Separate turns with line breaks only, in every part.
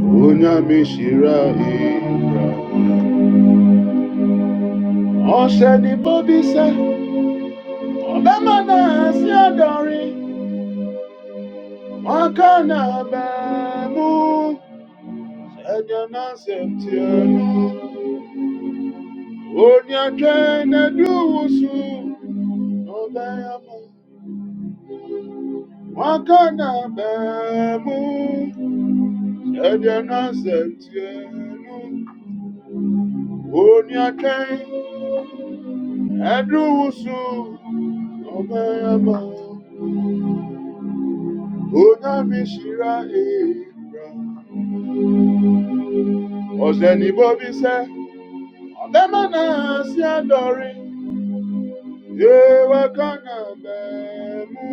Onyamishira Ibra. Ọ̀sẹ̀ni Bóbí sẹ́, obemana sí adori, wakana bemu, náà bẹ́ẹ̀ mú. Ṣẹ̀dẹ̀ náà ṣe ti ẹnu. Òní ẹjẹ́ ẹnẹ́dúwùsù ló bẹ́ẹ̀ mú. Wọn kàn Onamishira Ebra. Ọ̀sẹ̀ni bóbí sẹ́, ọ̀bẹ mọ̀nà sí àdọ̀rin. Ewé kànà bẹ̀ẹ̀mú,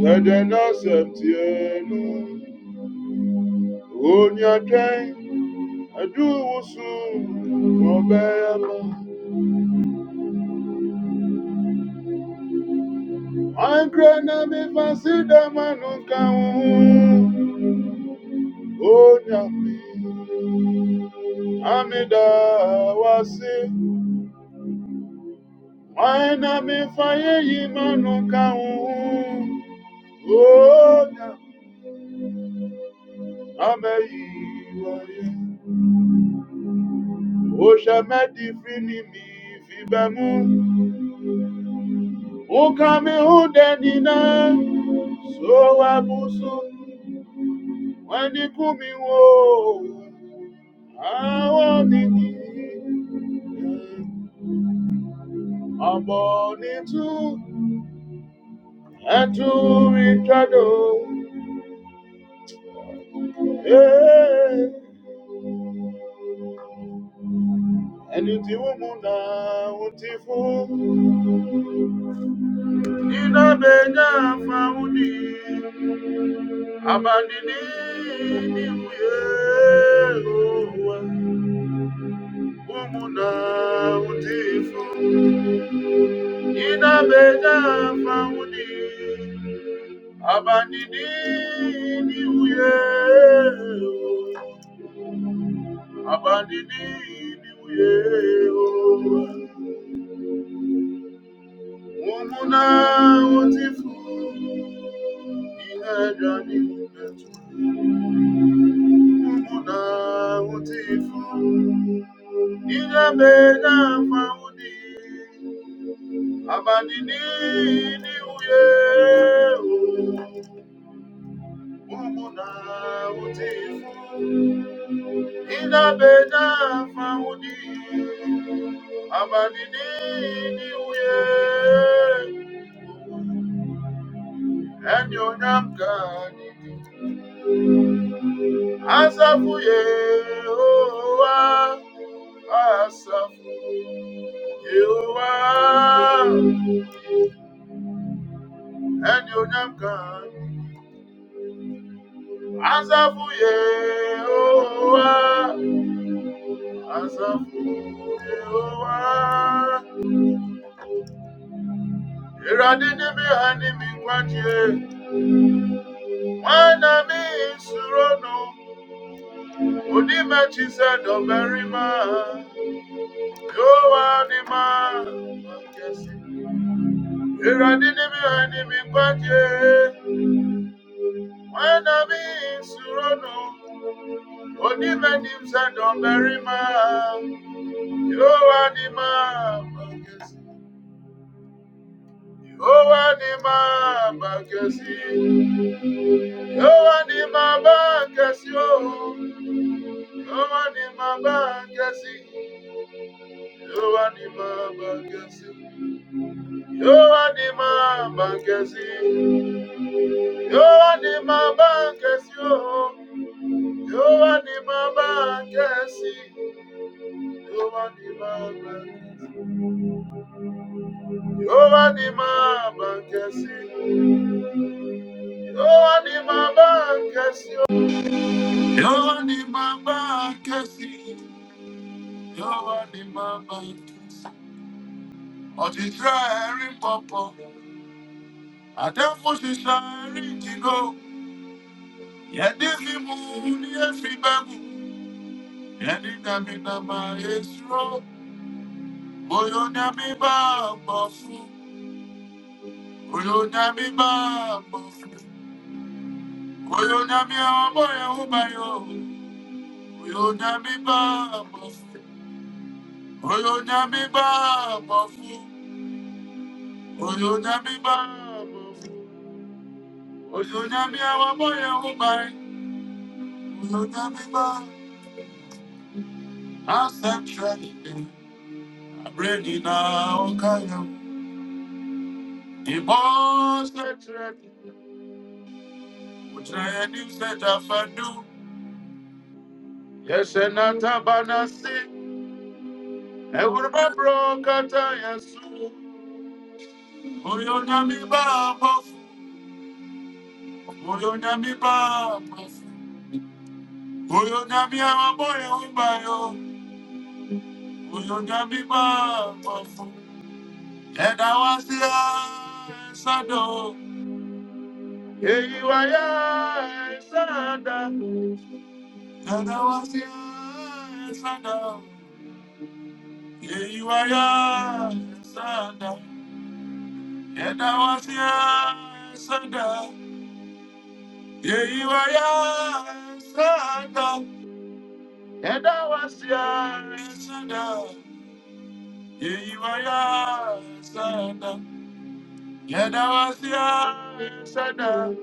ṣẹ̀dẹ̀ náà sẹ̀tì ẹnu. Òní ọ̀kẹ́, ẹ̀dúwùsù, ọ̀bẹ ẹ̀mọ. Àǹkrẹ́ náà mi fà sí dẹ́mọ̀nù kàwọn. Òní àmì, àmì amida wá sí. Mwana mefanye imanuka Oda ameiwaye Osha medi fini mi fibemu Ukame udenina So abusu Wani kumi wo Awo nini Aboni tu Etu itrado Hey Eluti umuna utifu Nina benya fauni Abandini ni uyewa Umuna utifu Nina benya fauni Abandini ni uyewa Abandini ni uyewa Umuna utifu ihe bịa n'ihu na-eche mbụ na nwute ifu ihe mere afanwu dị abalị niile Asafu Yehowa, Asafu Yehowa, ẹni onyam kan. Asafu Yehowa, Asafu Yehowa. Ìrọ̀lẹ́ ní mi hàn mi gbájúẹ̀, wọ́n na mi ìṣòro nù. Onímẹ̀jì sẹ́dọ̀ mẹ́rin máa, Yehowa ni máa. mi hàn mi gbájúẹ̀. When I'm in surono, oni menim se domberima. Yehowa ni ma bakesi, Yehowa ni ma bakesi, Yehowa ni ma bakesi o, Yehowa ni ma bakesi, Yehowa ni ma bakesi, Yehowa ni ma bakesi, Yehowa ni ma bakesi o, Yehowa ni ma bakesi. Jehovah ni baba, Jehovah ni baba nkesi, Jehovah ni baba nkesi, Jehovah ni baba nkesi, Jehovah ni baba nkesi. Ọ̀ṣìṣẹ́ ẹ̀rí pọ̀pọ̀, àdẹ́fọ̀ṣìṣẹ́ ẹ̀rí jìgò, yẹ̀dí fi mú ní èfi bẹ́gù, yẹ̀dí dàmínà máa yé sùrọ̀, bóyá ní àmì bá a bọ̀ fún, bá a Oyonami ọmọ ẹ̀hún báyọ̀. Oyonami bá àmọ̀ fún. Oyonami bá àmọ̀ fún. Oyonami bá àmọ̀ fún. Oyonami àwọn ọmọ ẹ̀hún báyìí. Oyonami bá ancestral. Abúlé náà ó káyọ̀. Ìbọn ancestral. Òjò ẹni ṣẹ̀dá fẹ́dú. Yẹ̀sẹ̀ náà tábà náà sí. Ẹ̀wùrẹ́ bá bọ̀ kátà yẹn sùn. Oyonami bá àmọ̀ Oyonyami baba. Oyonyami amaboye umbayo. Oyonyami baba. Eda wasia sado. Eyi waya sada. Eda wasia sada. Eyi waya sada. Eda wasia sada. Eyi waya sada. Eda wasia sada. Yeyiwaya Sada. Yadawasia Sada.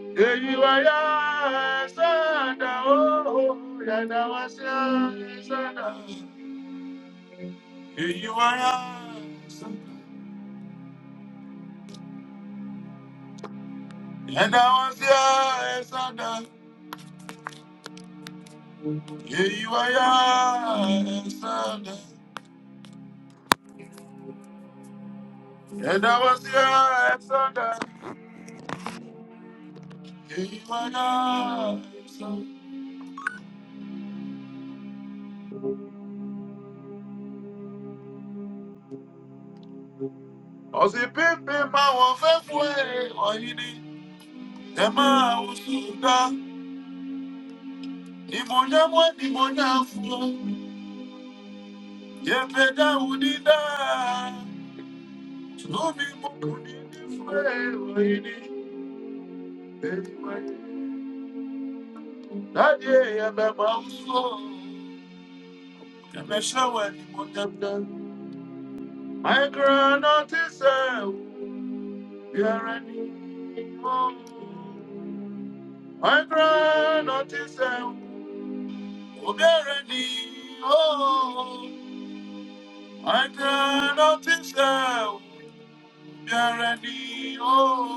Yeyiwaya Sada. Oh, Yadawasia Sada. Yeyiwaya Sada. Yadawasia Sada. Yeyiwaya Sada. Yadawasia Sada. Yeyiwaya Sada. Ọ̀sìn pínpín máa wọ̀ fẹ́ fún ẹ̀ ọ̀yìn ni ẹ máa wò sùn dá. Imona mwani monafu yepeda unida Tumi mokuni nifwewa ini elimani. Dadie ya bema uso Kamesha wani motamda My granat is a Yarani My granat is a Ugarani Oh My granat is Yarani o,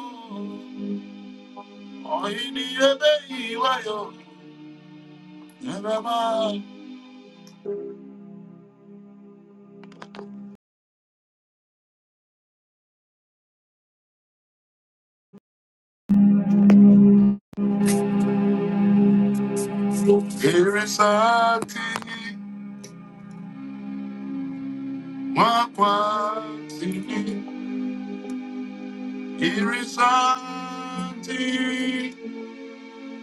oini ebe iwayo, nerama. Irisati, wakwati, irisati,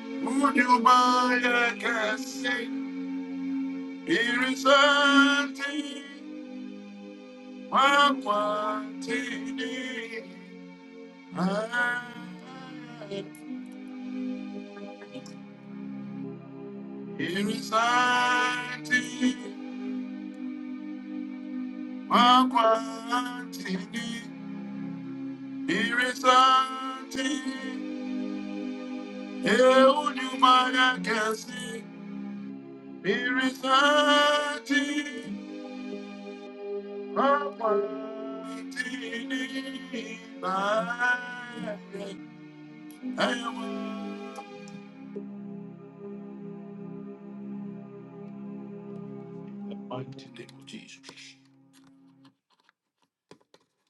unyumaya kesi. Irisati, wakwati, ah. Irisati, Makwatini, Irisanti, Eunumaya Kasi, Irisanti, Makwatini, Mighty name of Jesus.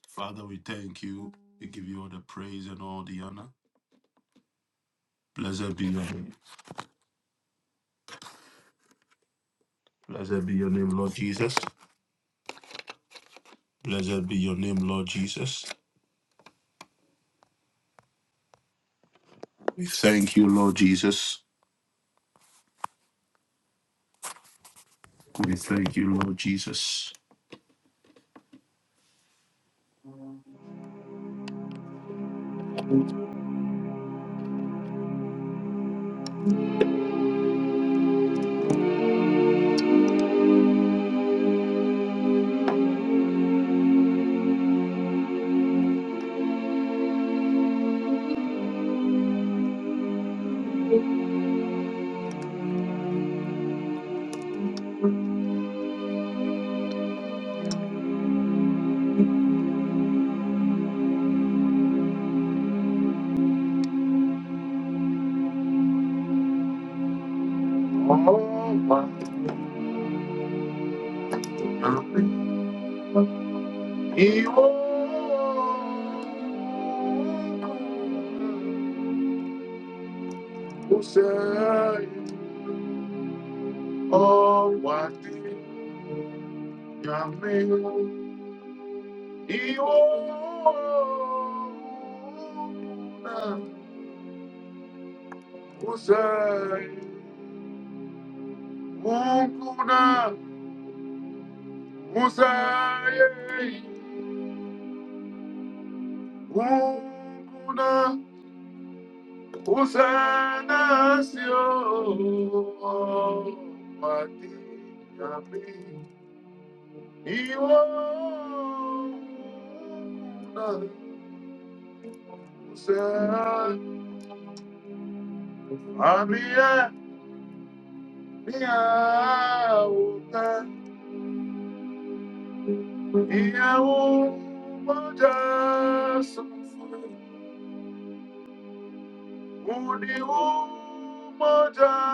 Father, we thank you. We give you all the praise and all the honor. Blessed be your name. Blessed be your name, Lord Jesus. Blessed be your name, Lord Jesus. We thank you, Lord Jesus. We thank you, Lord Jesus. Munguna, Musaye, Munguna. Hosanna, Señor, a ti y a mí. Y vos, Hosanna, a mí y a usted, y a un payaso, un y un payaso,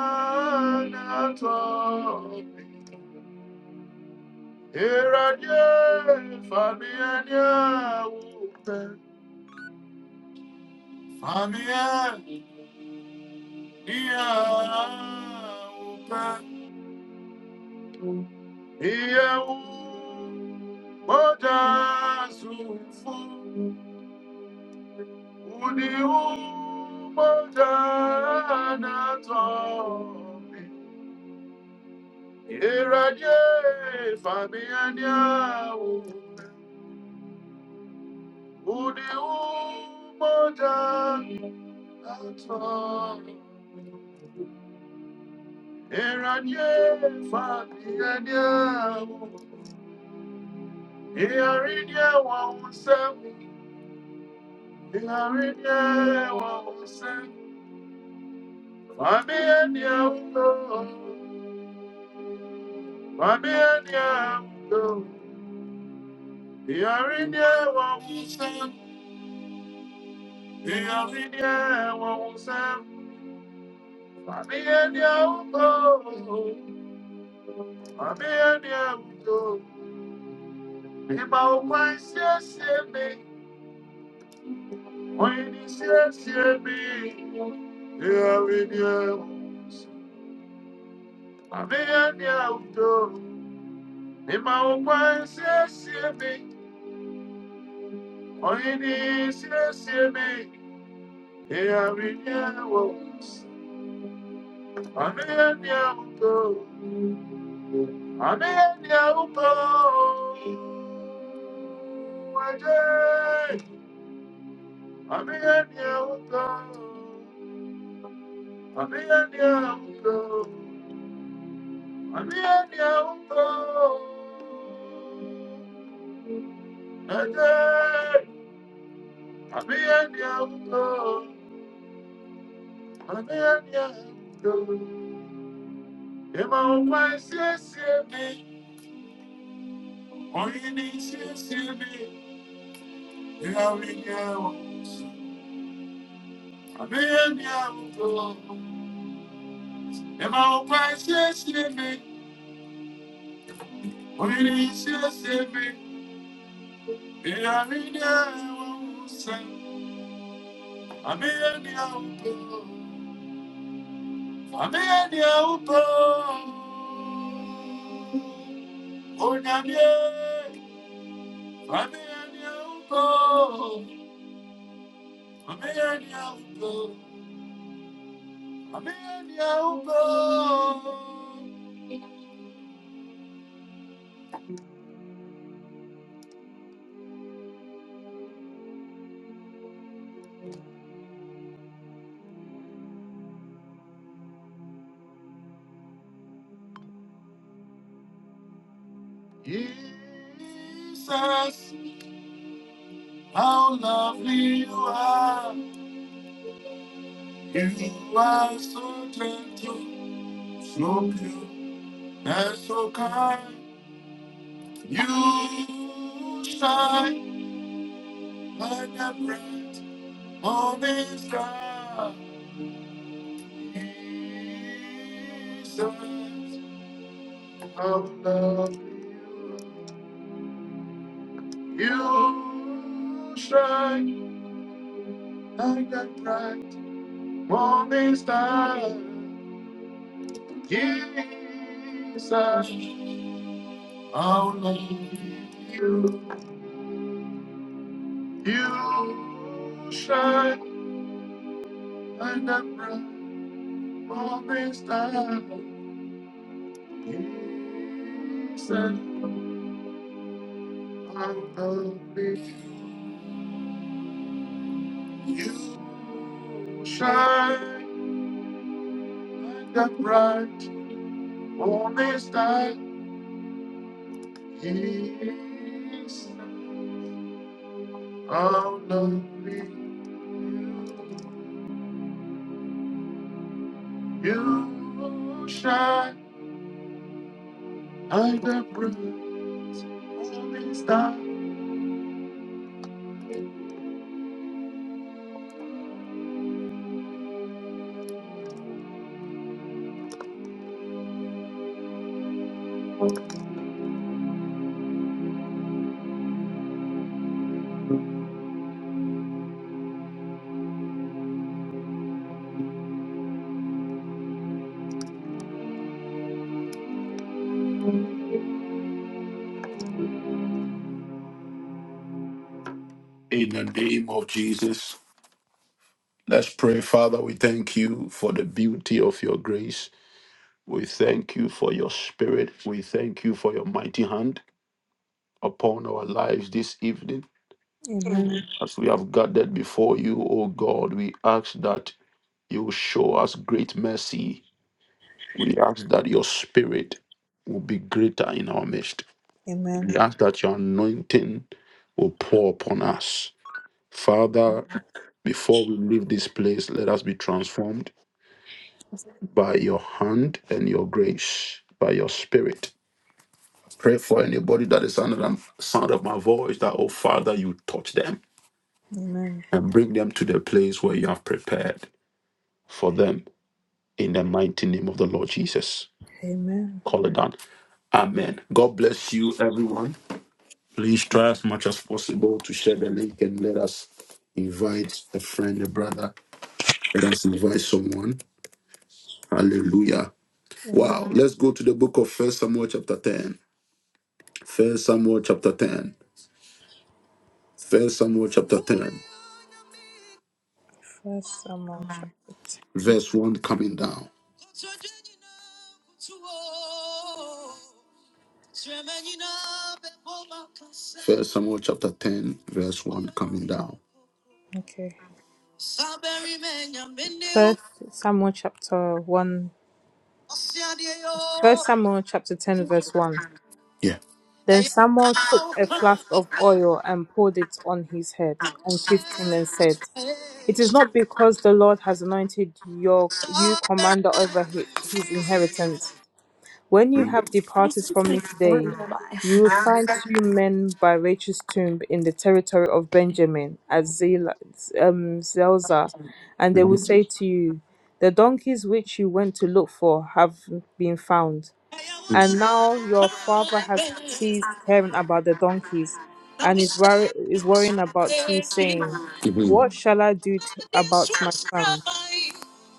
Here I am, Fabian, Family, I love you. I love you. Mother, so full. Who the umma, mother, not all. I ran ye, family, I love you. Who the umma, mother, not all. I ran ye, family, I love you. Ìyàrídìí ẹ̀wọ̀n ń sẹ́, ìyàrídìí ẹ̀wọ̀n ń sẹ́, màmí ẹni ẹ̀wọ̀n lò, màmí ẹni ẹ̀wọ̀n lò. Ìyàrídìí ẹ̀wọ̀n ń sẹ́, ìyàrídìí ẹ̀wọ̀n ń sẹ́, màmí ẹni ẹ̀wọ̀n lò, màmí ẹni ẹ̀wọ̀n lò. Ìgbà òkú àìsí ẹ̀sí mi, òyìn ní sí ẹ̀sí mi. Ìyàrídìí ẹ̀wọ̀n ń sẹ́, màmí ẹni ẹ̀wọ̀n lò. Mema okwa nsiesie me, onye na-esiesie me, ịghara inye ewo, ọnụ ya dị ahụtọ, ọnụ ya dị ahụtọ, waje, ọnụ ya dị ahụtọ, ọnụ ya dị ahụtọ, ọnụ ya dị ahụtọ, Onyame, Onyame, Onyame, Amenia ugo, amenia Jesus, how lovely you are. You are so gentle, so pure, and so kind. You shine like a bright morning star. Jesus, how lovely you are. You shine. Like a bright morning star, Jesus, only you, you shine like a bright morning star, Jesus, only you shine like a bright morning star, Jesus. Oh, lovely you you shine like the brilliant morning star. In the name of Jesus, let's pray. Father, we thank you for the beauty of your grace. We thank you for your spirit. We thank you for your mighty hand upon our lives this evening.
Amen.
As we have gathered before you, O God, we ask that you show us great mercy We ask that your spirit will be greater in our midst.
Amen.
We ask that your anointing will pour upon us. Father, before we leave this place, let us be transformed by your hand and your grace, by your spirit. Pray for anybody that is under the sound of my voice that, oh Father, you touch them
Amen.
and bring them to the place where you have prepared for them in the mighty name of the Lord Jesus.
Amen.
Call it down. Amen. God bless you, everyone. Please try as much as possible to share the link and let us invite a friend, a brother. Let us invite someone. Hallelujah.
Amen.
Wow. Let's go to the book of First Samuel chapter 10. First Samuel chapter 10. First Samuel chapter 10.
First Samuel chapter ten.
Verse 1 coming down. First Samuel chapter 10, verse 1 down.
Okay. First Samuel chapter one. First Samuel chapter ten verse one.
Yeah.
Then Samuel took a flask of oil and poured it on his head and kissed him and said, "It is not because the Lord has anointed your you commander over hi- his inheritance When you have departed from me today, you will find two men by Rachel's tomb in the territory of Benjamin at Zela, um, Zelzah, and they will say to you, The donkeys which you went to look for have been found. And now your father has ceased caring about the donkeys and is, worry- is worrying about you, saying, What shall I do t- about my son?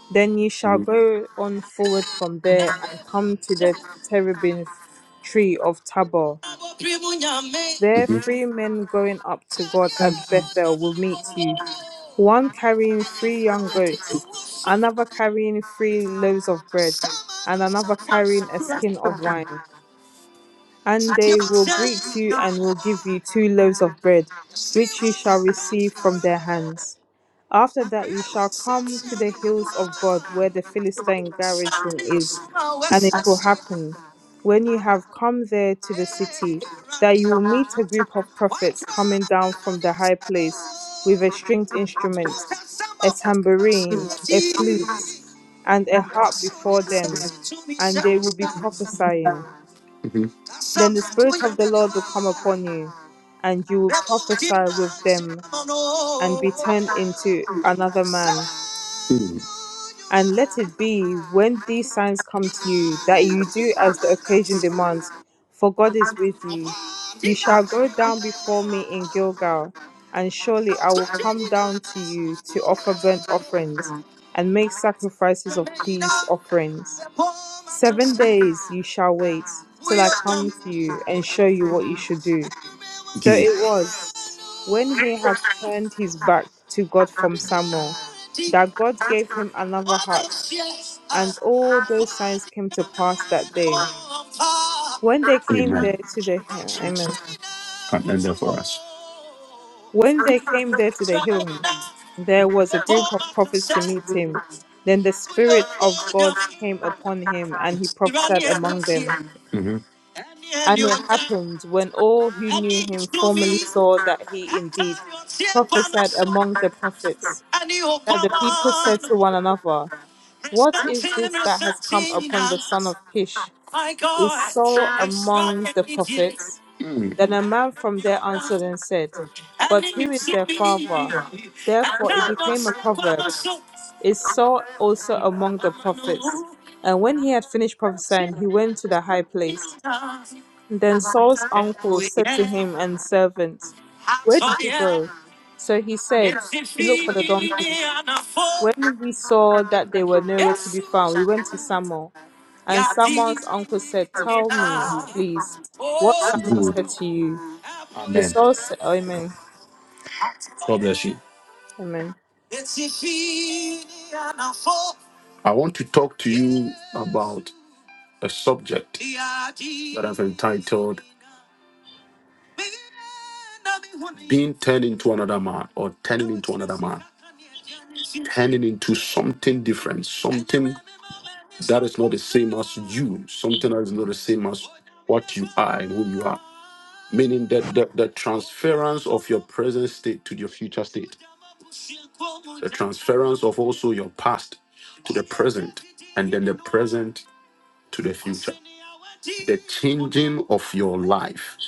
Then ye shall go on forward from there, and come to the terebinth tree of Tabor. There three men going up to God at Bethel will meet you, one carrying three young goats, another carrying three loaves of bread, and another carrying a skin of wine and they will greet you and will give you two loaves of bread, which you shall receive from their hands. After that, you shall come to the hills of God, where the Philistine garrison is, and it will happen, when you have come there to the city, that you will meet a group of prophets coming down from the high place with a stringed instrument, a tambourine, a flute, and a harp before them, and they will be prophesying. Then the Spirit of the Lord will come upon you, and you will prophesy with them and be turned into another man. And let it be when these signs come to you that you do as the occasion demands, for God is with you. You shall go down before me in Gilgal, and surely I will come down to you to offer burnt offerings and make sacrifices of peace offerings. Seven days you shall wait till I come to you and show you what you should do. So it was when he had turned his back to God from Samuel that God gave him another heart, and all those signs came to pass that day. When they came
Amen.
there to the hill, amen.
And therefore,
When they came there to the hill, there was a group of prophets to meet him. Then the Spirit of God came upon him, and he prophesied among them.
Mhm.
And it happened when all who knew him formerly saw that he indeed prophesied among the prophets that the people said to one another, What is this that has come upon the son of Kish? Is Saul among the prophets? Then a man from there answered and said, But who is their father? Therefore it became a proverb, Is Saul also among the prophets? And when he had finished prophesying, he went to the high place. Then Saul's uncle said to him and servants, Where did you go? So he said, To look for the donkeys when we saw that they were nowhere to be found, we went to Samuel, and Samuel's uncle said, Tell me, please, what Samuel said to you. The Saul said, oh, Amen.
God bless you.
Amen.
I want to talk to you a subject or intimate or turning into something. Something not the same as you. Something that is not the same as what you are. mean that, that trans your present future state, transference of also your past, present to the future, changing of your life,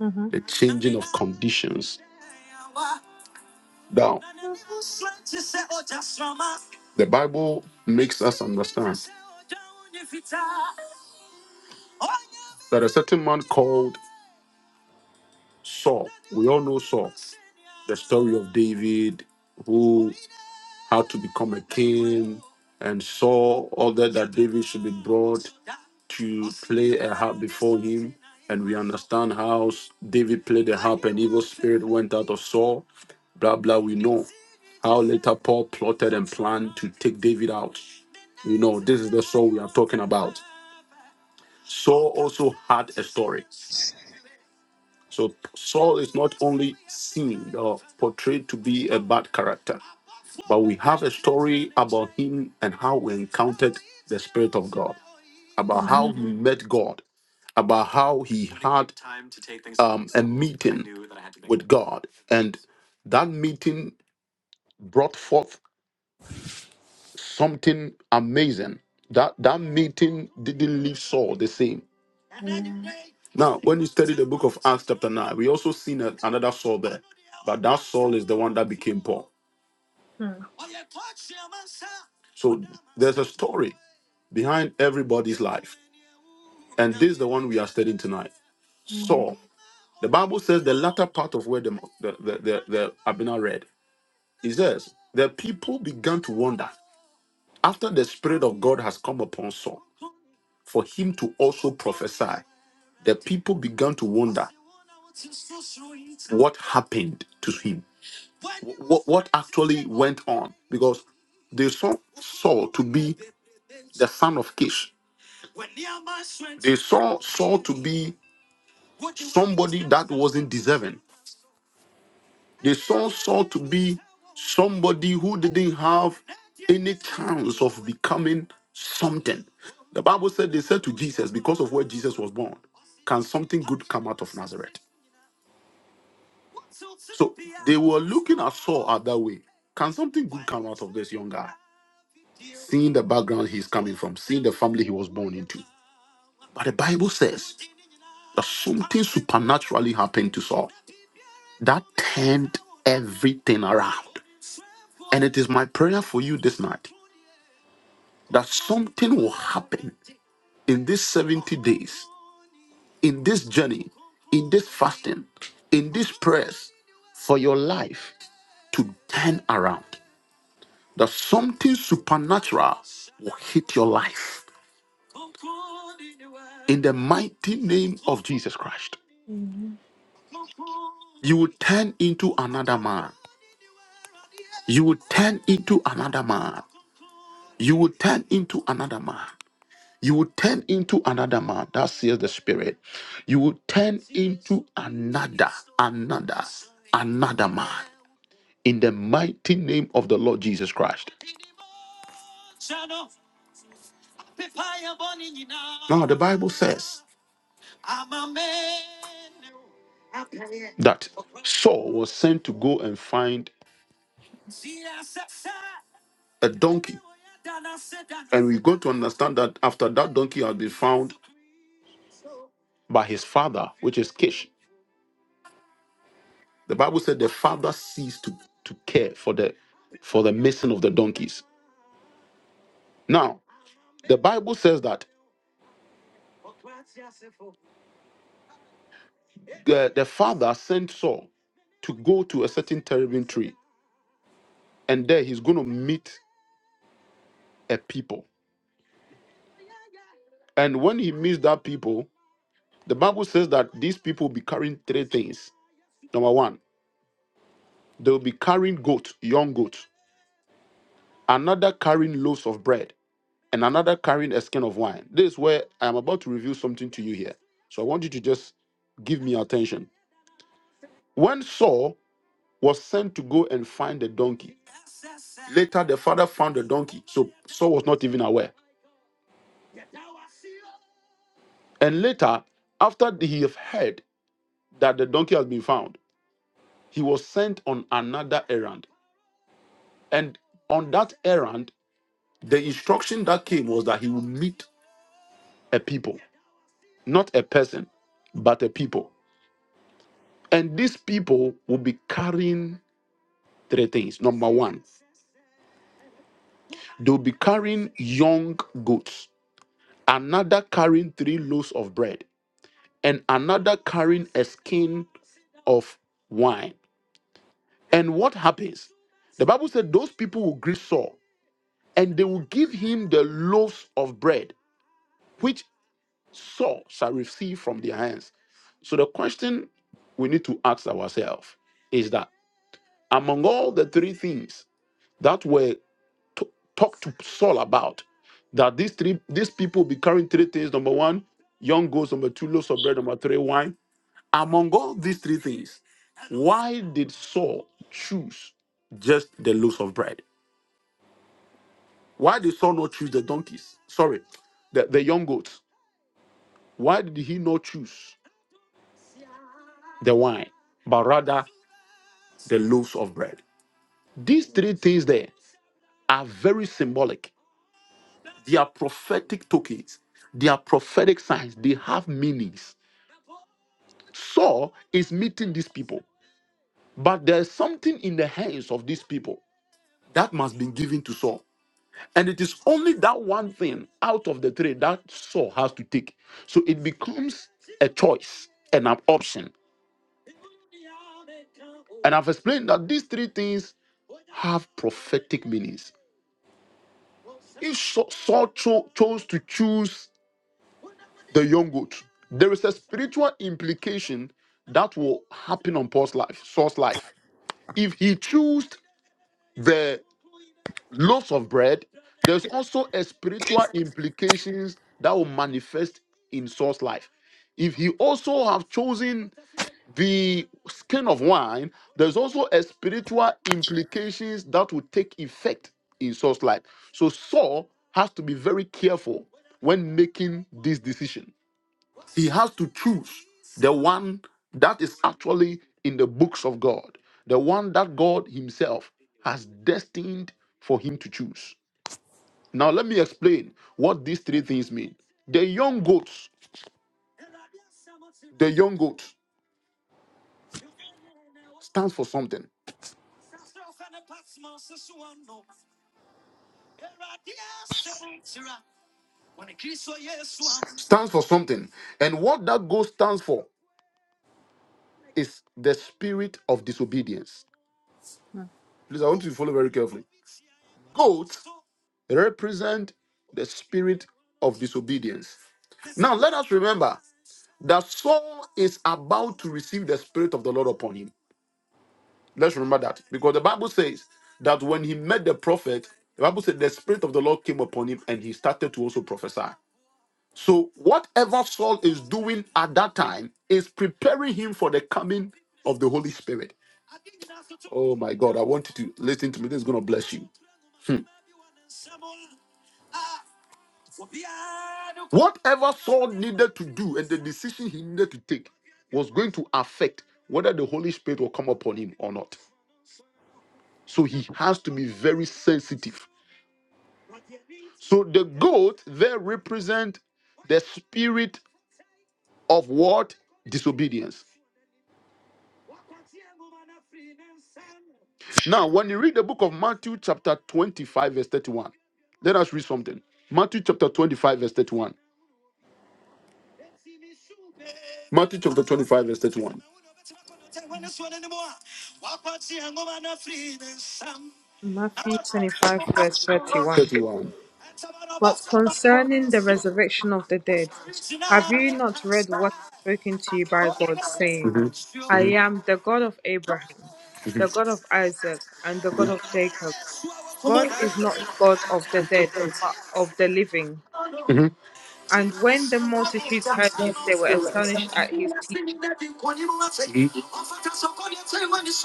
Mm-hmm.
the change conditions. Now, the Bible makes us understand that a certain man called Saul, we all know Saul, story of David, who had to become a king, order that David should be brought to play a harp before him. And we understand how David played the harp and evil spirit went out of Saul. Blah, blah, we know Later, Paul plotted and planned to take David out. You know, this is the Saul we are talking about. Saul also had a story. So, Saul is not only seen or portrayed to be a bad character, but we have a story about him and how we encountered the Spirit of God, about how he met God, about how he had um, a meeting with God. And that meeting brought forth Something amazing. That that meeting didn't leave Saul the same. Now, when Acts chapter 9, we also seen a- another Saul there. But That Saul is the one that became Paul.
Amen.
So there's a story behind everybody's life. And this is the one we are studying tonight. Saul. The Bible says the latter part of where the the the, the, the Abena read. It says the people began to wonder after the spirit of God has come upon Saul for him to also prophesy. The people began to wonder what happened to him, what, what actually went on, because they saw the son of Kish. They saw Saul to be they saw Saul to be somebody who didn't have any chance of becoming something. The Bible said they said to Jesus, because of where Jesus was born, can something good come out of Nazareth? They were looking at Saul at that way. Can something good come out of this young guy? Seeing the background he's coming from, seeing the family he was born into. But the Bible says That something supernaturally happened to Saul that turned everything around. And it is my prayer for you this night that something will happen in these 70 days, in this journey, in this fasting, in this prayers for your life to turn around. That something supernatural will hit your life in the mighty name of Jesus Christ. You will turn into another man. You will turn into another man. You will turn into another man. You will turn into another man. That says the Spirit. You will turn into another, another, another man. In the mighty name of the Lord Jesus Christ. Now, the Bible says that Saul was sent to go and find a donkey. You're going to understand that after that donkey had been found by his father, which is Kish. The Bible said the father ceased to, to care for the for the missing of the donkeys. Now, the Bible says that the, the father sent Saul to go to a certain terebinth tree, and there he's going to meet a people. And when he meets that people, the Bible says that these people will be carrying three things. Number one, they will be carrying goat, young goat, another carrying loaves of bread, and another carrying a skin of wine. This is where I am about to reveal something to you here. So I want you to just give me your attention. When Saul was sent to go and find the donkey, later the father found the donkey, so Saul was not even aware. And later, after he have heard that the donkey has been found, he was sent on another errand. And on that errand, the instruction that came was that he would meet a people, not a person, but a people. And these people will be carrying three things. Number one, they'll be carrying young goats, another carrying three loaves of bread, and another carrying a skin of wine. And what happens? The Bible said those people will greet Saul and they will give him the loaves of bread which Saul shall receive from their hands. So the question we need to ask ourselves is that among all the three things that were t- talked to Saul about, that these three these people be carrying three things: number one, young goats; number two, loaves of bread; number three, wine. Among all these three things, why did Saul choose just the loaves of bread? Why did Saul not choose the donkeys? Sorry, the, the young goats. Why did he not choose the wine, but rather the loaves of bread? These three things there are very symbolic. They are prophetic tokens, they are prophetic signs, they have meanings. Saul is meeting these people, but there's something in the hands of these people that must be given to Saul. And it is only that one thing out of the three that Saul has to take. So it becomes a choice and an option. And I've explained that these three things have prophetic meanings. If Sa- Saul cho- chose to choose the young goat, there is a spiritual implication that will happen on Paul's life, Saul's life. If he chose the loaves of bread, there's also a spiritual implications that will manifest in Saul's life. If he also have chosen the skin of wine, there's also a spiritual implications that will take effect in Saul's life. So Saul has to be very careful when making this decision. He has to choose the one that is actually in the books of God, the one that God Himself has destined for him to choose. Now let me explain what these three things mean. The young goats, young goat stands for something, stands for something. And what that goat stands for is the spirit of disobedience. Please, I want you to follow very carefully. Oaths represent the spirit of disobedience. Now let us remember that Saul is about to receive the spirit of the Lord upon him. Let's remember that because the Bible says that when he met the prophet, the Bible said the spirit of the Lord came upon him and he started to also prophesy. So whatever Saul is doing at that time is preparing him for the coming of the Holy Spirit. Oh my God, I want you to listen to me. This is going to bless you. What? God needed to do and the decision he needed to take was going to affect whether the Holy Spirit will come upon him or not. So he has to be very sensitive. So the goat there represent the spirit of what? Disobedience. Now, when you read the book of Matthew chapter 25, verse 31, let us read something. Matthew chapter 25, verse 31. Matthew
Matthew 25, verse 31.
31.
But concerning the resurrection of the dead, have you not read what is spoken to you by God, saying, I am the God of Abraham, the God of Isaac, and the God of Jacob? God is not God of the dead, but of the living.
Mhm.
And when the multitudes heard this, they were astonished at his teaching.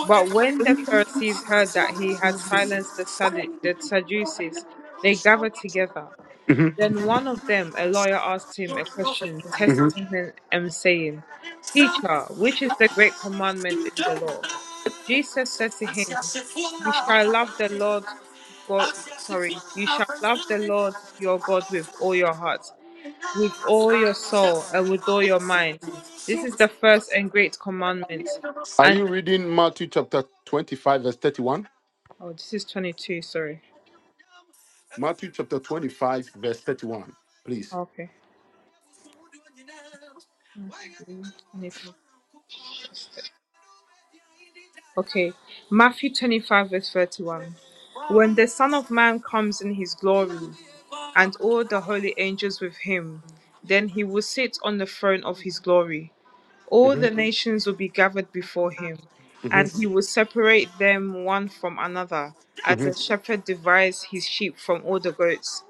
But when the Pharisees heard that he had silenced the, Saddu- the Sadducees, they gathered together. Then one of them, a lawyer, asked him a question, testing him and saying, Teacher, which is the great commandment in the law? Jesus said to him, You shall love the Lord God sorry, you shall love the Lord your God with all your heart with all your soul and with all your mind. This is the first and great commandment.
Are
And
you reading Matthew chapter 25, verse 31?
oh, this is 22, sorry.
chapter 25, verse 31. Please.
Okay. Matthew 25. Okay. Matthew 25, verse 31. When the Son of Man comes in his glory and all the holy angels with him, then he will sit on the throne of his glory. All the nations will be gathered before him, and he will separate them one from another, as a shepherd divides his sheep from all the goats.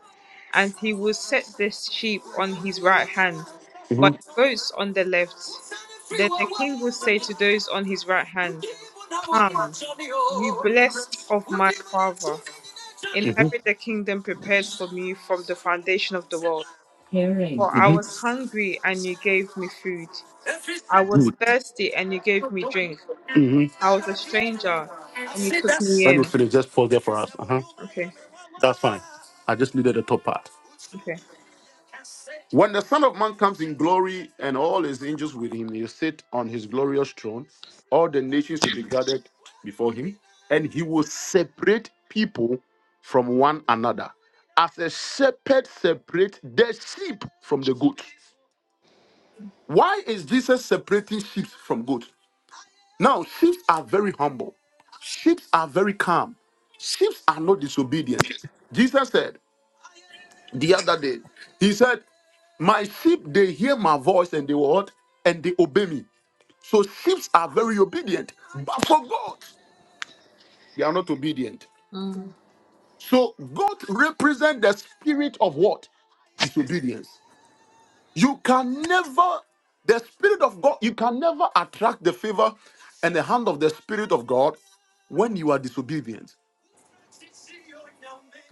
And he will set the sheep on his right hand, but the
Mm-hmm.
goats on the left. Then the king will say to those on his right hand, Come, you blessed of my father, inherit the kingdom prepared for me from the foundation of the world. For I
hmm
was hungry, and you gave me food. I was
Good.
thirsty and you gave me drink.
hmm
I was a stranger and you took me
When you
in.
finish, just pause there for us. Uh-huh.
Okay,
Fine. I just needed the top part.
okay.
When the Son of Man comes in glory and all his angels with him, he'll sit on his glorious throne. All the nations will be gathered before him, and he will separate people from one another, as a shepherd separates the sheep from the goats. Why is Jesus separating sheep from goats? Now, sheep are very humble. Sheep are very calm. Sheep are not disobedient. Jesus said the other day, He said, My sheep, they hear my voice and they what? And they obey me. So sheep are very obedient. But for God, they are not obedient.
Mm.
So God represent the spirit of what? Disobedience. You can never, the spirit of God, you can never attract the favor and the hand of the spirit of God when you are disobedient.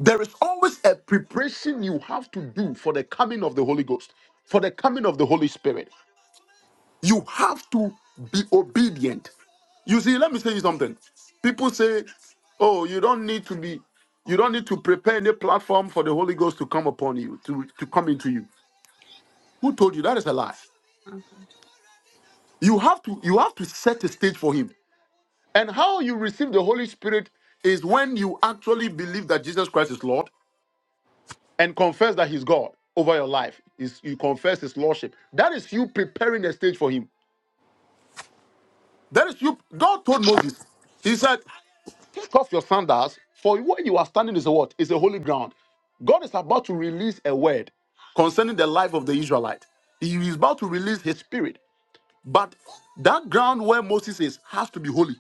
There is always a preparation you have to do for the coming of the Holy Ghost, for the coming of the Holy Spirit. You have to be obedient. You see, let me tell you something. People say, oh, you don't need to be, you don't need to prepare any platform for the Holy Ghost to come upon you, to, to come into you. Who told you that is a lie? You have to, you have to set a stage for him. And how you receive the Holy Spirit is when you actually believe that Jesus Christ is Lord and confess that he's God over your life. Is you confess his lordship. That is you preparing the stage for him. That is you. God told Moses, He said, Take off your sandals, for where you are standing is a what? Is a holy ground. God is about to release a word concerning the life of the Israelite. He is about to release his spirit. But that ground where Moses is has to be holy.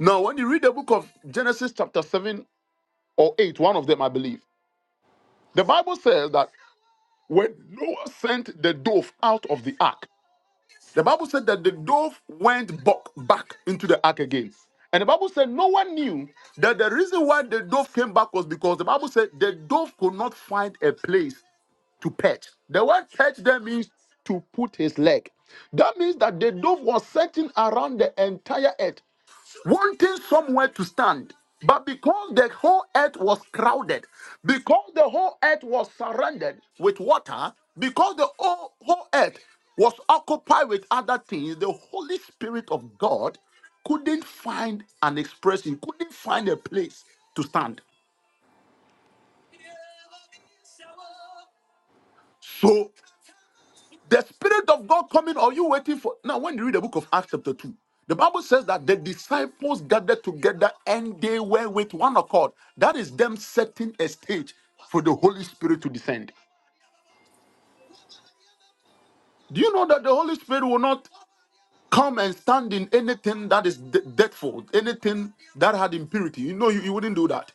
Now, when you read the book of Genesis, chapter 7 or 8, one of them, I believe, the Bible says that when Noah sent the dove out of the ark, The Bible said that the dove went back, back into the ark again. And the Bible said no one knew that the reason why the dove came back was because the Bible said the dove could not find a place to perch. The word perch there means to put his leg. That means that the dove was searching around the entire earth wanting somewhere to stand. But because the whole earth was crowded, because the whole earth was surrounded with water, because the whole, whole earth was occupied with other things, the Holy Spirit of God couldn't find an expression, couldn't find a place to stand. So. The Spirit of God coming, or you waiting for? Now, when you read the book of Acts, chapter 2, the Bible says that the disciples gathered together and they were with one accord. That is them setting a stage for the Holy Spirit to descend. Do you know that the Holy Spirit will not come and stand in anything that is de- deathful, anything that had impurity? You know, you, you wouldn't do that.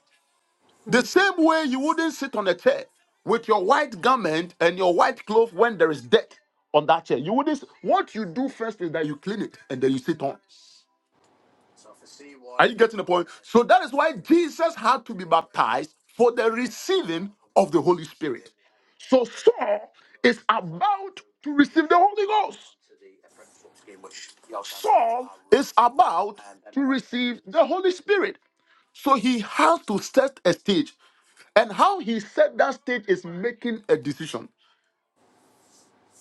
The same way you wouldn't sit on a chair with your white garment and your white cloth when there is dirt on that chair. You wouldn't. What you do first is that you clean it and then you sit on. Are you getting the point? So that is why Jesus had to be baptized for the receiving of the Holy Spirit. So Saul is about to receive the Holy Ghost. Saul is about to receive the Holy Spirit. So he has to set a stage. And how he set that stage is making a decision.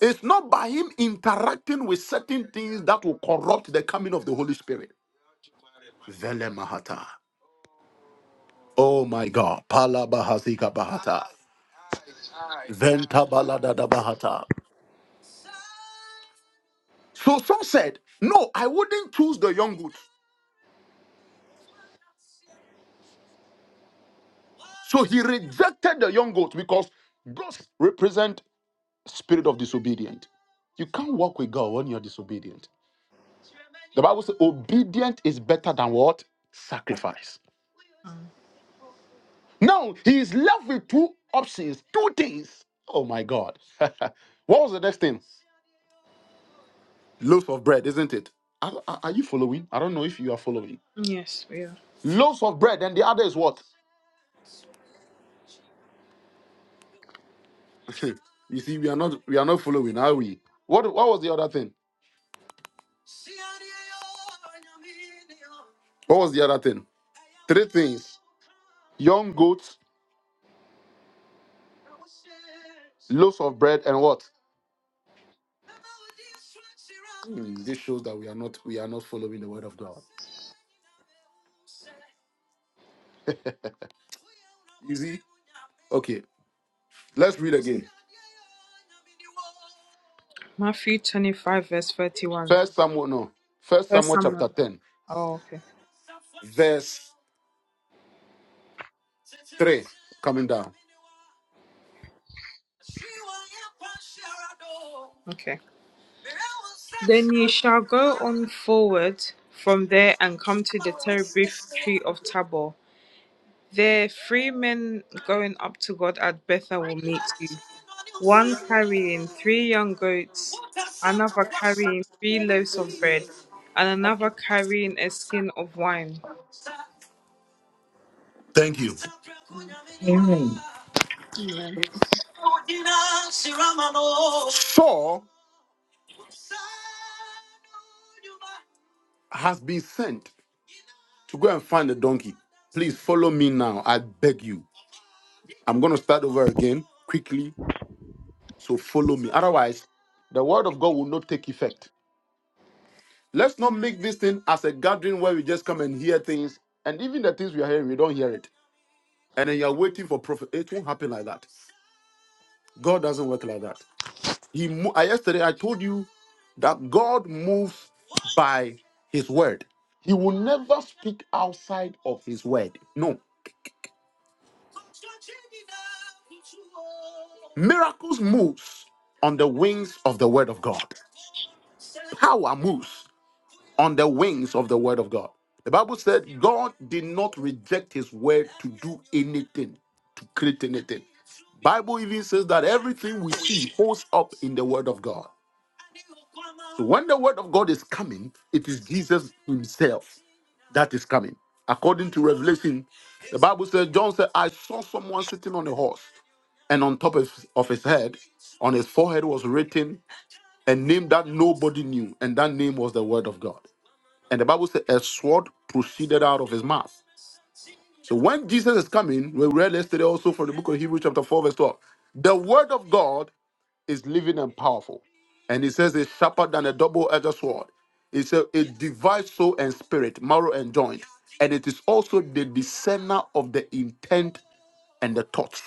It's not by him interacting with certain things that will corrupt the coming of the Holy Spirit. Vele mahata. Oh my God. Pala bahazika bahata. Venta balada da bahata. So some said, No, I wouldn't choose the young goat. So he rejected the young goat because goats represent spirit of disobedient. You can't walk with God when you're disobedient. The Bible says obedient is better than what? Sacrifice.
Mm.
Now he is left with two options, two things. Oh my God. what was the next thing? Loaves of bread, isn't it? Are, are are you following? I don't know if you are following.
Yes, we are.
Loaves of bread, and the other is what? you see, we are not we are not following, are we? What what was the other thing? What was the other thing? Two Things. Young goats, loaves of bread, and what? This shows that we are not we are not following the word of God. Okay, let's read it.
Matthew 25, verse 31.
First Samuel, no. First
First
Samuel
Samuel.
chapter 10.
Oh, okay, okay. Then ye shall go on forward from there and come to the terebinth tree of Tabor. There, three men going up to God at Bethel will meet you. one carrying three young goats, another carrying three loaves of bread, and another carrying a skin of wine.
Thank you.
Amen.
Saul has been sent to go and find the donkey. Please follow me now. I beg you. I'm going to start over again quickly. So follow me. Otherwise, the word of God will not take effect. Let's not make this thing as a gathering where we just come and hear things. And even the things we are hearing, we don't hear it. And then you're waiting for prophet. It won't happen like that. God doesn't work like that. He mo- I- yesterday I told you that God moves by his word. He will never speak outside of his word. No. Miracles moves on the wings of the word of God. Power moves on the wings of the word of God. The Bible said God did not reject his word to do anything, to create anything. Bible even says that everything we see holds up in the word of God. When the word of God is coming, it is Jesus himself that is coming. According to Revelation, the Bible says, John said, I saw someone sitting on a horse, and on top of, of his head, on his forehead was written a name that nobody knew, and that name was the Word of God. And the Bible said, a sword proceeded out of his mouth. So when Jesus is coming, we read yesterday also from the book of Hebrews, chapter 4, verse 12. The Word of God is living and powerful. And it says, it's sharper than a double edged sword. It says, it divides soul and spirit, marrow and joint. And it is also the discerner of the intent and the thoughts.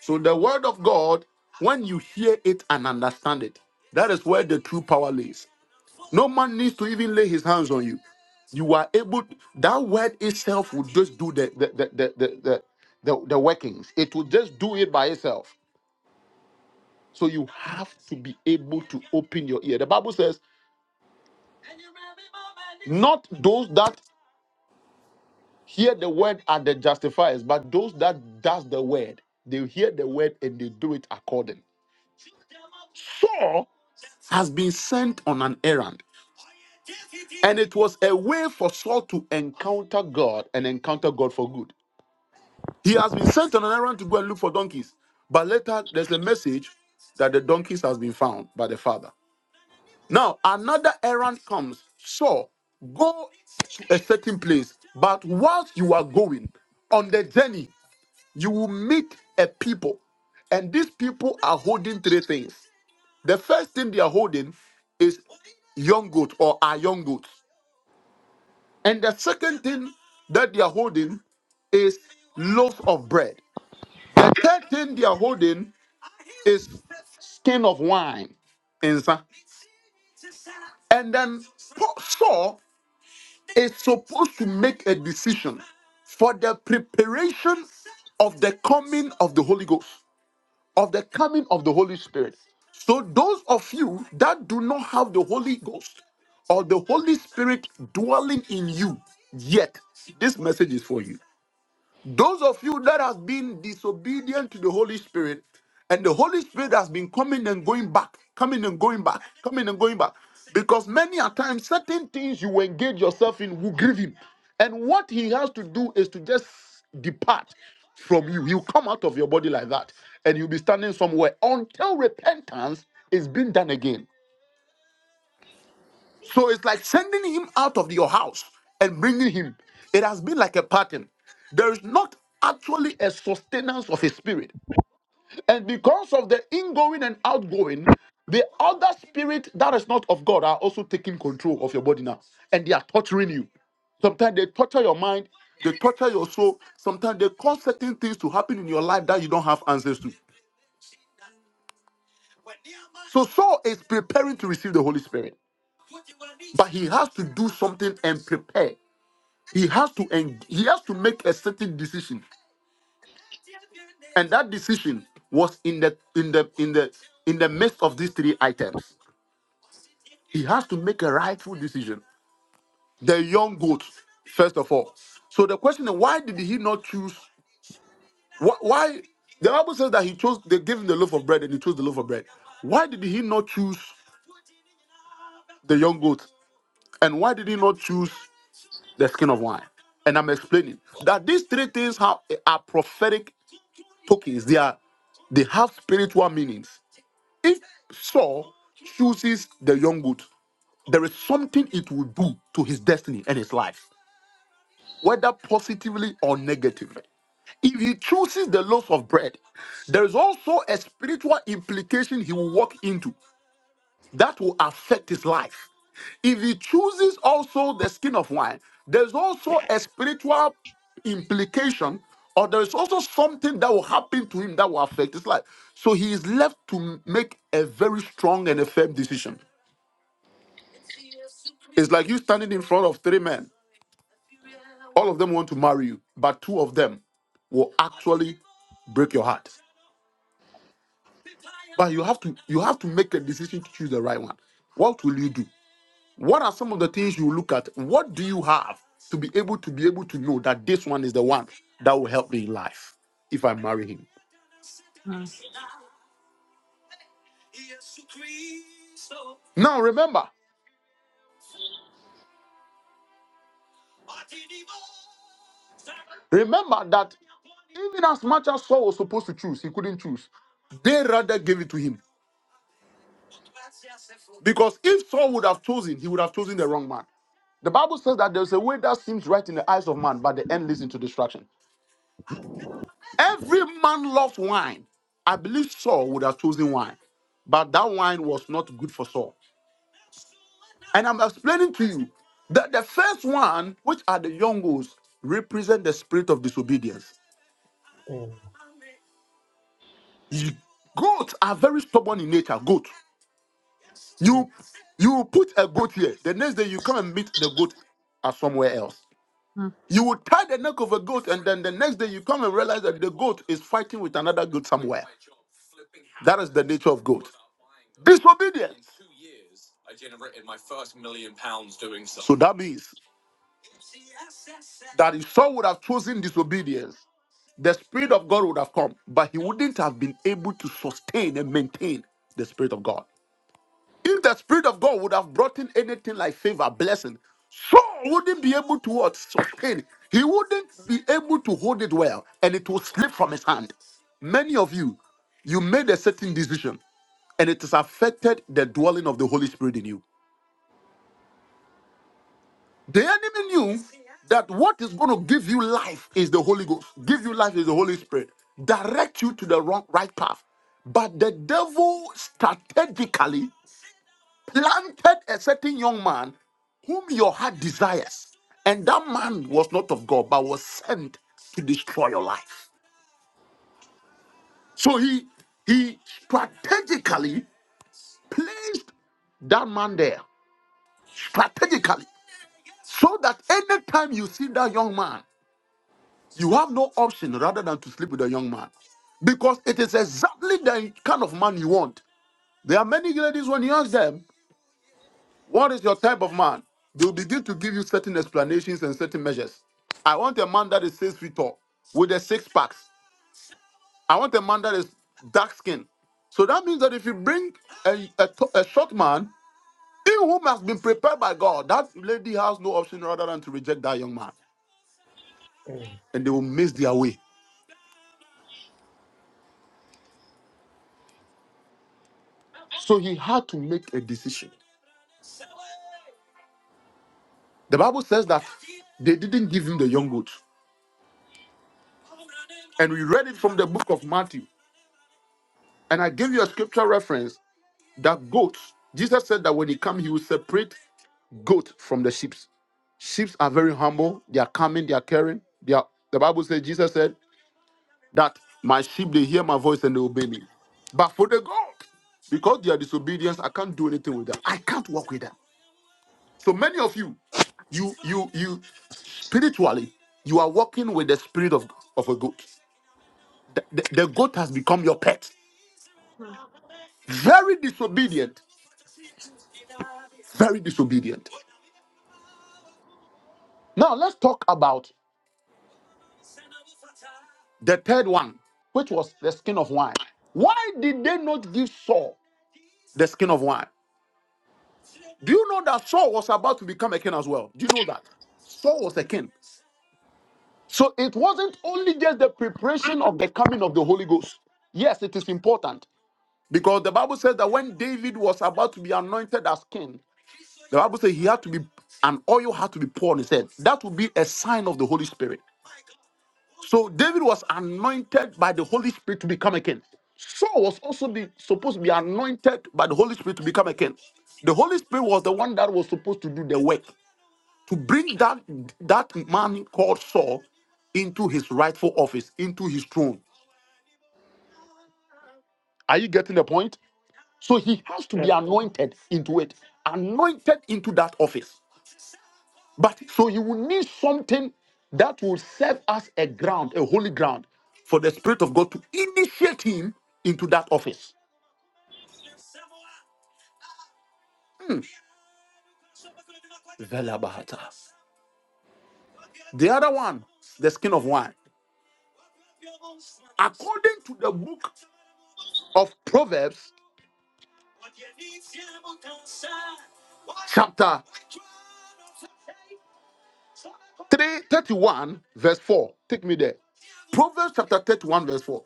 So the Word of God, when you hear it and understand it, that is where the true power lives. No man needs to even lay his hands on you. You are able, that word itself will just do the the the the the, the, the, the workings. It will just do it by itself. So you have to be able to open your ear. The Bible says, not those that hear the word are the justifiers, but those that does the word. They hear the word and they do it according. Has been sent on an errand. And it was a way for Saul to encounter God and encounter God for good. He has been sent on an errand to go and look for donkeys. But later, there's a message that the donkeys has been found by the father. Now, another errand comes. So, go to a certain place. But whilst you are going on the journey, you will meet a people. And these people are holding three things. The first thing they are holding is young goats or are young goats. And the second thing that they are holding is loaf of bread. The third thing they are holding is skin of wine. Insa. And then Pa- Saul is supposed to make a decision for the preparation of the coming of the Holy Ghost, of the coming of the Holy Spirit. So those of you that do not have the Holy Ghost or the Holy Spirit dwelling in you yet, this message is for you. Those of you that has been disobedient to the Holy Spirit, and the Holy Spirit has been coming and going back, coming and going back, coming and going back. Because many a times, certain things you engage yourself in will grieve him. And what he has to do is to just depart from you. He'll come out of your body like that, and you'll be standing somewhere until repentance is being done again. So it's like sending him out of your house and bringing him. It has been like a pattern. There is not actually a sustenance of his spirit. And because of the ingoing and outgoing, the other spirit that is not of God are also taking control of your body now. And they are torturing you. Sometimes they torture your mind, they torture your soul. Sometimes they cause certain things to happen in your life that you don't have answers to. So Saul is preparing to receive the Holy Spirit, but he has to do something and prepare. he has to en- he has to make a certain decision and that decision was in the in the in the in the midst of these three items he has to make a rightful decision the young goat first of all so the question is why did he not choose wh- why the bible says that he chose they gave him the loaf of bread and he chose the loaf of bread why did he not choose the young goat and why did he not choose the skin of wine and i'm explaining that these three things have, are prophetic tokens. They are they have spiritual meanings. If Saul chooses the young goat, there is something it will do to his destiny and his life, whether positively or negatively. If he chooses the loaves of bread, there is also a spiritual implication he will walk into that will affect his life. If he chooses also the skin of wine, there's also a spiritual implication, or there is also something that will happen to him that will affect his life. So he is left to make a very strong and a firm decision. It's like you standing in front of three men. All of them want to marry you, but two of them will actually break your heart. And you have to you have to make a decision to choose the right one. What will you do? What are some of the things you look at? What do you have to be able to be able to know that this one is the one that will help me in life if I marry him?
Mm.
Now remember, remember that even as much as Saul was supposed to choose, he couldn't choose. They rather gave it to him because if Saul would have chosen, he would have chosen the wrong man. The Bible says that there's a way that seems right in the eyes of man, but the end leads into destruction. Every man loves wine. I believe Saul would have chosen wine, but that wine was not good for Saul. And I'm explaining to you that the first one, which are the young goats, represent the spirit of disobedience.
Mm,
You- Goats are very stubborn in nature. Goat.
mm,
You you put a goat here. The next day you come and meet the goat are somewhere else. You will tie the neck of a goat, and then the next day you come and realize that the goat is fighting with another goat somewhere. That is the nature of goat. Disobedience. So that means that if Saul would have chosen disobedience, the Spirit of God would have come, but he wouldn't have been able to sustain and maintain the Spirit of God. If the Spirit of God would have brought in anything like favor, blessing, Saul wouldn't be able to what? Sustain. He wouldn't be able to hold it well, and it will slip from his hand. Many of you, you made a certain decision, and it has affected the dwelling of the Holy Spirit in you. The enemy knew that what is going to give you life is the Holy Ghost, give you life is the Holy Spirit, direct you to the wrong, right path. But the devil strategically planted a certain young man whom your heart desires. And that man was not of God, but was sent to destroy your life. So he he strategically placed that man there strategically so that anytime you see that young man You have no option rather than to sleep with a young man because it is exactly the kind of man you want. There are many ladies when you ask them, What is your type of man? They'll begin to give you certain explanations and certain measures. I want a man that is six feet tall with a six packs. I want a man that is dark skinned. So that means that if you bring a, a, t- a short man, he who has been prepared by God, that lady has no option rather than to reject that young man.
mm,
And they will miss their way. So he had to make a decision. The Bible says that They didn't give him the young goat. And we read it from the book of Matthew. And I gave you a scripture reference that goat, Jesus said that when he come, he will separate goat from the sheep. Sheep are very humble. They are coming, they are caring. They are, the Bible says, Jesus said that my sheep, they hear my voice and they obey me. But for the goat, because they are disobedience, I can't do anything with them. I can't work with them. So many of you, you, you, you, spiritually, you are walking with the spirit of, of a goat. The, the, the goat has become your pet. Very disobedient. Very disobedient. Now let's talk about the third one, which was the skin of wine. Why did they not give Saul the skin of wine? Do you know that Saul was about to become a king as well? Do you know that? Saul was a king. So it wasn't only just the preparation of the coming of the Holy Ghost. Yes, it is important because the Bible says that when David was about to be anointed as king, The Bible says he had to be, an oil had to be poured on his head. That would be a sign of the Holy Spirit. So David was anointed by the Holy Spirit to become a king. Saul was also be, supposed to be anointed by the Holy Spirit to become a king. The Holy Spirit was the one that was supposed to do the work to bring that that man called Saul into his rightful office, into his throne. Are you getting the point? So he has to be
mm,
anointed into it, anointed into that office. But so you will need something that will serve as a ground, a holy ground, for the Spirit of God to initiate him into that office. Hmm. The other one, the skin of wine. According to the book of Proverbs, chapter three, thirty-one, verse 4. Take me there. Proverbs chapter 31, verse 4.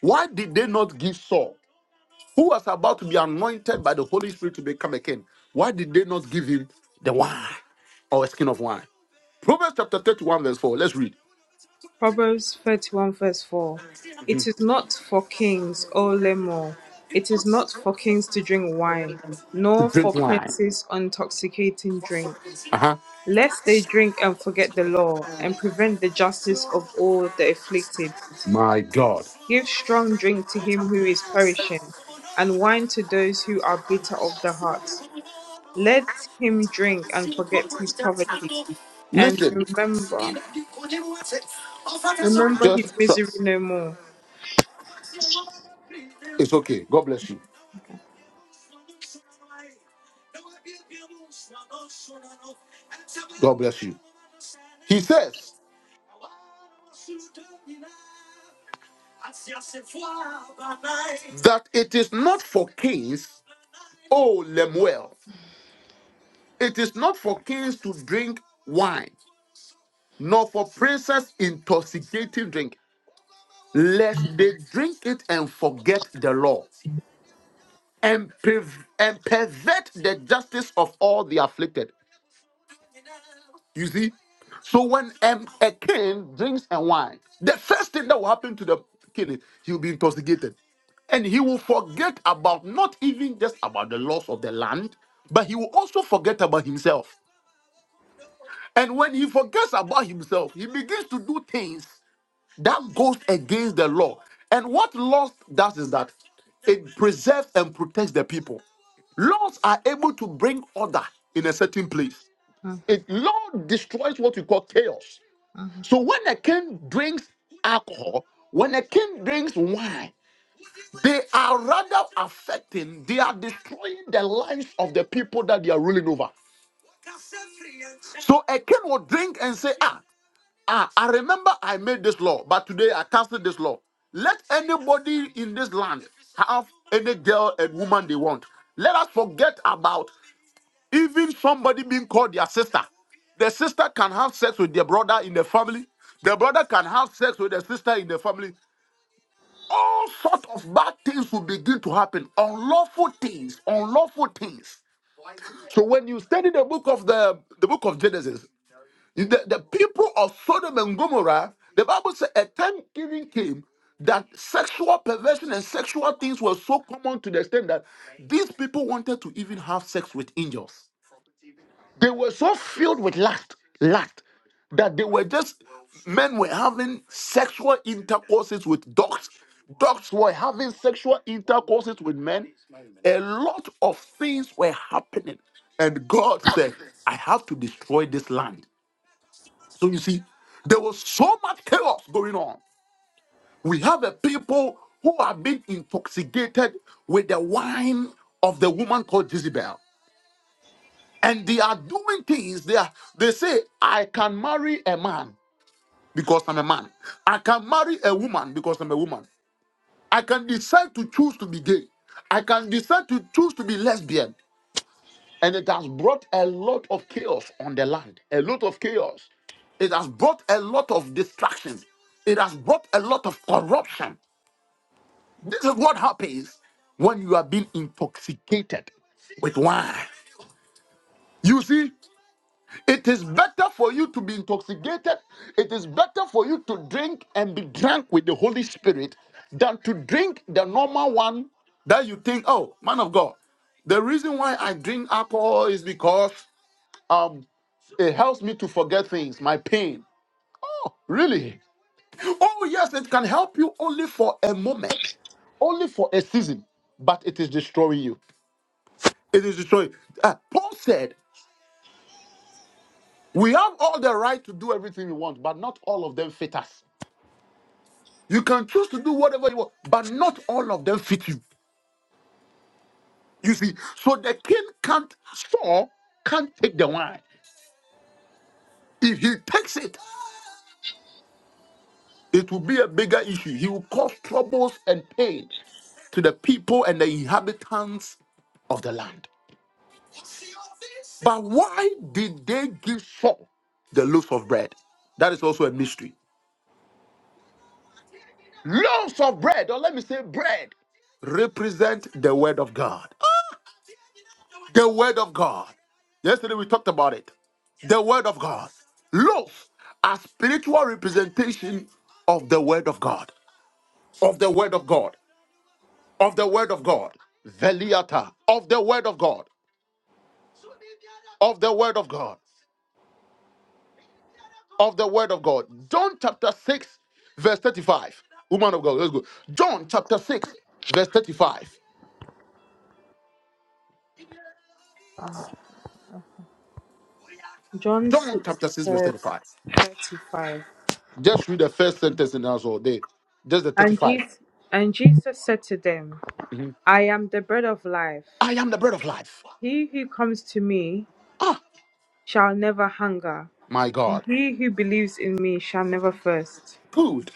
Why did they not give Saul, who was about to be anointed by the Holy Spirit to become a king? Why did they not give him the wine or a skin of wine? Proverbs chapter 31, verse 4. Let's read.
Proverbs 31 verse 4. It is not for kings, O Lemo, it is not for kings to drink wine,
to
nor
drink
for
wine.
princes intoxicating drink,
Uh huh.
lest they drink and forget the law, and prevent the justice of all the afflicted.
My God.
Give strong drink to him who is perishing, and wine to those who are bitter of the heart. Let him drink and forget his poverty, and
Listen,
remember, remember
just
his
so,
misery no more.
It's okay. God bless you. He says that it is not for kings, oh Lemuel, it is not for kings to drink wine, nor for princes intoxicating drink, lest they drink it and forget the law and, perv- and pervert the justice of all the afflicted. You see? So when um, a king drinks and wine, the first thing that will happen to the king is he'll be intoxicated. And he will forget about not even just about the loss of the land, but he will also forget about himself. And when he forgets about himself, he begins to do things that goes against the law. And what laws does is that it preserves and protects the people. Laws are able to bring order in a certain place. It law destroys what we call chaos.
Mhm.
So when a king drinks alcohol, when a king drinks wine, they are rather affecting, they are destroying the lives of the people that they are ruling over. So a king will drink and say, Ah, ah, I remember I made this law, but today I cancel this law. Let anybody in this land have any girl and woman they want. Let us forget about even somebody being called their sister. The sister can have sex with their brother in the family. The brother can have sex with the sister in the family. all sorts of bad things will begin to happen unlawful things unlawful things so when you study the book of the the book of genesis the, the people of sodom and gomorrah the bible said a time even came that sexual perversion and sexual things were so common to the extent that these people wanted to even have sex with angels they were so filled with lust, lust, that they were just men were having sexual intercourses with dogs. Dogs were having sexual intercourses with men. A lot of things were happening. And God said, I have to destroy this land. So you see, there was so much chaos going on. We have a people who have been intoxicated with the wine of the woman called Jezebel and they are doing things they are they say i can marry a man because i'm a man i can marry a woman because i'm a woman i can decide to choose to be gay i can decide to choose to be lesbian and it has brought a lot of chaos on the land a lot of chaos it has brought a lot of distractions it has brought a lot of corruption this is what happens when you are being intoxicated with wine you see It is better for you to be intoxicated. It is better for you to drink and be drunk with the Holy Spirit than to drink the normal one that you think, oh, man of God, the reason why I drink alcohol is because um, it helps me to forget things, my pain. Really? Oh, yes, it can help you only for a moment, only for a season, but it is destroying you. It is destroying. Uh, Paul said, we have all the right to do everything we want, but not all of them fit us. You can choose to do whatever you want, but not all of them fit you. You see, so the king can't Saul can't take the wine. If he takes it, it will be a bigger issue. He will cause troubles and pain to the people and the inhabitants of the land. But why did they give Saul the loaves of bread? That is also a mystery. Loaves of bread, or let me say bread, represent the word of God. The word of God. Yesterday we talked about it. The word of God. Loaves are spiritual representation of the word of God. Of the word of God. Of the word of God. Veliata. Of the word of God. Of the word of God. Of the word of God. John chapter 6, verse 35. Woman of God, let's go. John chapter 6, verse 35.
John
John
6,
chapter 6, verse
verse
35.
35.
Just read the first sentence in us all day. Just the
And
35.
Jesus, and Jesus said to them,
Mhm.
I am the bread of life.
I am the bread of life.
He who comes to me
Ah.
shall never hunger,
My
and
God.
he who believes in me shall never thirst.
Good.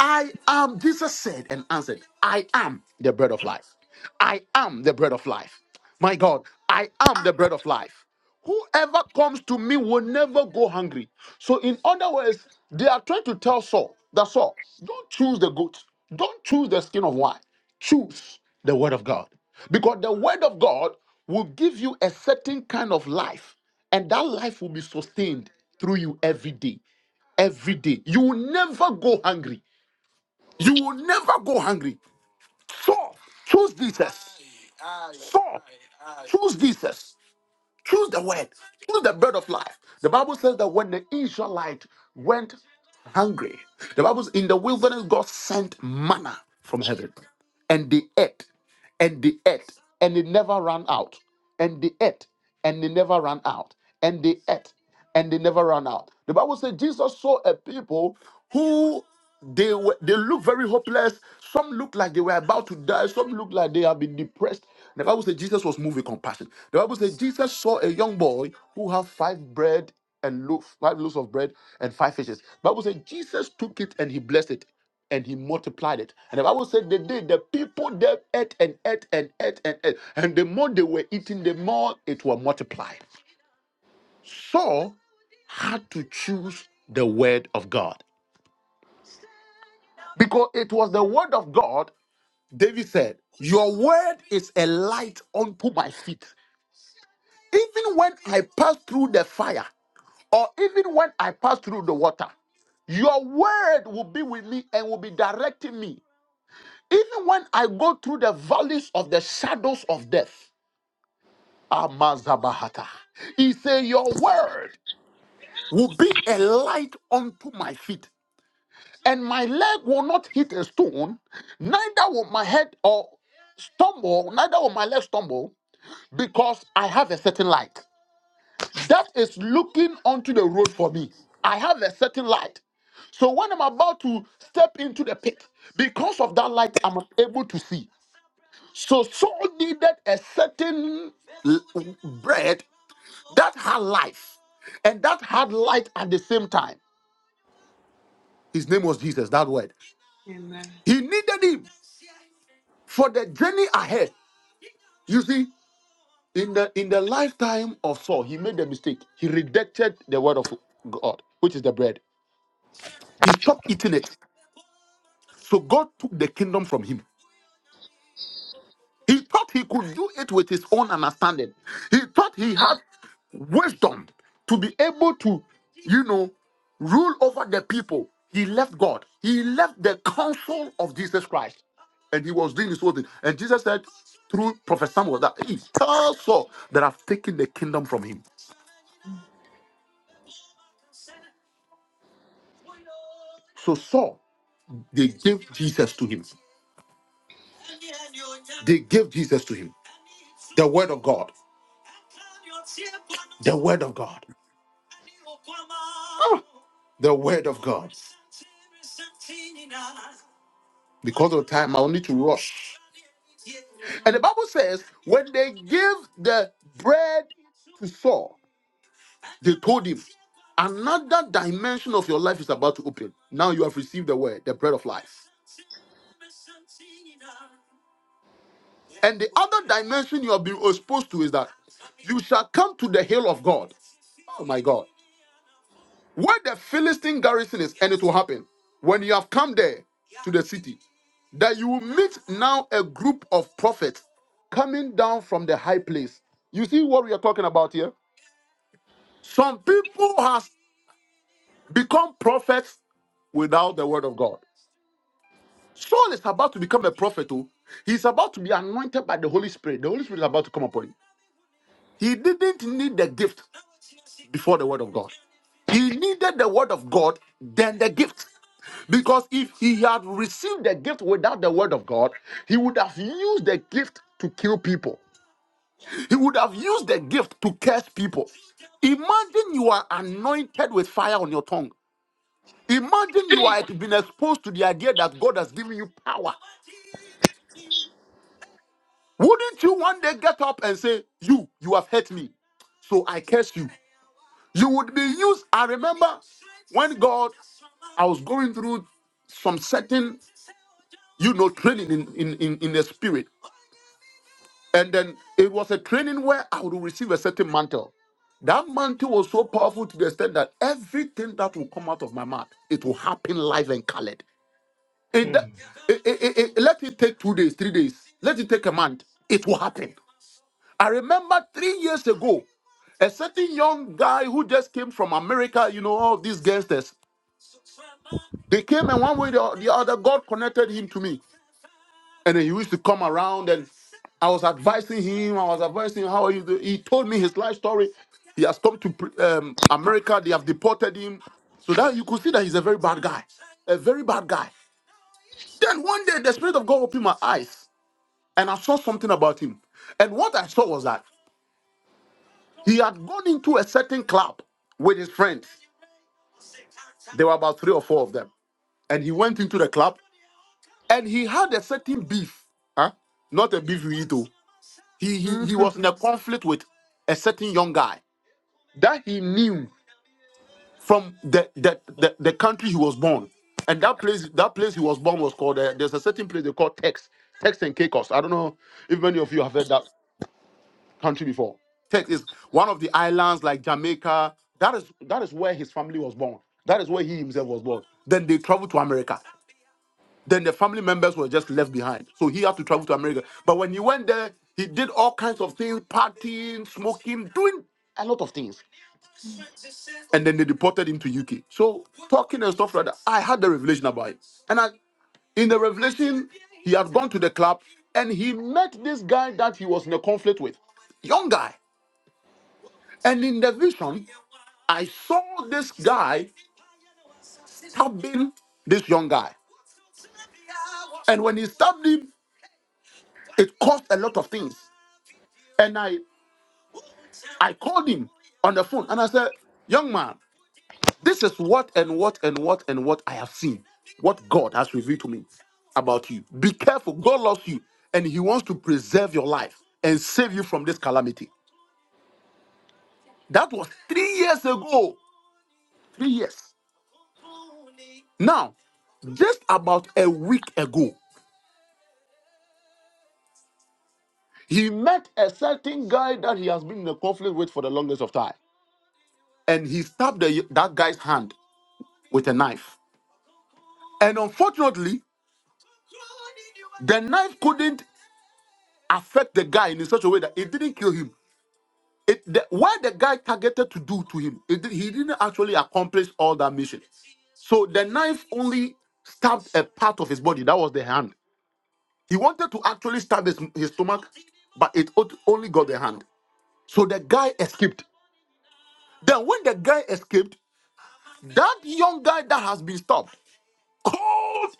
I am, Jesus said and answered, I am the bread of life. I am the bread of life. My God, I am the bread of life. Whoever comes to me will never go hungry. So, in other words, they are trying to tell Saul that Saul, don't choose the goat, don't choose the skin of wine, choose the word of God. Because the word of God will give you a certain kind of life, and that life will be sustained through you every day. every day. You will never go hungry. You will never go hungry. So choose Jesus. So choose Jesus. Choose the word. Choose the bread of life. The Bible says that when the Israelite went hungry, the Bible says in the wilderness, God sent manna from heaven. And they ate. And they ate. And it never ran out and they ate and they never ran out. And they ate and they never ran out. The Bible says Jesus saw a people who they were they look very hopeless. Some look like they were about to die. Some look like they have been depressed. The Bible says Jesus was moved with compassion. The Bible says Jesus saw a young boy who had five bread and loaf, five loaves of bread and five fishes. The Bible says Jesus took it and he blessed it and he multiplied it. And the Bible said the day the people there ate and ate and ate and ate, and the more they were eating, the more it was multiplied. Saul had to choose the word of God because it was the word of God. David said, Your word is a light unto my feet. Even when I pass through the fire, or even when I pass through the water, your word will be with me and will be directing me. Even when I go through the valleys of the shadows of death, Amazabahata, he said, Your word will be a light unto my feet, and my leg will not hit a stone, neither will my head or stumble, neither will my leg stumble, because I have a certain light that is looking onto the road for me. I have a certain light. So when I'm about to step into the pit, because of that light, I'm able to see. So Saul needed a certain l- bread that had life and that had light at the same time. His name was Jesus, that word.
Amen.
He needed him for the journey ahead. You see, in the in the lifetime of Saul, he made a mistake. He rejected the word of God, which is the bread. He stopped eating it. So God took the kingdom from him. He thought he could do it with his own understanding. He thought he had wisdom to be able to, you know, rule over the people. He left God. He left the counsel of Jesus Christ. And he was doing his own thing. And Jesus said through Prophet Samuel that he tell Saul that I've taken the kingdom from him. So Saul, they they gave Jesus to him. The word of God. The word of God. The word of God. Because of time, I'll need to rush. And the Bible says, when they gave the bread to Saul, they told him, another dimension of your life is about to open. Now you have received the word, the bread of life. And the other dimension you have been exposed to is that you shall come to the hill of God. Oh my God. Where the Philistine garrison is, and it will happen. When you have come there to the city, that you will meet now a group of prophets coming down from the high place. You see what we are talking about here? Some people has Become prophets without the word of God. Saul is about to become a prophet. Oh. He's about to be anointed by the Holy Spirit. The Holy Spirit is about to come upon him. He didn't need the gift before the word of God. He needed the word of God, then the gift. Because if he had received the gift without the word of God, he would have used the gift to kill people. He would have used the gift to curse people. Imagine you are anointed with fire on your tongue. Imagine you are being exposed to the idea that God has given you power Wouldn't you one day get up and say, You, you have hurt me, so I curse you? You would be used. I remember when God, I was going through some certain, you know, training in, in, in, in the spirit. And then it was a training where I would receive a certain mantle. That mantle was so powerful to the extent that everything that will come out of my mouth, it will happen live and colored. It,
mm.
it, it, it- it- let it take two days, three days, let it take a month, it will happen. I remember three years ago, a certain young guy who just came from America, you know, all these gangsters, they came and one way or the other, God connected him to me. And then he used to come around and I was advising him, I was advising him, how are you doing? He told me his life story. He has come to um, America, they have deported him. So that you could see that he's a very bad guy, a very bad guy. Then one day the Spirit of God opened my eyes and I saw something about him. And what I saw was that He had gone into a certain club with his friends. There were about three or four of them. And he went into the club and he had a certain beef. Huh? Not a beef we eat. oh. He, he, he was in a conflict with a certain young guy that he knew from the, the, the, the country he was born. And that place that place he was born was called, uh, there's a certain place they call Tex, Tex and Caicos. I don't know if many of you have heard that country before. Tech is one of the islands like Jamaica. That is that is where his family was born. That is where he himself was born. Then they traveled to America. Then the family members were just left behind. So he had to travel to America. But when he went there, he did all kinds of things, partying, smoking, doing a lot of things. And then they deported him to UK. So Talk had the revelation. And I, in the revelation, I've gone to the club and he met this guy that he was in a conflict with. Young guy. And in the vision, I saw this. been this young guy. When he stabbed him, it caused a lot of things. And I, I called him on the phone and I said, Young man, this is what and what and what and what I have seen, what God has revealed to me about you. Be careful. God loves you and He wants to preserve your life and save you from this calamity. That was three years ago. Three years. Now, just about a week ago, he met a certain guy that he has been in a conflict with for the longest of time. and he stabbed the, that guy's hand with a knife. And unfortunately, the knife couldn't affect the guy in such a way that it didn't kill him. It, the, what the guy targeted to do to him, it, did- he didn't actually accomplish all that mission. So the knife only stabbed a part of his body. That was the hand. He wanted to actually stab his, his stomach, but it o- only got the hand. So the guy escaped. Then when the guy escaped, that young guy that has been stopped called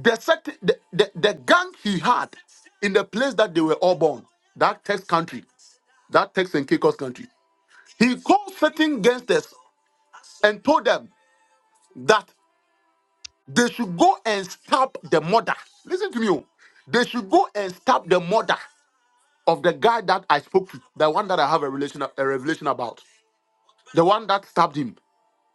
The, sect, the, the, the gang he had in the place that they were all born, that Tex country, that Tex and Caicos country, he called certain gangsters and told them that they should go and stab the mother. Listen to me. oh. They should go and stab the mother of the guy that I spoke to, the one that I have a, relation, a revelation about, the one that stabbed him.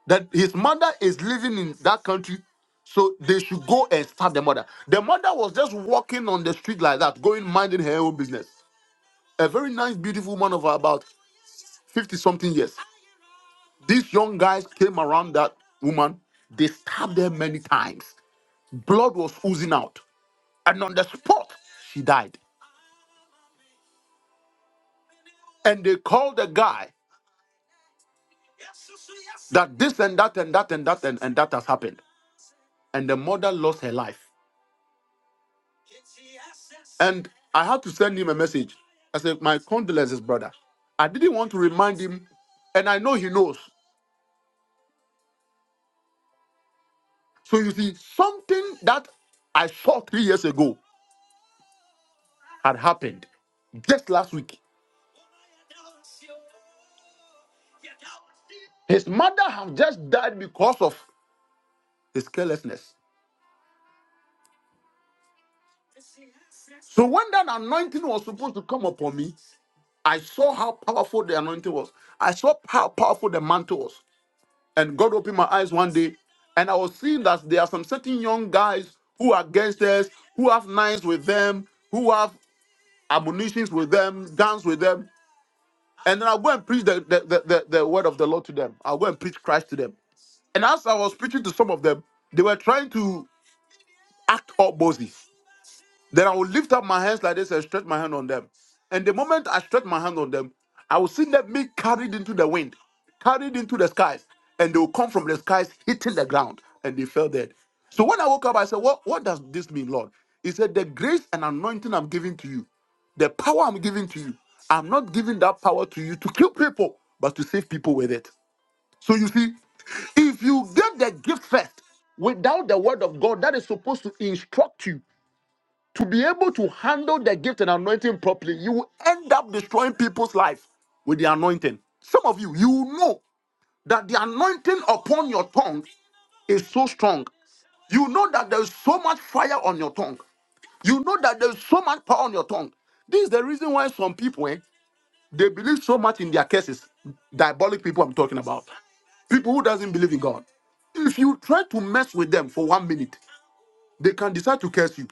That his mother is living in that country so they should go and stab the mother. The mother was just walking on the street like that, going minding her own business. a very nice, beautiful woman of about 50 something years. These young guys came around that woman. They stabbed her many times. Blood was oozing out. And on the spot, she died. And they called the guy that this and that and that and that and, and that has happened. And the mother lost her life. And I had to send him a message. I said, My condolences, brother. I didn't want to remind him. And I know he knows. So you see, something that I saw three years ago had happened just last week. His mother have just died because of his carelessness. So when that anointing was supposed to come upon me, I saw how powerful the anointing was. I saw how powerful the mantle was. And God opened my eyes one day, and I was seeing that there are some certain young guys who are gangsters, who have knives with them, who have ammunitions with them, guns with them. And then I'll go and preach the, the, the, the, the word of the Lord to them. I'll go and preach Christ to them. And as I was preaching to some of them, they were trying to act up bossy. Then I will lift up my hands like this and stretch my hand on them. And the moment I stretch my hand on them, I will see them be carried into the wind, carried into the skies, and they will come from the skies hitting the ground, and they fell dead. So when I woke up, I said, What, what does this mean, Lord? He said, The grace and anointing I'm giving to you, the power I'm giving to you, I'm not giving that power to you to kill people, but to save people with it. So you see, if you get the gift first without the word of God that is supposed to instruct you to be able to handle the gift and anointing properly, you will end up destroying people's life with the anointing. Some of you, you know that the anointing upon your tongue is so strong. You know that there's so much fire on your tongue. You know that there's so much power on your tongue. This is the reason why some people, eh, they believe so much in their cases. Diabolic people I'm talking about. People who doesn't believe in God. If you try to mess with them for one minute, they can decide to curse you.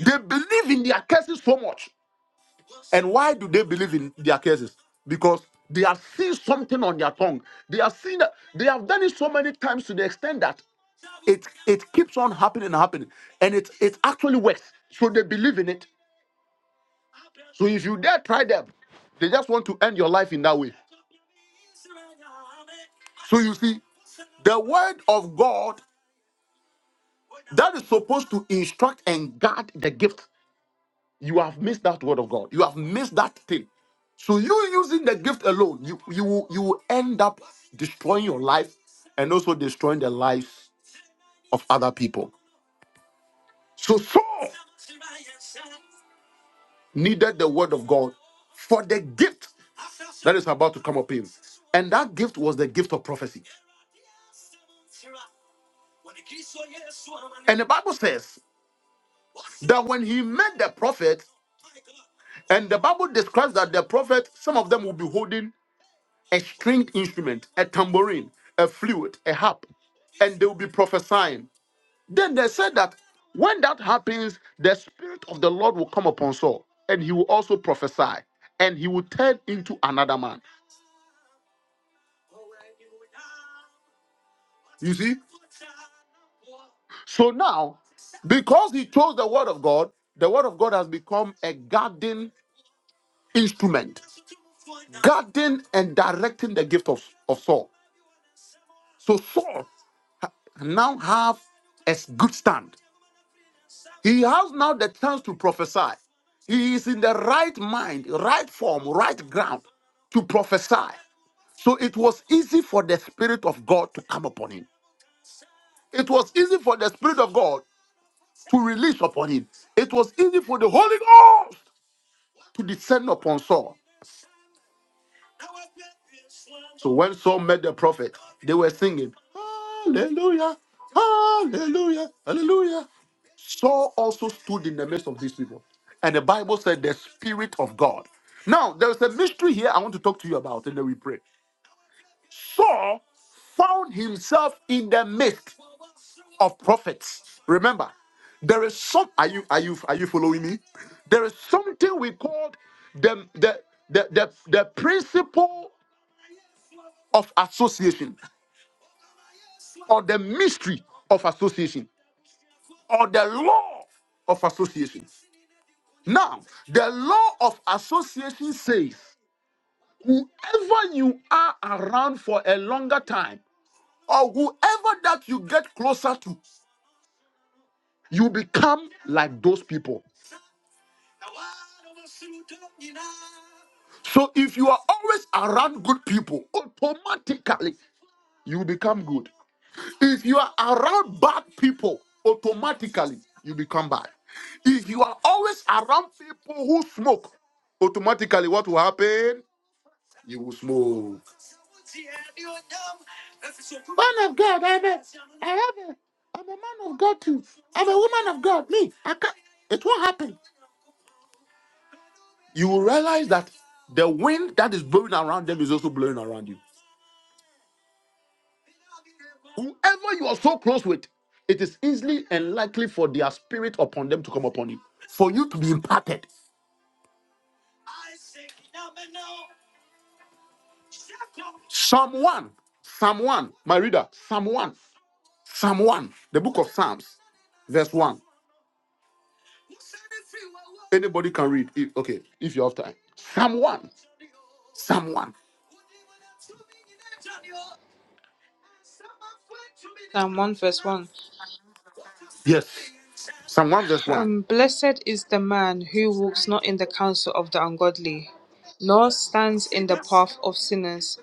They believe in their curses so much And why do they believe in their curses? Because they have seen something on their tongue. They have seen that they have done it so many times to the extent that it it keeps on happening and happening. And it it actually works. So they believe in it. So if you dare try them, they just want to end your life in that way. So you see, the word of God that is supposed to instruct and guard the gift you have missed that word of God. You have missed that thing. So you using the gift alone, you you will- you will end up destroying your life and also destroying the lives of other people. So Saul needed the word of God for the gift that is about to come upon him. And that gift was the gift of prophecy. The Bible says that when he met the prophet, and the Bible describes that the prophet, some of them will be holding a stringed instrument, a tambourine, a flute, a harp, and they will be prophesying. Then they said that when that happens, the spirit of the Lord will come upon Saul, and he will also prophesy, and he will turn into another man. You see? So now, because he chose the word of God, the word of God has become a guarding instrument, guarding and directing the gift of, of Saul. So Saul now have a good stand. He has now the chance to prophesy. He is in the right mind, right form, right ground to prophesy. So it was easy for the Spirit of God to come upon him. It was easy for the Spirit of God to release upon him. It was easy for the Holy Ghost to descend upon Saul. So when Saul met the prophet, they were singing, Hallelujah, Hallelujah, Hallelujah. Saul also stood in the midst of these people. And the Bible said, The Spirit of God. Now, there's a mystery here I want to talk to you about, and then we pray. Saul found himself in the midst. of prophets. Remember, there is some. Are you are you are you following me? There is something we called the the the the, the principle of association, or the mystery of association, or the law of association. Now, the law of association says, whoever you are around for a longer time, or whoever that you get closer to, you become like those people. So if you are always around good people, automatically you become good. If you are around bad people, automatically you become bad. If you are always around people who smoke, automatically what will happen? You will smoke. Man of God, I'm a, have a, I'm a man of God too. I'm a woman of God. Me, I can't. It won't happen. You will realize that the wind that is blowing around them is also blowing around you. Whoever you are so close with, it is easily and likely for their spirit upon them to come upon you, for you to be imparted. Someone, someone, my reader, someone, someone, the book of Psalms, verse 1. Anybody can read. If, okay, if you have time. Someone, someone,
Psalm 1 verse 1.
yes, someone, verse 1.
Um, Blessed is the man who walks not in the counsel of the ungodly, nor stands in the path of sinners,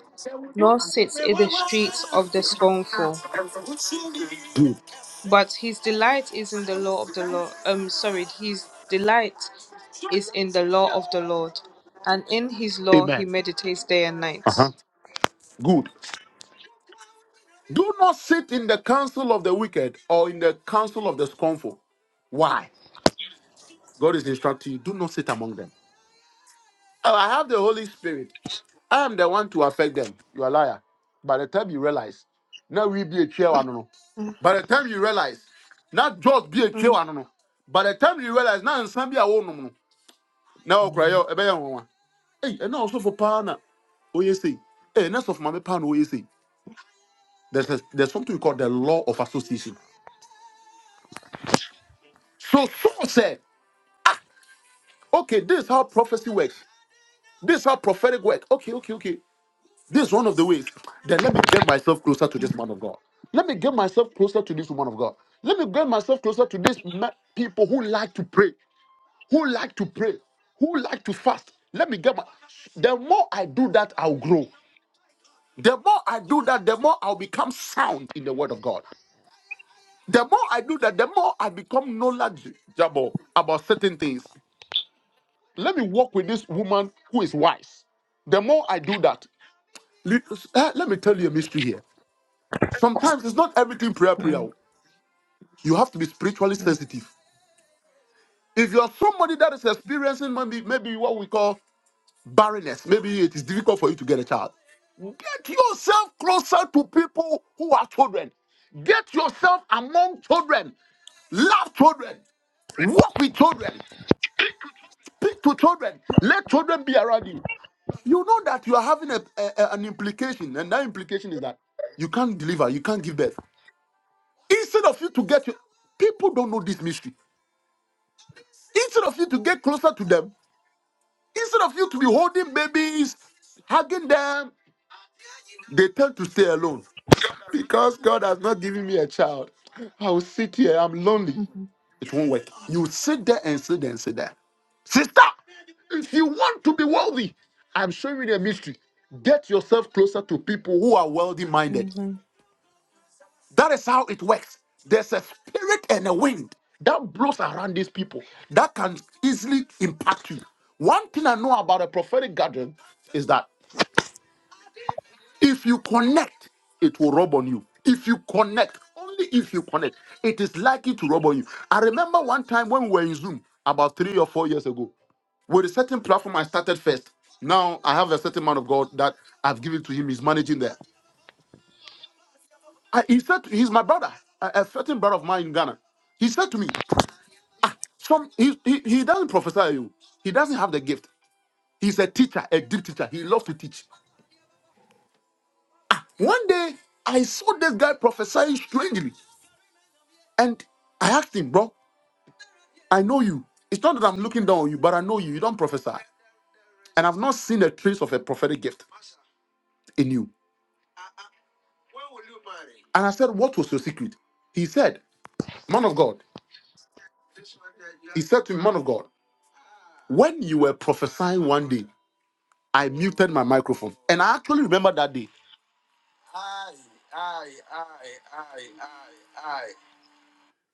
nor sits in the streets of the scornful.
Good,
But his delight is in the law of the Lord. Um, sorry, his delight is in the law of the Lord, and in his law he meditates day and night.
good. Do not sit in the council of the wicked or in the council of the scornful. Why? God is instructing you, do not sit among them. Oh, I have the Holy Spirit. I am the one to affect them. You are a liar. By the time you realize, now we be a chair, I don't know. By the time you realize, not just be a chair, I don't know. By the time you realize, now some be a woman. Now cry out, a bear one. Hey, and also for pana. Oh, you see. Hey, and that's of my pan, oh, you see. There's, a, there's something we call the law of association. So Saul said, okay, this is how prophecy works. This is how prophetic work. Okay, okay, okay. This is one of the ways. Then let me get myself closer to this man of God. Let me get myself closer to this woman of God. Let me get myself closer to these me- people who like to pray, who like to pray, who like to fast. Let me get my. The more I do that, I'll grow. The more I do that, the more I'll become sound in the word of God. The more I do that, the more I become knowledgeable about certain things. Let me walk with this woman who is wise. The more I do that, le- eh, let me tell you a mystery here. Sometimes it's not everything prayer, prayer.
Mm,
oh. You have to be spiritually sensitive.
yes.
If you are somebody that is experiencing maybe, maybe what we call barrenness, maybe it is difficult for you to get a child. Get yourself closer to people who are children. Get yourself among children. Love children. Walk with children. Speak to children. Let children be around you. You know that you are having a, a- a- an implication, and that implication is that you can't deliver, you can't give birth. Instead of you to get your people don't know this mystery. Instead of you to get closer to them, instead of you to be holding babies, hugging them, they tend to stay alone. Because God has not given me a child, I will sit here, I'm lonely. It won't work. You sit there and sit there and sit there. Sister, if you want to be wealthy, I'm showing you the mystery. Get yourself closer to people who are wealthy minded.
hmm
That is how it works. There's a spirit and a wind that blows around these people that can easily impact you. One thing I know about a prophetic gathering is that if you connect, it will rub on you. If you connect, only if you connect, it is likely to rub on you. I remember one time when we were in Zoom about three or four years ago, with a certain platform I started first. Now I have a certain man of God that I've given to him. He's managing there. I, he said he's my brother, a, a certain brother of mine in Ghana. He said to me, Some he, he, he doesn't prophesy you. He doesn't have the gift. He's a teacher, a deep teacher. He loves to teach. One day I saw this guy prophesying strangely, and I asked him, bro, I know you. It's not that I'm looking down on you, but I know you. You don't prophesy. And I've not seen a trace of a prophetic gift in you. And I said, What was your secret? He said, Man of God, said to me, Man of God, when you were prophesying one day, I muted my microphone. And I actually remember that day.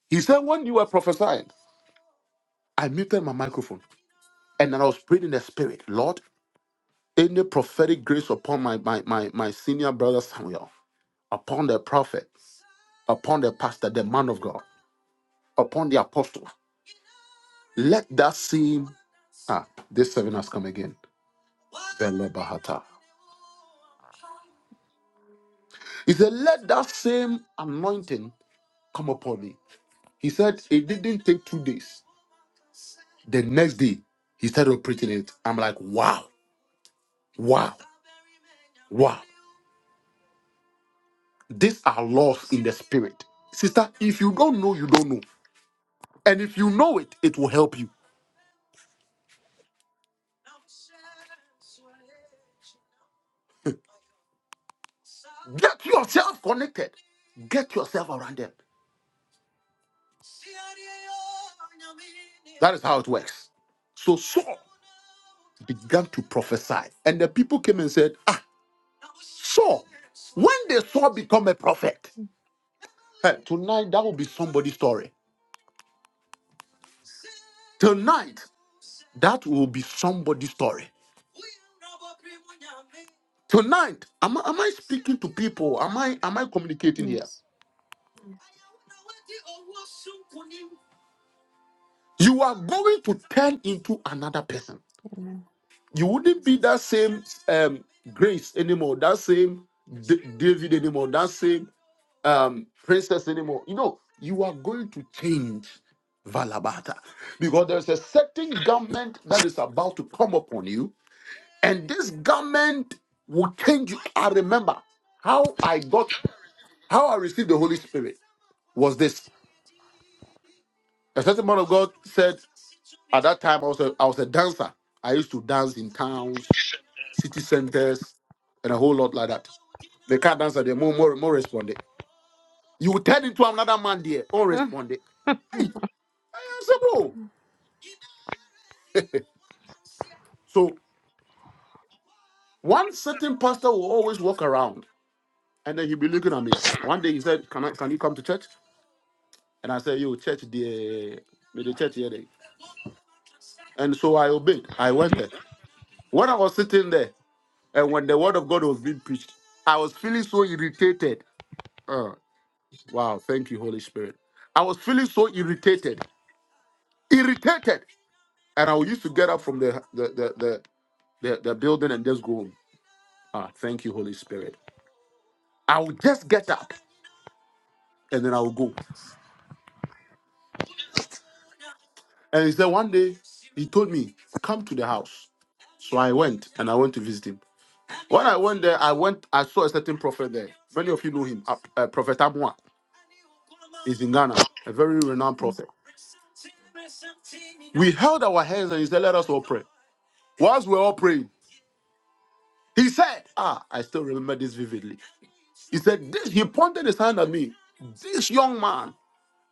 He said, When you were prophesying, I muted my microphone. And then I was praying in the spirit, Lord, any prophetic grace upon my my my, my senior brother Samuel, upon the prophet, upon the pastor, the man of God, upon the apostle. Let that same ah, this seven has come again. Belebahata. He said, Let that same anointing come upon me. He said it didn't take two days. The next day, he started preaching it. I'm like, wow, wow, wow. These are laws in the spirit. Sister, if you don't know, you don't know. And if you know it, it will help you. Get yourself connected. Get yourself around them. So Saul prophesied. And the people came and said, "Ah, when they saw become a prophet, hey, tonight that will be somebody's story. Tonight, that will be somebody's story. Tonight, am I, am I speaking to people? Am I am I communicating here?
Yes.
You are going to turn into another person. You wouldn't be that same um, grace anymore, that same D- David anymore, that same um, princess anymore. You know, you are going to change Valabata because there's a certain garment that is about to come upon you, and this garment will change you. I remember how I got, how I received the Holy Spirit was this. A certain man of God said at that time I was a, I was a dancer. I used to dance in towns, city centers, and a whole lot like that. The car dancer, they more more more responded. You will turn into another man there, or responded. Hey, Impossible. So one certain pastor will always walk around and then he'll be looking at me. One day he said, Can I can you come to church? And I said, Yo, church the the church here. They. And so I obeyed. I went there. When I was sitting there and when the word of God was being preached, I was feeling so irritated. Uh, wow, thank you, Holy Spirit. I was feeling so irritated. Irritated. And I used to get up from the the the the, the, the building and just go home. Ah, thank you, Holy Spirit. I would just get up and then I would go. And he said, one day he told me, come to the house. I went and I went to visit him. went there, I went, I saw a certain prophet there. If you know him, uh, uh, Prophet Amwa, a very renowned prophet. He held our hands and he said, let us, whilst we were all praying, he said, ah, I still remember this vividly. He said, this, he pointed his hand at me. This young man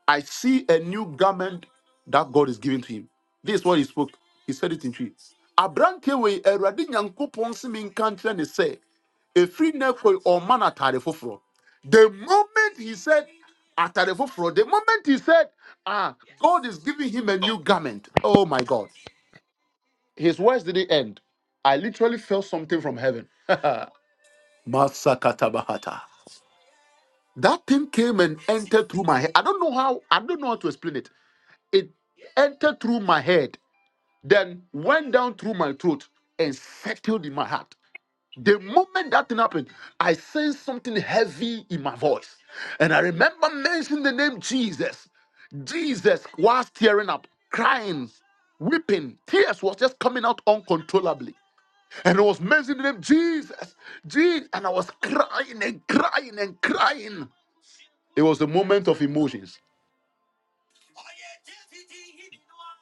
I see a new garment that God is giving to him. This is what he spoke. He said it in trees. Aberanteɛ wei Awurade Nyankopɔn se me nka nkyerɛ ne sɛ ɛfiri nnɛ kɔi ɔmma no atade The moment he said atade foforɔ, the moment he said, ah, God is giving him a new garment. Oh my God. His words didn't end. I literally felt something from heaven. Masakatabahata. That thing came and entered through my head. I don't know how, I don't know how to explain it it entered through my head, then went down through my throat and settled in my heart. The moment that thing happened, I sensed something heavy in my voice. And I remember mentioning the name Jesus. Jesus was tearing up, crying, weeping. Tears was just coming out uncontrollably. And I was mentioning the name Jesus. Jesus. And I was crying and crying and crying. It was a moment of emotions.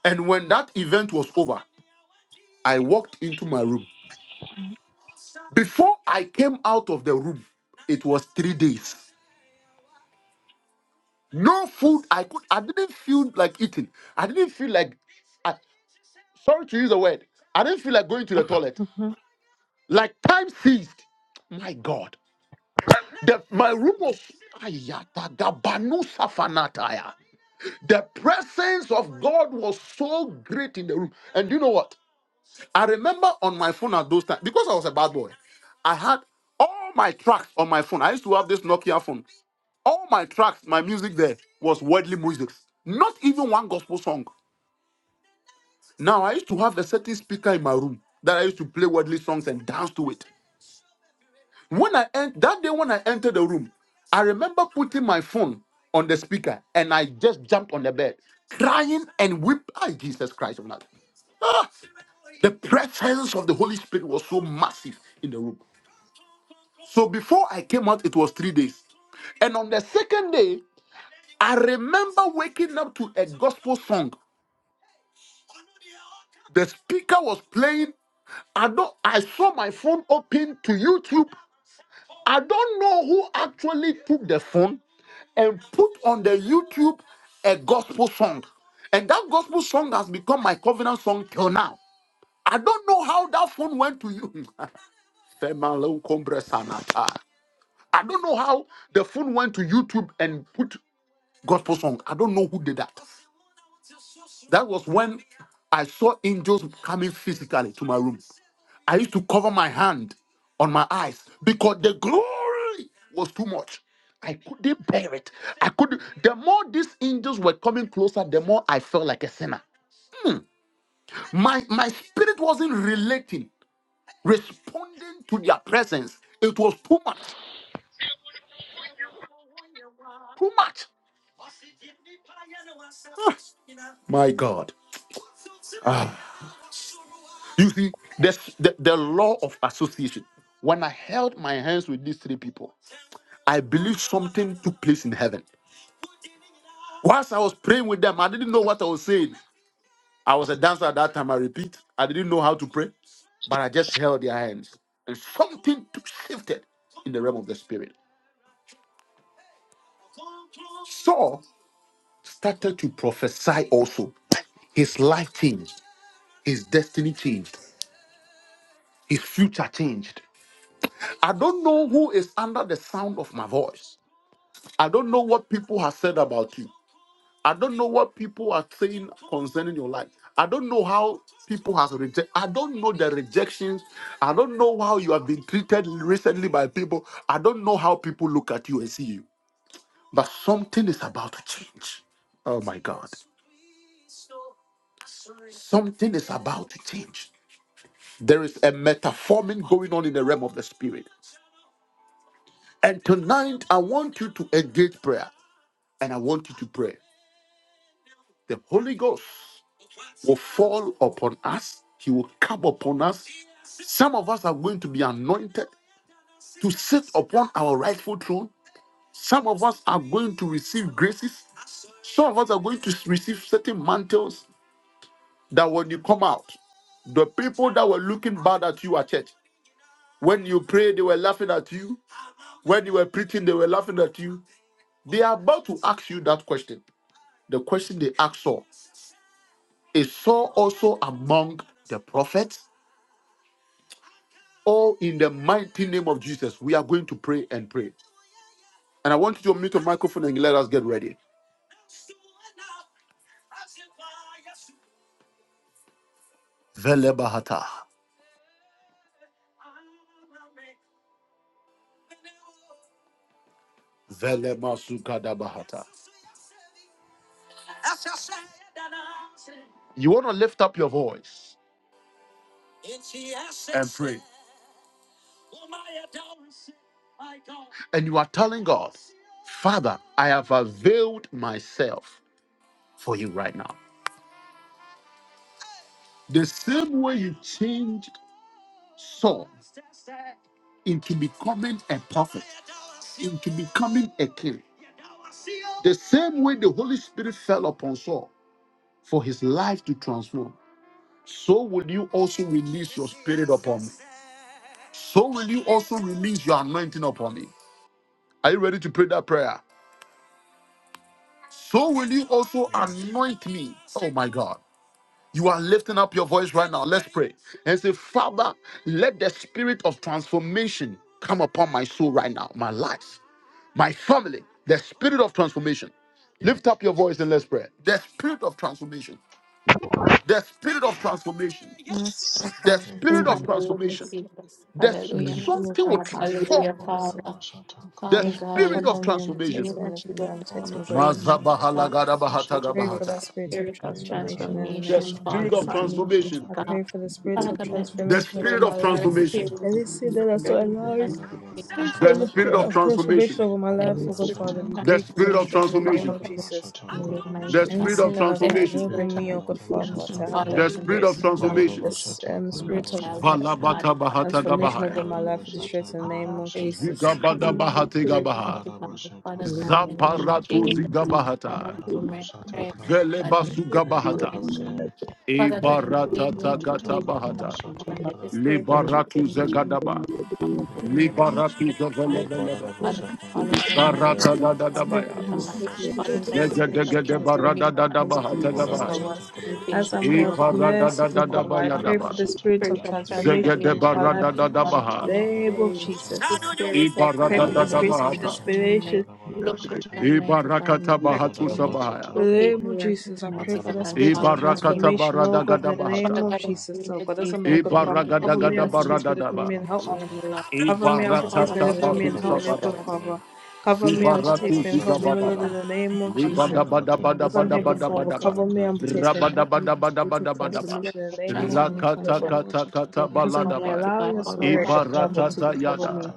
And when that event was over, I walked into my room Before I came out of the room, it was three days. No food. I could. I didn't feel like eating. I didn't feel like. I, sorry to use the word. I didn't feel like going to the toilet. Like time ceased. My God. The, my room was. Ayatagabanu safanataya. The presence of God was so great in the room. And you know what? I remember on my phone at those times because I was a bad boy. I had all my tracks on my phone. I used to have this Nokia phone. All my tracks, my music there was worldly music. Not even one gospel song. Now I used to have a certain speaker in my room that I used to play worldly songs and dance to it. When I en- that day when I entered the room, I remember putting my phone on the speaker and I just jumped on the bed, crying and weeping. Ah, Jesus Christ of Nazareth. Ah, the presence of the Holy Spirit was so massive in the room. So before I came out, it was three days. And on the second day, I remember waking up to a gospel song. The speaker was playing. I don't. I saw my phone open to YouTube. I don't know who actually took the phone and put on the YouTube a gospel song, and that gospel song has become my covenant song till now. I don't know how that phone went to you. Female Cumbre Sanata. I don't know how the phone went to YouTube and put gospel song. I don't know who did that. That was when I saw angels coming physically to my room. I used to cover my hand on my eyes because the glory was too much. I couldn't bear it. I could the more these angels were coming closer, the more I felt like a sinner. My my spirit wasn't relating, responding to their presence. It was too much. Too much. My God. You see, this the, the law of association. When I held my hands with these three people, I believed took place in heaven. Whilst I was praying with them, I didn't know what I was saying. I was a dancer at that time. I repeat, I didn't know how to pray, but I just held their hands, and something t- shifted in the realm of the spirit. Saul started to prophesy also. His life changed, his destiny changed, his future changed. I don't know who is under the sound of my voice. I don't know what people have said about you. I don't know what people are saying concerning your life. I don't know how people has rejected. I don't know the rejections. I don't know how you have been treated recently by people. I don't know how people look at you and see you. But something is about to change. Oh my God. Something is about to change. There is a metforming going on in the realm of the spirit. And tonight, I want you to engage prayer and I want you to pray. The Holy Ghost will fall upon us, He will come upon us, Some of us are going to be anointed to sit upon our rightful throne. Some of us are going to receive graces. Some of us are going to receive certain mantles that when you come out, the people that were looking bad at you at church, when you pray, they were laughing at you. When you were preaching, they were laughing at you. They are about to ask you that question. The question they asked Saul is Saul also among the prophets? Or in the mighty name of Jesus, we are going to pray and pray. And I want you to mute your microphone and let us get ready. Vele vele bahata, Velebahata. bahata. You want to lift up your voice and you are telling God, Father, I have availed myself for you right now. The same way you changed Saul into becoming a prophet, to becoming a king, the same way the Holy Spirit fell upon Saul for his life to transform, so will you also release your spirit upon me. So will you also release your anointing upon me. Are you ready to pray that prayer? So will you also
Yes.
anoint me. Oh my God. You are lifting up your voice right now. Let's pray and say, Father, let the spirit of transformation come upon my soul right now, my life, my family, the spirit of transformation. Lift up your voice and let's pray. The spirit of transformation. The spirit of transformation.
Merciful
The
Father,
A
spirit
thank you
of
for
Hallelujah,
your
transformation.
mercy.
Padadavasata
Jesus.
The sp-
Thank
Kadavasata.
Hallelujah,
you for
mighty
your
something will
God.
grace and
A
transform.
Hallelujah,
name,
Father.
Padadavasata
The
Father
Thank you for
God,
spirit
in
of
covering
Kadadavasata
me on
Kada.
the
transformation.
name
protecting
of
me and
Jesus,
from
I'm
protecting me, God
afraid,
Jesus.
mighty
oh
Padadavasata
God.
God.
I
Kadadavasata
pray
Hallelujah,
for
Kada.
that
Mazabahalagadabahatagabahata.
spirit of
spirit
A
of
transformation in the
The
name
transformation,
of
Father,
Padadavasata
spirit of
Jesus.
upon me, mighty
transformation.
Kadadavasata
I
God.
Kada.
pray for the spirit
Father
of
God, let the
The
transformation over
Padadavasata
spirit
spirit,
my
of
your
life.
transformation.
spirit,
Kadadavasata
And
Kada.
this
the
sin that is not
spirit of
A
allowing
transformation
this
The
fall
Padadavasata
spirit
upon
spirit
Kada.
of
me,
of
mighty God.
transformation.
transformation
A
over my
Let
life,
the
oh God
spirit
Father,
Padadavasata
we
of
The
Kada.
break it
spirit
and
of
destroy it
transformation
in the
fall
name
upon
transformation.
of
the
Jesus.
Padadavasata Kadadavasata
family,
The
mighty
Any
spirit
God.
of
sin
Kada.
that does
Let
not
the
transformation.
A
enable
spirit of
me, oh God Father,
transformation
Tamadavasata
to have
fall
that
The
Kada.
upon me,
spirit
spirit,
of
my brother,
transformation.
mighty God,
this
Padadavasata
um,
my
spirit of
child, my
Kadadavasata Kada.
uh,
God,
Valabata
upon
bahata
my life,
A
transformation over
gabahaya.
my
my life, we destroy
Padadavasata
it in the name of
family,
Kadadavasata
Jesus.
Kada.
Zigabada
upon my
bahate
Ve
spirit,
gabaha.
mighty God, my
paradabashata
Father God, in the name of
Zaparato
kadabashete
Jesus, mighty
zigabahata.
God, hear my
anarabashata
prayer,
ka
mighty God, hear my
Velebasu
ve
prayer,
gabahata.
mighty God.
paradabashata
Father God,
ye
in the name
Ebarata
name of
anarabashata
takata
Jesus,
bahata.
mighty
kadabashata
God, let the
kada
spirit of
Liberatu
transformation
ve
mighty
zagadaba.
God, fall upon
ye
me, right now,
anarabashata
Liberatu
mighty God.
ve
zavelebelebe.
Father,
paradabashata
all of my life,
Barata
ye
Take me
from
dadadabaya.
from
ye
my
home,
life.
take me,
Father,
take me
paradabashata
for the
from home,
spirit
take
of
me,
Zegedegede
kadabashata
take me
kada
from
barada
transformation
da
home,
da
and
take
ba
me, Lord
ye
hata
my
ga
Jesus,
ba.
the one.
paradabashata
spirit in
As I'm
kadabashata
E
all
here,
of
God,
my
kada
parada
life.
da
merciful
da
Mighty
da
Father,
ba
I
ya
God,
da
pray for
ba.
the
antarabashata kada ye paradabashata kadabashata
spirit
Spirit
of
of
kada
transformation
Zegede
upon
transformation,
my life,
barada
mighty
da da ba
God, upon
anarabashata
in
ha.
the
my
name of
family.
kadabashata
The
Jesus.
kada
spirit of
Rada
Pray
Ba
for
da
the
da da
da ba
spirit
da
of
transformation
hata.
upon my
transformation,
life. Locate on
E
mighty God, my
barakata ba hatu
spiritual
ba
mighty
sa
God,
sabahaya.
ta
in the
ka na.
locate
name
me
of
right now,
Jesus. I
Thank
pray
mighty
for
God,
the
you.
and
E
spirit
fall
of
upon me,
barakata
mighty
transformation, oh
barada
God.
ga
God,
da
in the
I
name
Father
hata.
of
God, in
Jesus,
the name
oh
of
God. As I'm here,
Jesus,
E
God,
in the
Father,
name of
baragada
cover
ga
me
da
and
Jesus, mighty
protect
barada
me,
da
deliver
God,
ba.
me, and help
transform
me.
the Lord
E
Cover me and
transform
protect
the
me,
barakata
deliver
ba
Lord
me
du
and
into
help
your
me, O
sabada
good
ba.
servant
Father. Cover me
into a
and
shape that
Zibaratu
protect me and help me, O
zigabada
Lord,
ba.
in
become
the name of
transformed by
Jesus.
Libada
the
bada bada
mighty
As I'm
bada
here,
name of
good
bada
Father,
bada
Jesus.
ba.
cover me and protect me and
Rabada
help me
bada
with
bada
spiritual
bada
The
bada ba.
spirit
transformation in
of
the name of Jesus.
transformation
O
Rakata
God.
shall
kata
be
kata
right,
As I'm
balada
here,
ba.
Almighty
allow
God,
your
fall
spirit
upon
of
me,
love to
Ibaratata
mighty
cover
God,
yada.
me.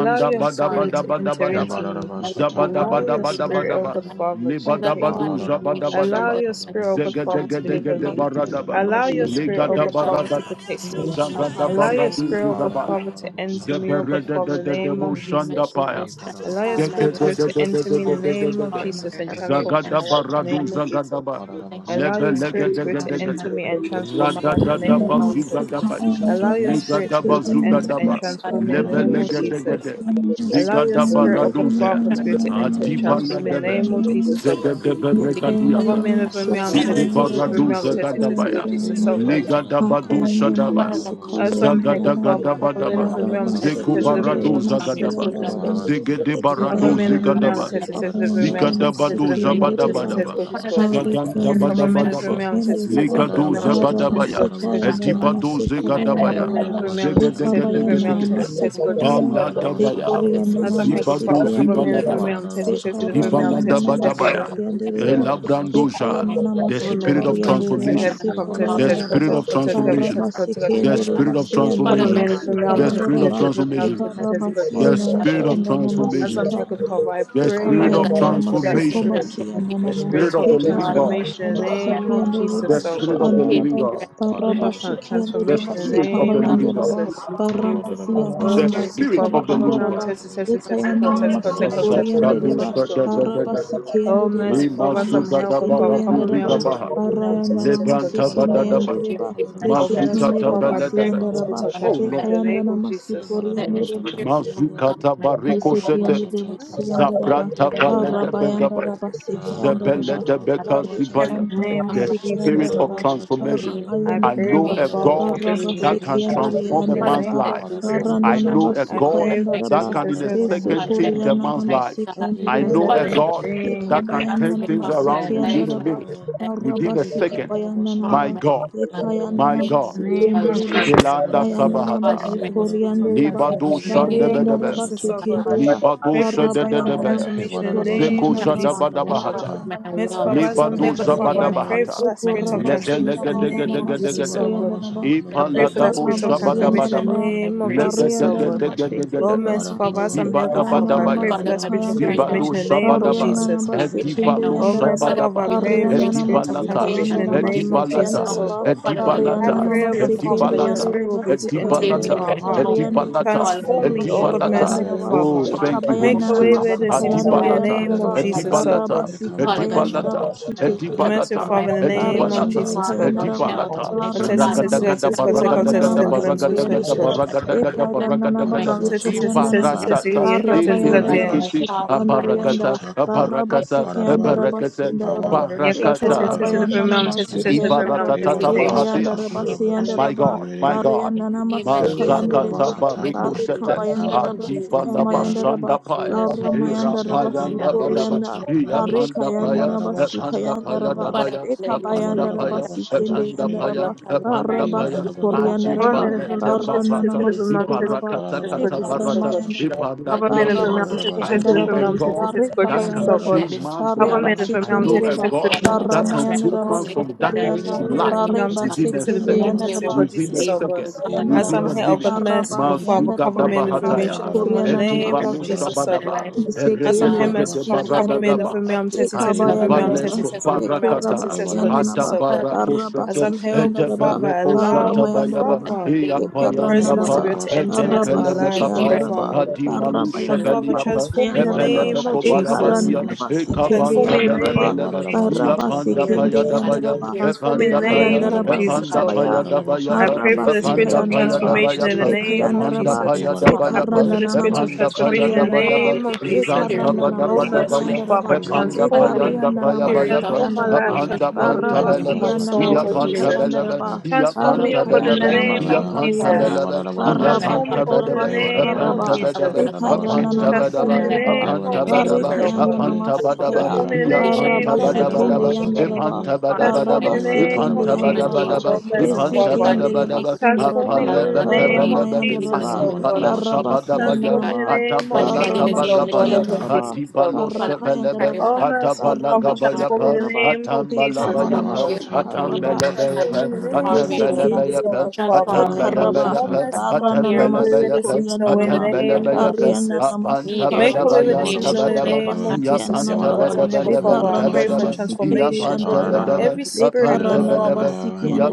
and
your
bada
transform me,
spirit
bada
to
mighty
bada
enter
God,
bada ba.
into me.
now that you
Zabada
want me
Allow
bada
to
your
be,
bada
mighty
spirit,
bada
oh
ba.
God
God.
Father, to
Libada
Father
protect
God,
badu
me.
in the
zabada
name of
bada
Jesus,
Allow
ba.
your spirit, oh
mighty
God
God,
Father, to deliver
Zegedegedegede
come
me.
and take
barada ba.
Allow your
the
spirit, oh
Ligada
spirit
God
of
Father,
barada
to protect me.
transformation upon
Allow
me,
your
mighty
badu
spirit, oh God
zigaba.
Father,
Hey,
God.
to enter me, oh God
Zeberede de
Father,
The
in the
de
God,
de
name
in the
of
name of
mushanda
Jesus.
paya
Jesus,
Allow your
transform my
spirit to be
life,
able to
mighty
enter me in
God,
the name of
transform my
Jesus and
career,
transform my
Zagadaba
life in
transform
Radu
the
my
name of Jesus.
Zagadaba
my
Allow your
confidence,
spirit to go to
Lebelegadegade
transform my
enter me and
community,
transform my
people
life in the
right
name
Radadadaba
of
Lekabayandana
now, mighty
Jesus.
God,
Zugadaba
Allow your spirit to
Ligadaba
go to
transform
enter and
my
Zugadaba
transform me in the
finances, mighty God, Father, in the name of
name of
Jesus,
Jesus.
Lebelegadegade
Allow your
Zigadaba
spirit of
transform
God
Raduze
Father to go to enter and
my
Adiba
health,
transform me in the
mighty
Lebebe
God,
name of Jesus, oh God.
with
Zegedebe
moving,
Cover
Regadiata
me
mighty
and
God,
deliver me,
Father,
I'm
God, in
tested,
Zikuba
tested,
the
deliver
Radu
me, I'm tested, tested,
Zagadabaya
good Jesus,
name of
oh God.
Jesus,
Ligadaba Du
mighty God,
Shadaba
Father, God, we need
As
that
I'm here, God Father, cover
transformation
me
Zagadagadabadaba
and
from
deliver me, I'm
God, that
tested,
Zikuba
tested, deliver me,
transformation
Radu
I'm tested,
from your
tested,
Zagadaba
good
Hey,
Jesus,
kingdom,
what
God.
about you?
Zegedeba
Hey,
You may
what
Cover
Radu
me
about
and
you?
deliver
have
me, I'm
Masikabayandara
Zigadaba
Hey,
a
tested,
day
what
tested,
about
deliver me, I'm
Shatta
tested, tested,
Kadada?
Zigadabado
and
deliver me,
make
I'm
it
tested,
Hey,
Masikiyandereba
what
tested,
Zabadabadaba.
good
one
Jesus,
about
of
God.
the
Shatta Kadada?
Karikiana
series
What
of
Abone
Shatta
Zagandabadabadaba.
Kadada?
vermelho,
namasikende
teste, teste,
deba
Ada
legado
about
vermelho, teste,
Shatta
teste,
Zabadabaya.
God,
Kadada?
karamasika
just
What
God, just
yanda
God.
Shatta Kadada?
Edibado
namasika
my life.
bayanda
Hey,
Zigadabaya.
what
naba
Abone
about
vermelho, teste,
Shatta
teste,
Kadada? What
bekabayanda
vermelho,
Shatta
Zegadegedegedegede.
teste,
Kadada?
teste,
namasika
God, just
baya
Ada
God, God.
about
Baladabaya.
Shatta
bekoriyana
Kadada?
As
What
I'm here, God,
Shatta
namasiki
Zibado
Father,
Kadada?
yande
abone
deba
What
Zibaladaba.
vermelho,
about
teste, teste,
Shatta
vermelho,
Kadada?
bekarabayanda
What
teste, teste,
Shatta
in the
Dibaladabadabaya.
namasiki
name
Kadada?
of
yande
Jesus, God,
deba
What
God.
about Shatta
Ekaya
Elabrandoja.
my
nana
Kadada? What
The
career,
Shatta
Abone
spirit
masukari
of
Kadada?
vermelho,
Ministry,
andere
my
teste,
transformation.
God,
basi
heaven,
Hey,
come,
kama
all
teste,
The
teste,
in
yandara
God,
my
spirit
ba
teste,
of
God,
God,
teste, heaven,
bara
transformation.
my
teste, God,
basi
teste,
Hey,
The
God.
kendere
heart.
spirit of
basi yandana
Father
transformation.
God, in
Abone
the
masuka
name
vermelho,
of
The
teste,
yandara
spirit
Jesus, in
of
ba
teste,
the name
vermelho,
transformation.
teste,
ekara
of
teste,
Jesus,
God,
basi
The
just
yandane
God,
Father,
spirit
God.
of
in the
kandana
name of
As I'm
transformation.
masika
Jesus,
here, God,
anda
Father, I
The
Thank
pray,
ekaba
oh
spirit
Father
God,
of
God, the
nana
Father, for that
spirit
masuko
of
transformation
spirit,
basi
transformation,
yandana
the
the
ba
Spirit
spirit
mighty
of
of
the
God,
ekaba
Living
Father,
nana
God.
transformation in the
in the name of
masiki
name of
yandere
Jesus,
The
Jesus, Lord
basuk
God.
Spirit of the
andara
Locate
Living
ba
me
God.
right
bara
spiritual tran-
now.
Ikiende
The
de
transformation in the
Spirit
Masika
Arm
of the
name
God
of
Living
and the
God.
Mayandaraba,
Jesus.
Holy Spirit, the Holy
Barabasianana
Oh,
The
Spirit,
merciful
Spirit
Father,
Masikaba
of the
my
cover
God,
me.
Living
I'm
God.
Andaraba,
tested, tested, tested, cover,
Dekayanana
tested, cover,
in the
tested, cover,
name of
tested, fill up
Jesus,
with
Masikoriandereba,
God, just
Asapradushka
go.
da da da
in
da.
the
Oh,
Barabasikiendereba,
name
merciful
of
Father, as
Jesus,
I'm
Imasuga
help
da
God. Father,
baraku
cover
God,
me.
Babasikienderiandaraba,
I'm
ziga
tested,
baha.
deliver me. I'm tested,
Barayanana
tested, God,
Lebranta
Jesus,
ba da
Lord
da
God.
ba.
your
Masikindayandereba,
divine
Oh,
Masuka
merciful
ta
Desikindereba
ba
transformation
Father, I
la
on
da
my
pray
ba.
for the
Siandaraba,
spirit of
on
Oh
my life,
Lord.
transformation in the
my,
name
Dekayandana
of Jesus.
that the
Masikoriandereba,
Spirit of God,
Mazukata
my
bareko
God, let
shete.
the
Desikiendereba
Spirit of God,
In
Father,
Siandaraba,
Zabranta
now and
balede
you.
right now.
begabaya.
Barabayandaraba
Transform me,
Sikayandaraba,
Zebelede
God.
beka
Every
sibaya.
the
Barikayanda
Narabarabasatakararavasatakarara.
aspect
name
of
The
of
my
Masikianda
spirit
Jesus,
life,
oh
of
Raba,
God.
Father, we
transformation.
need
Devararavasatakarara.
I
for
Barabayanda
I
pray,
Naba,
know
God,
a
transformation
Father,
from
for
God
the
mental,
that
spirit of
can
my
Barabasikianda
God.
Devararavasatakararavasatakara.
transform
transformation
a
Rianda
in the
man's
Raba,
name
the
of
life.
Jesus.
experience
I
Baranana
of
know a
I
Vararavaravasatakara.
God
pray,
basukayanda
transformation,
God,
that
mighty
Barikayandana Masikandaraba
tested,
can
Barabayandanaba
God,
in a
tested,
Barabasikiandri
tested,
Andaraba Barananaba
God,
second
upon my
change a
Sukayandaraba
life,
Besukurianana
Devararavaravasatakara.
man's
mighty
life.
God.
thank you,
Masikindri
I
thank
know
you,
a
Father,
Andaraba
thank
God,
God
the-
Devararavasatakarara.
you.
that
every
can turn
Ekabayandana
aspect
things
of my
around within
life,
a
Masikiandaraba
mighty
Devararavaravasatakara.
God,
minute,
that I need
within a
to be
second.
Devararavaravarasada.
Barabasikabayandanaba
transformed,
My
mighty
God,
God.
my
Ekayandana
In
God.
your
Devararavaravarasada.
Name
child,
of
mighty
Masikiandriba
Jesus,
spelanda
God, into
oh
your
Devararavaravarava.
Bayandana
Sabahata.
God. Pray
calling,
for
mighty
the spiritual
Devararavaravarava.
Masukuriandriba
God, in
Libado
transformation in
your
the
ministry,
name of
Shandebedebe,
Bariandaraba
Jesus, oh
Devararavaravaravasatakara.
God.
God,
Sikindia
Libado
Pray for
of
the
my
spiritual
Lord,
Shadebedebe,
Barabayandanaba
my
transformation in the
God.
Zeko
name of
Sukuriandanaba
Transform
Jesus, oh
my
God.
health,
Jadabadabahata.
Barika
Devararavaravaravasatakara.
my
mayandara
Merciful
wealth,
Father, I'm
Akabaraba
Libado
here,
my
God
Tanaka
Father.
masikendereba
calling,
I
my
pray
Badabaraba,
for
Zabadabahata.
ministry,
that
my
ekora
spirit
desire.
of
Ebaraba
masika
transformation
Father,
in
In
the
mama
the
Satakana,
name
name
mama
of
of
Jesus,
suko
oh
Jesus,
Lebelegedegedegedegede.
Elebaraba
God.
in the
yandaraba
name of
I
Sakanaba
pray for
Jesus,
Zemi,
that
in
Ipaladabo
ekara
the
spirit of
name of
Ebaraba
transformation
Jesus,
in
Semi
the
Shabadabadaba.
masiyandaraba
I
name
Badababa,
pray.
of
bare
my
Jesus, oh
yandara
God.
Elebaraba
God, and
Tan,
I
Oh,
Lebedegedegedegedeba.
masikendereba
merciful
pray to
Father,
you,
as
my
Arakabaraba,
I'm here, good
God.
Father,
ekayandana
I pray
Zibadabadabaya.
for
Father
that
masuka
God,
Ebarabaraba
the
spirit of
spirit
yandaraba
of
Zibado
transformation
Yakadabadaba,
in the name
bare
of
transformation
Eleba
Shabadaba.
yandana
Jesus.
locate
Takanaba
me right
masikende
Edibalo
now.
Salakne,
Oh,
yandaraba
Father,
merciful Father,
Shabadaba.
I
God, the
pray
Elebaraba
for
spirit
the
Parianana
of
spirit
Sataka the
of
Masuka
Deba
Edibalata.
transformation
transformation in
Yandana
the
Salakanan,
locate
name
me
of
Basiki
Edibalata.
Jesus,
now.
oh
Yandaraba
Ekadada,
God.
Father God, the
Ebaba
I
Edibalata.
Parianana
old
pray,
Kanaba
O
spirit
God
of
Basiki
Kanaba
Father,
and
that your
transformation.
Wasana,
Edibalata.
Yandere
spirit will be able to
Basuka
enter
Barabara
Locate me
into
Yande
Edibalata.
my
right
heart.
now
Watanabara,
Pariande
and
Edibalata.
fall
Kayandana
upon
Transform me,
Ebaba,
me,
O
oh
God
Masika
God.
Edibalata.
merciful
Yandaraba
Come
Barabara
Oh,
Father.
upon me,
thank you,
Sataka,
Holy
oh
Make
Deba
a
Ekabayanana
God,
way
Spirit.
fall
where there
Masuka
upon
Satakana,
my
seems no
Yandar
way in the
life.
Adibalata,
and
and
name of
Yandaraba
God,
Jesus,
Elebarabana,
O
Adibalata,
God.
Barabasika
Father God,
bayanda
transform
Adibalata,
Ekabarabarabara
my
rabasiki
life,
Siki
Satakana,
Merciful
transform
Adibalata,
Yandaraba
my
Father,
Thank
in
you.
the name
family,
of
Adibalata,
Pariande
Jesus,
transform
God.
our
Kayandaraba
health,
Adibalata,
I
mighty
test it,
Barra
God.
test it, I test
Ragadagada
it, God, take out,
Transform
test
Baragadagada
it,
our
and
life,
blame so precious,
Baragadagada
mighty
God.
God.
Baragadagada
Transform
Every
Mighty
Baragadagada
mom test it,
God.
test it, test it,
My
test it,
Ibaratata
yeah,
ministry,
God, test
mighty
it, God,
God,
damn.
my
Eberekiti
calling, mighty
Abaragata
God, my
Abarakata
work, mighty
Abarakata
God, my
Yeah,
career.
God, test it,
Barakata
test it, every mom, test it, test it,
You
every
can
mom, test it,
Holy
test
Ibaratatata
Ghost transform
bahatiash.
me and make
My God, my God.
in the name of Jesus.
Mazakata bariko
Mexican in the
shetes.
name of
Barikabayandaraba
Adiba
Jesus, in the name
Sikamayandaraba
labashanda
of
paya.
Jesus, my
Ira
Baramayandaraba
need
payanda
that Holy
badaba.
Sukorianda
Ghost
Iya
transformation.
panda paya.
Barikayandaraba
Epanda paya
Sukayandaraba
Father, God,
dabaya.
let your
Epanda
spirit
Ekabayandaraba
paya.
of
Sikende
transformation
Epanda
fall
Yandaraba
paya.
upon me right
Epanda
Be
Baraba
now,
paya.
mighty God, and
Our
Sukoriandaraba
Adiba
men
heal
of
my
lete
heart,
renown, test the test
barata.
Barananama
of
Maradabanabasatakanabasatakan.
renown,
restore
test
my
the
Sukoraba
Ibarakata
soul.
test of
kata
Jesus, O
barata.
God.
Shall
Maradabanabasatakan.
Ekaramayandaraba
Ibanda
But
Our men
Be
of
Baraba
diasa.
renown,
Jesus,
test
sike
the
I
test of
know
Maradabasatakan.
andaraba,
a
renown,
Jesus,
test the
God
bare
test of
kaba
Be
that
God,
Jesus,
can
O
yandaraba,
God.
let
change
this
man's
bare
Our
stuff
life.
men of
basike
I
renown,
know
test
Maradabasatakanabasatakan.
the
a
yandaraba,
confirmation
test of
God
follow
renown,
me.
test
that
barama
can
the
Right?
test
move
of
Oh,
yandaraba
man
Jesus, O
Maradabasatakan.
mighty
from
God.
God, I
darkness
Be
sukuriana,
to
Our men
restore
of
light
me,
bare
renown,
O
test
God.
the
within a
basike
test of renown,
Heal
second,
me,
test the
yandaraba,
O
test
God.
of
Maradabasatakanabasatakan.
within
be
a
Jesus, O
Save me,
kaba
God.
O
second,
Be
God, with
As
your
yandaraba,
within
I'm
a
here, O
spirit
God,
of
minute.
baraba
merciful
Maradabasatakan.
transformation,
Father,
Mazuga
cover
yandaraba,
my
me in the
Be Maradabasatakanabasatakan. Be
Lord, my
renown, should
dabahataya,
be
God.
from all in the
basukuriana
In every
ediba
name
lo
of
aspect of
Jesus,
my
O
Maradabasatakan.
God.
shabadaba,
life, mighty
As
Be
I'm here,
God.
Sekendereba,
merciful
eregedegede
Father,
Father God,
cover me
in
Maradabasatakan.
the
and
sikendereba,
deliver
baradagaba,
name
me,
of
in the renown, tested, the
Jesus,
Be
test of
Father
adiba
God,
renown,
in the
ekabayandereba,
test the
leso
name of
test of
Maradabasatakan.
renown,
Jesus,
test the
barakata,
Hey,
test
God.
of
bara
Jesus,
ekorabasiyananaba,
O
Father
God.
God, in
adabarako
the
As
shete,
I'm here, oh God
barabasikayandereba,
name of
Father,
Jesus, God,
edebereko
my
allow,
God.
oh
shata
God
Father
bayaba,
baramayandereba,
God,
Father,
in
your
the name of Jesus,
presence to
ekarananaba,
iyapayanda
be
bara
able
bara,
to enter
shanta,
Father,
into
kara
my
bara,
Edempeleme
life,
locate
oh
me
shanta,
God
right
kapaya,
barabasikayandereba,
kara.
now.
Father.
Locate in
Adimalu
God
Jesus'
Father,
barabayandereba,
shebeliapa,
name.
transform me
Hey,
in the
bara
Locate
bara
sikayandereba,
me,
bara,
Epeleme
name
Father.
of
shanta,
Locate
kara
Jesus.
bara
me
koparabatia,
bara,
right
ekarananaba,
right
shanta.
now.
Transform
My
Ekabanta
me in the
sikendeyandereba,
Hey,
name of
bara
belebelebe,
bara bara
Jesus,
cha
God,
oh
I'm
cha,
God.
Yapanda
kara
here.
bara
paya
My
cha
God,
cha,
dabaya,
I'm
barabasikendeyandereba,
kara.
here.
Transform me in
my
Epanda
the
God,
Hey,
paya,
bara
name
I'm
of
ekayandereba,
bara bara
Jesus,
cha
Epanda
oh
sikabaya,
God.
paya
kara
here. my God, Lord,
bara
I
cha.
I'm
dabayapa,
pray
here to
for the
Hey,
receive
spirit
bara
Epanda
you.
of
bara
God,
paya
barabasikayandereba,
I'm
bara
ready
transformation
cha
to
in the
dabayapa,
receive you.
name
kara.
of
Epanda
Ekayandaraba,
God.
Jesus.
Hey,
paya
bara
Transform
I
me,
bara bara
O
pray
dabayapa,
for
Lord.
cha,
the
kara
Ekarandanaba,
spirit of
Epanda
bara cha
paya
transformation
cha,
My
in the
kara.
Sukariandaraba,
Father,
dabadaba,
name
with the
of
Holy
Yeah,
Jesus.
Spirit,
bara
Zanta
with the
Ekarandanaba,
bara
Oh,
Holy
bara bara
Ghost,
cha
my
merciful
badabadabaya,
cha,
Sikayandaraba,
Father,
kara bara
Epanda
bara
transform
Another
me.
payanda paya
Ekarayandanaba,
bara bara.
spirit
Bara bara
bayapa
of
cha
Transform my
Sikayandaraba,
life,
kara.
apanda
transformation
transform my
will
body,
panta
upon
Bara
transform
me,
bara
belebe
my
cha
soul,
cha,
oh
Barabasiandanaba,
iya
nature
God
kara bara
panta
spirit
Jesus.
belebe
Sikayandaraba,
of
iya
transformation will
Transform me,
panta
O
upon
God, in
me,
the
belebe
like
Hey,
Barekayandanaba,
bara
name
iya
upon
of
bara.
panta
Sukarianda,
myself,
Hey,
Jesus.
belebe iya
upon my
Transform me,
panta
family,
O God, in
my
Barabayandaraba,
bedebe
the
Hey, bara
name
bara
children.
of
Sukaraba,
bara
apanta
cha
I was
Jesus.
bedebe
going
kara bara
every
cha
apanta
cha,
Ekarandanama,
aspect of
kara.
Transform
bedebe
me
my
in the
life,
Sunanama,
Hey,
name
bara
my
apanta
of
bara
Jesus,
bedebe
bara
O
territory,
cha
God.
with
Barekayandanama,
apanta
God, upon
bedebe
Sikaya,
Hey,
my
Transform
bara
me in the
iya
location, upon
panta
Baraba
name
Hey,
of
my
bara
bedebe
house,
Jesus,
sekende
bara
debe
my
O God.
cha,
yandaraba.
kara.
ipanta bedebe
farmers,
Transform
my
me
debe
Baraba
in
Hey,
the
bara bara
name
bara
community,
sekende
of
ipanta
bara bara
my
Jesus,
bedebe
bara
yandaraba.
sha
Jesus.
debe
sha
O
kara bara bara
ipanta
merciful
Mighty
sha
Father.
God,
Esekende
in
bedebe
the
kara.
reba
name
debe
of Jesus,
Transform
sundaraba.
me, O
Hey,
God,
Father
in
bara
the
God,
bara
in
bara
name
the
bara
Barama
name
of
Apalebetebelebe,
of
yandaraba.
Jesus,
Jesus,
in
bara
O
the
bara
God.
bara
Adibale
name
bara
of
sha
Baraba
sha
Jesus,
kara.
my
Sabagabaya,
Transform
God.
me in
siyandanaba.
the name of
Hey,
Father
Adabala
God,
bara
in
bara
the
Barama
Jesus,
bara
O
name
sha
of
God,
sha
Tabagabaya,
O
Jesus,
God,
kara.
sikayandaraba.
Jesus, O
Adibalo
God.
Father
Baraka
God, I
Shebelebe,
pray oh
yandaraba.
O
God, for you,
merciful
Adabala
Baraba
Father,
Lord.
transform me
Gabayapa,
in the
sukoraba.
name of
Atambala
Hey,
Jesus,
Hekabama
I
bara
O
pray
bara
Bayapa,
God.
sha sha
that
kara
you
basukaraba.
have
bara sa
God,
Transform me
sa
in
Atambelebeapa,
the
kara bara
transform
sa
name
me,
Jesse
of
sa
oh Lord.
Jesus,
kara.
O
Kindereba,
Atambelebeapa,
God,
He
Father.
Transform me, oh
bara
Lord,
Ekaraba,
sha
O
sha
Father
Atambelebeapa,
God.
merciful
kara
Father,
Here,
make
Barananama
away
Mr.
with the
God,
Atambelebeapa,
sins
I
away in
Sukoriananama,
need
the
you
name
right now.
of
I
Atambelebeapa,
Jesus.
Bariananama
need your
Make
Sukaraba,
away
He
with the
Apantabadabayan
bara
sins
bara
transformation.
sha
away in the
sha
Thank
Tabadaba,
Bekoraba
you,
name
God.
of
kara.
Jesus.
Hey,
So,
Sikananama,
bara
but
bara
as
Father
bara
I'm here,
sha
God,
sha
God
kara.
Father,
Yapantabedabedeben
Hey, bara
I
I
need
bara
you.
pray
sha
for
Bekarananama
Tabedaba,
Father
Sikende
God, I
transformation.
need
Andaraba,
your
Yapantabedaba,
Every spirit,
transformation.
God
Bekaranaraba
Apantabedaba,
Father,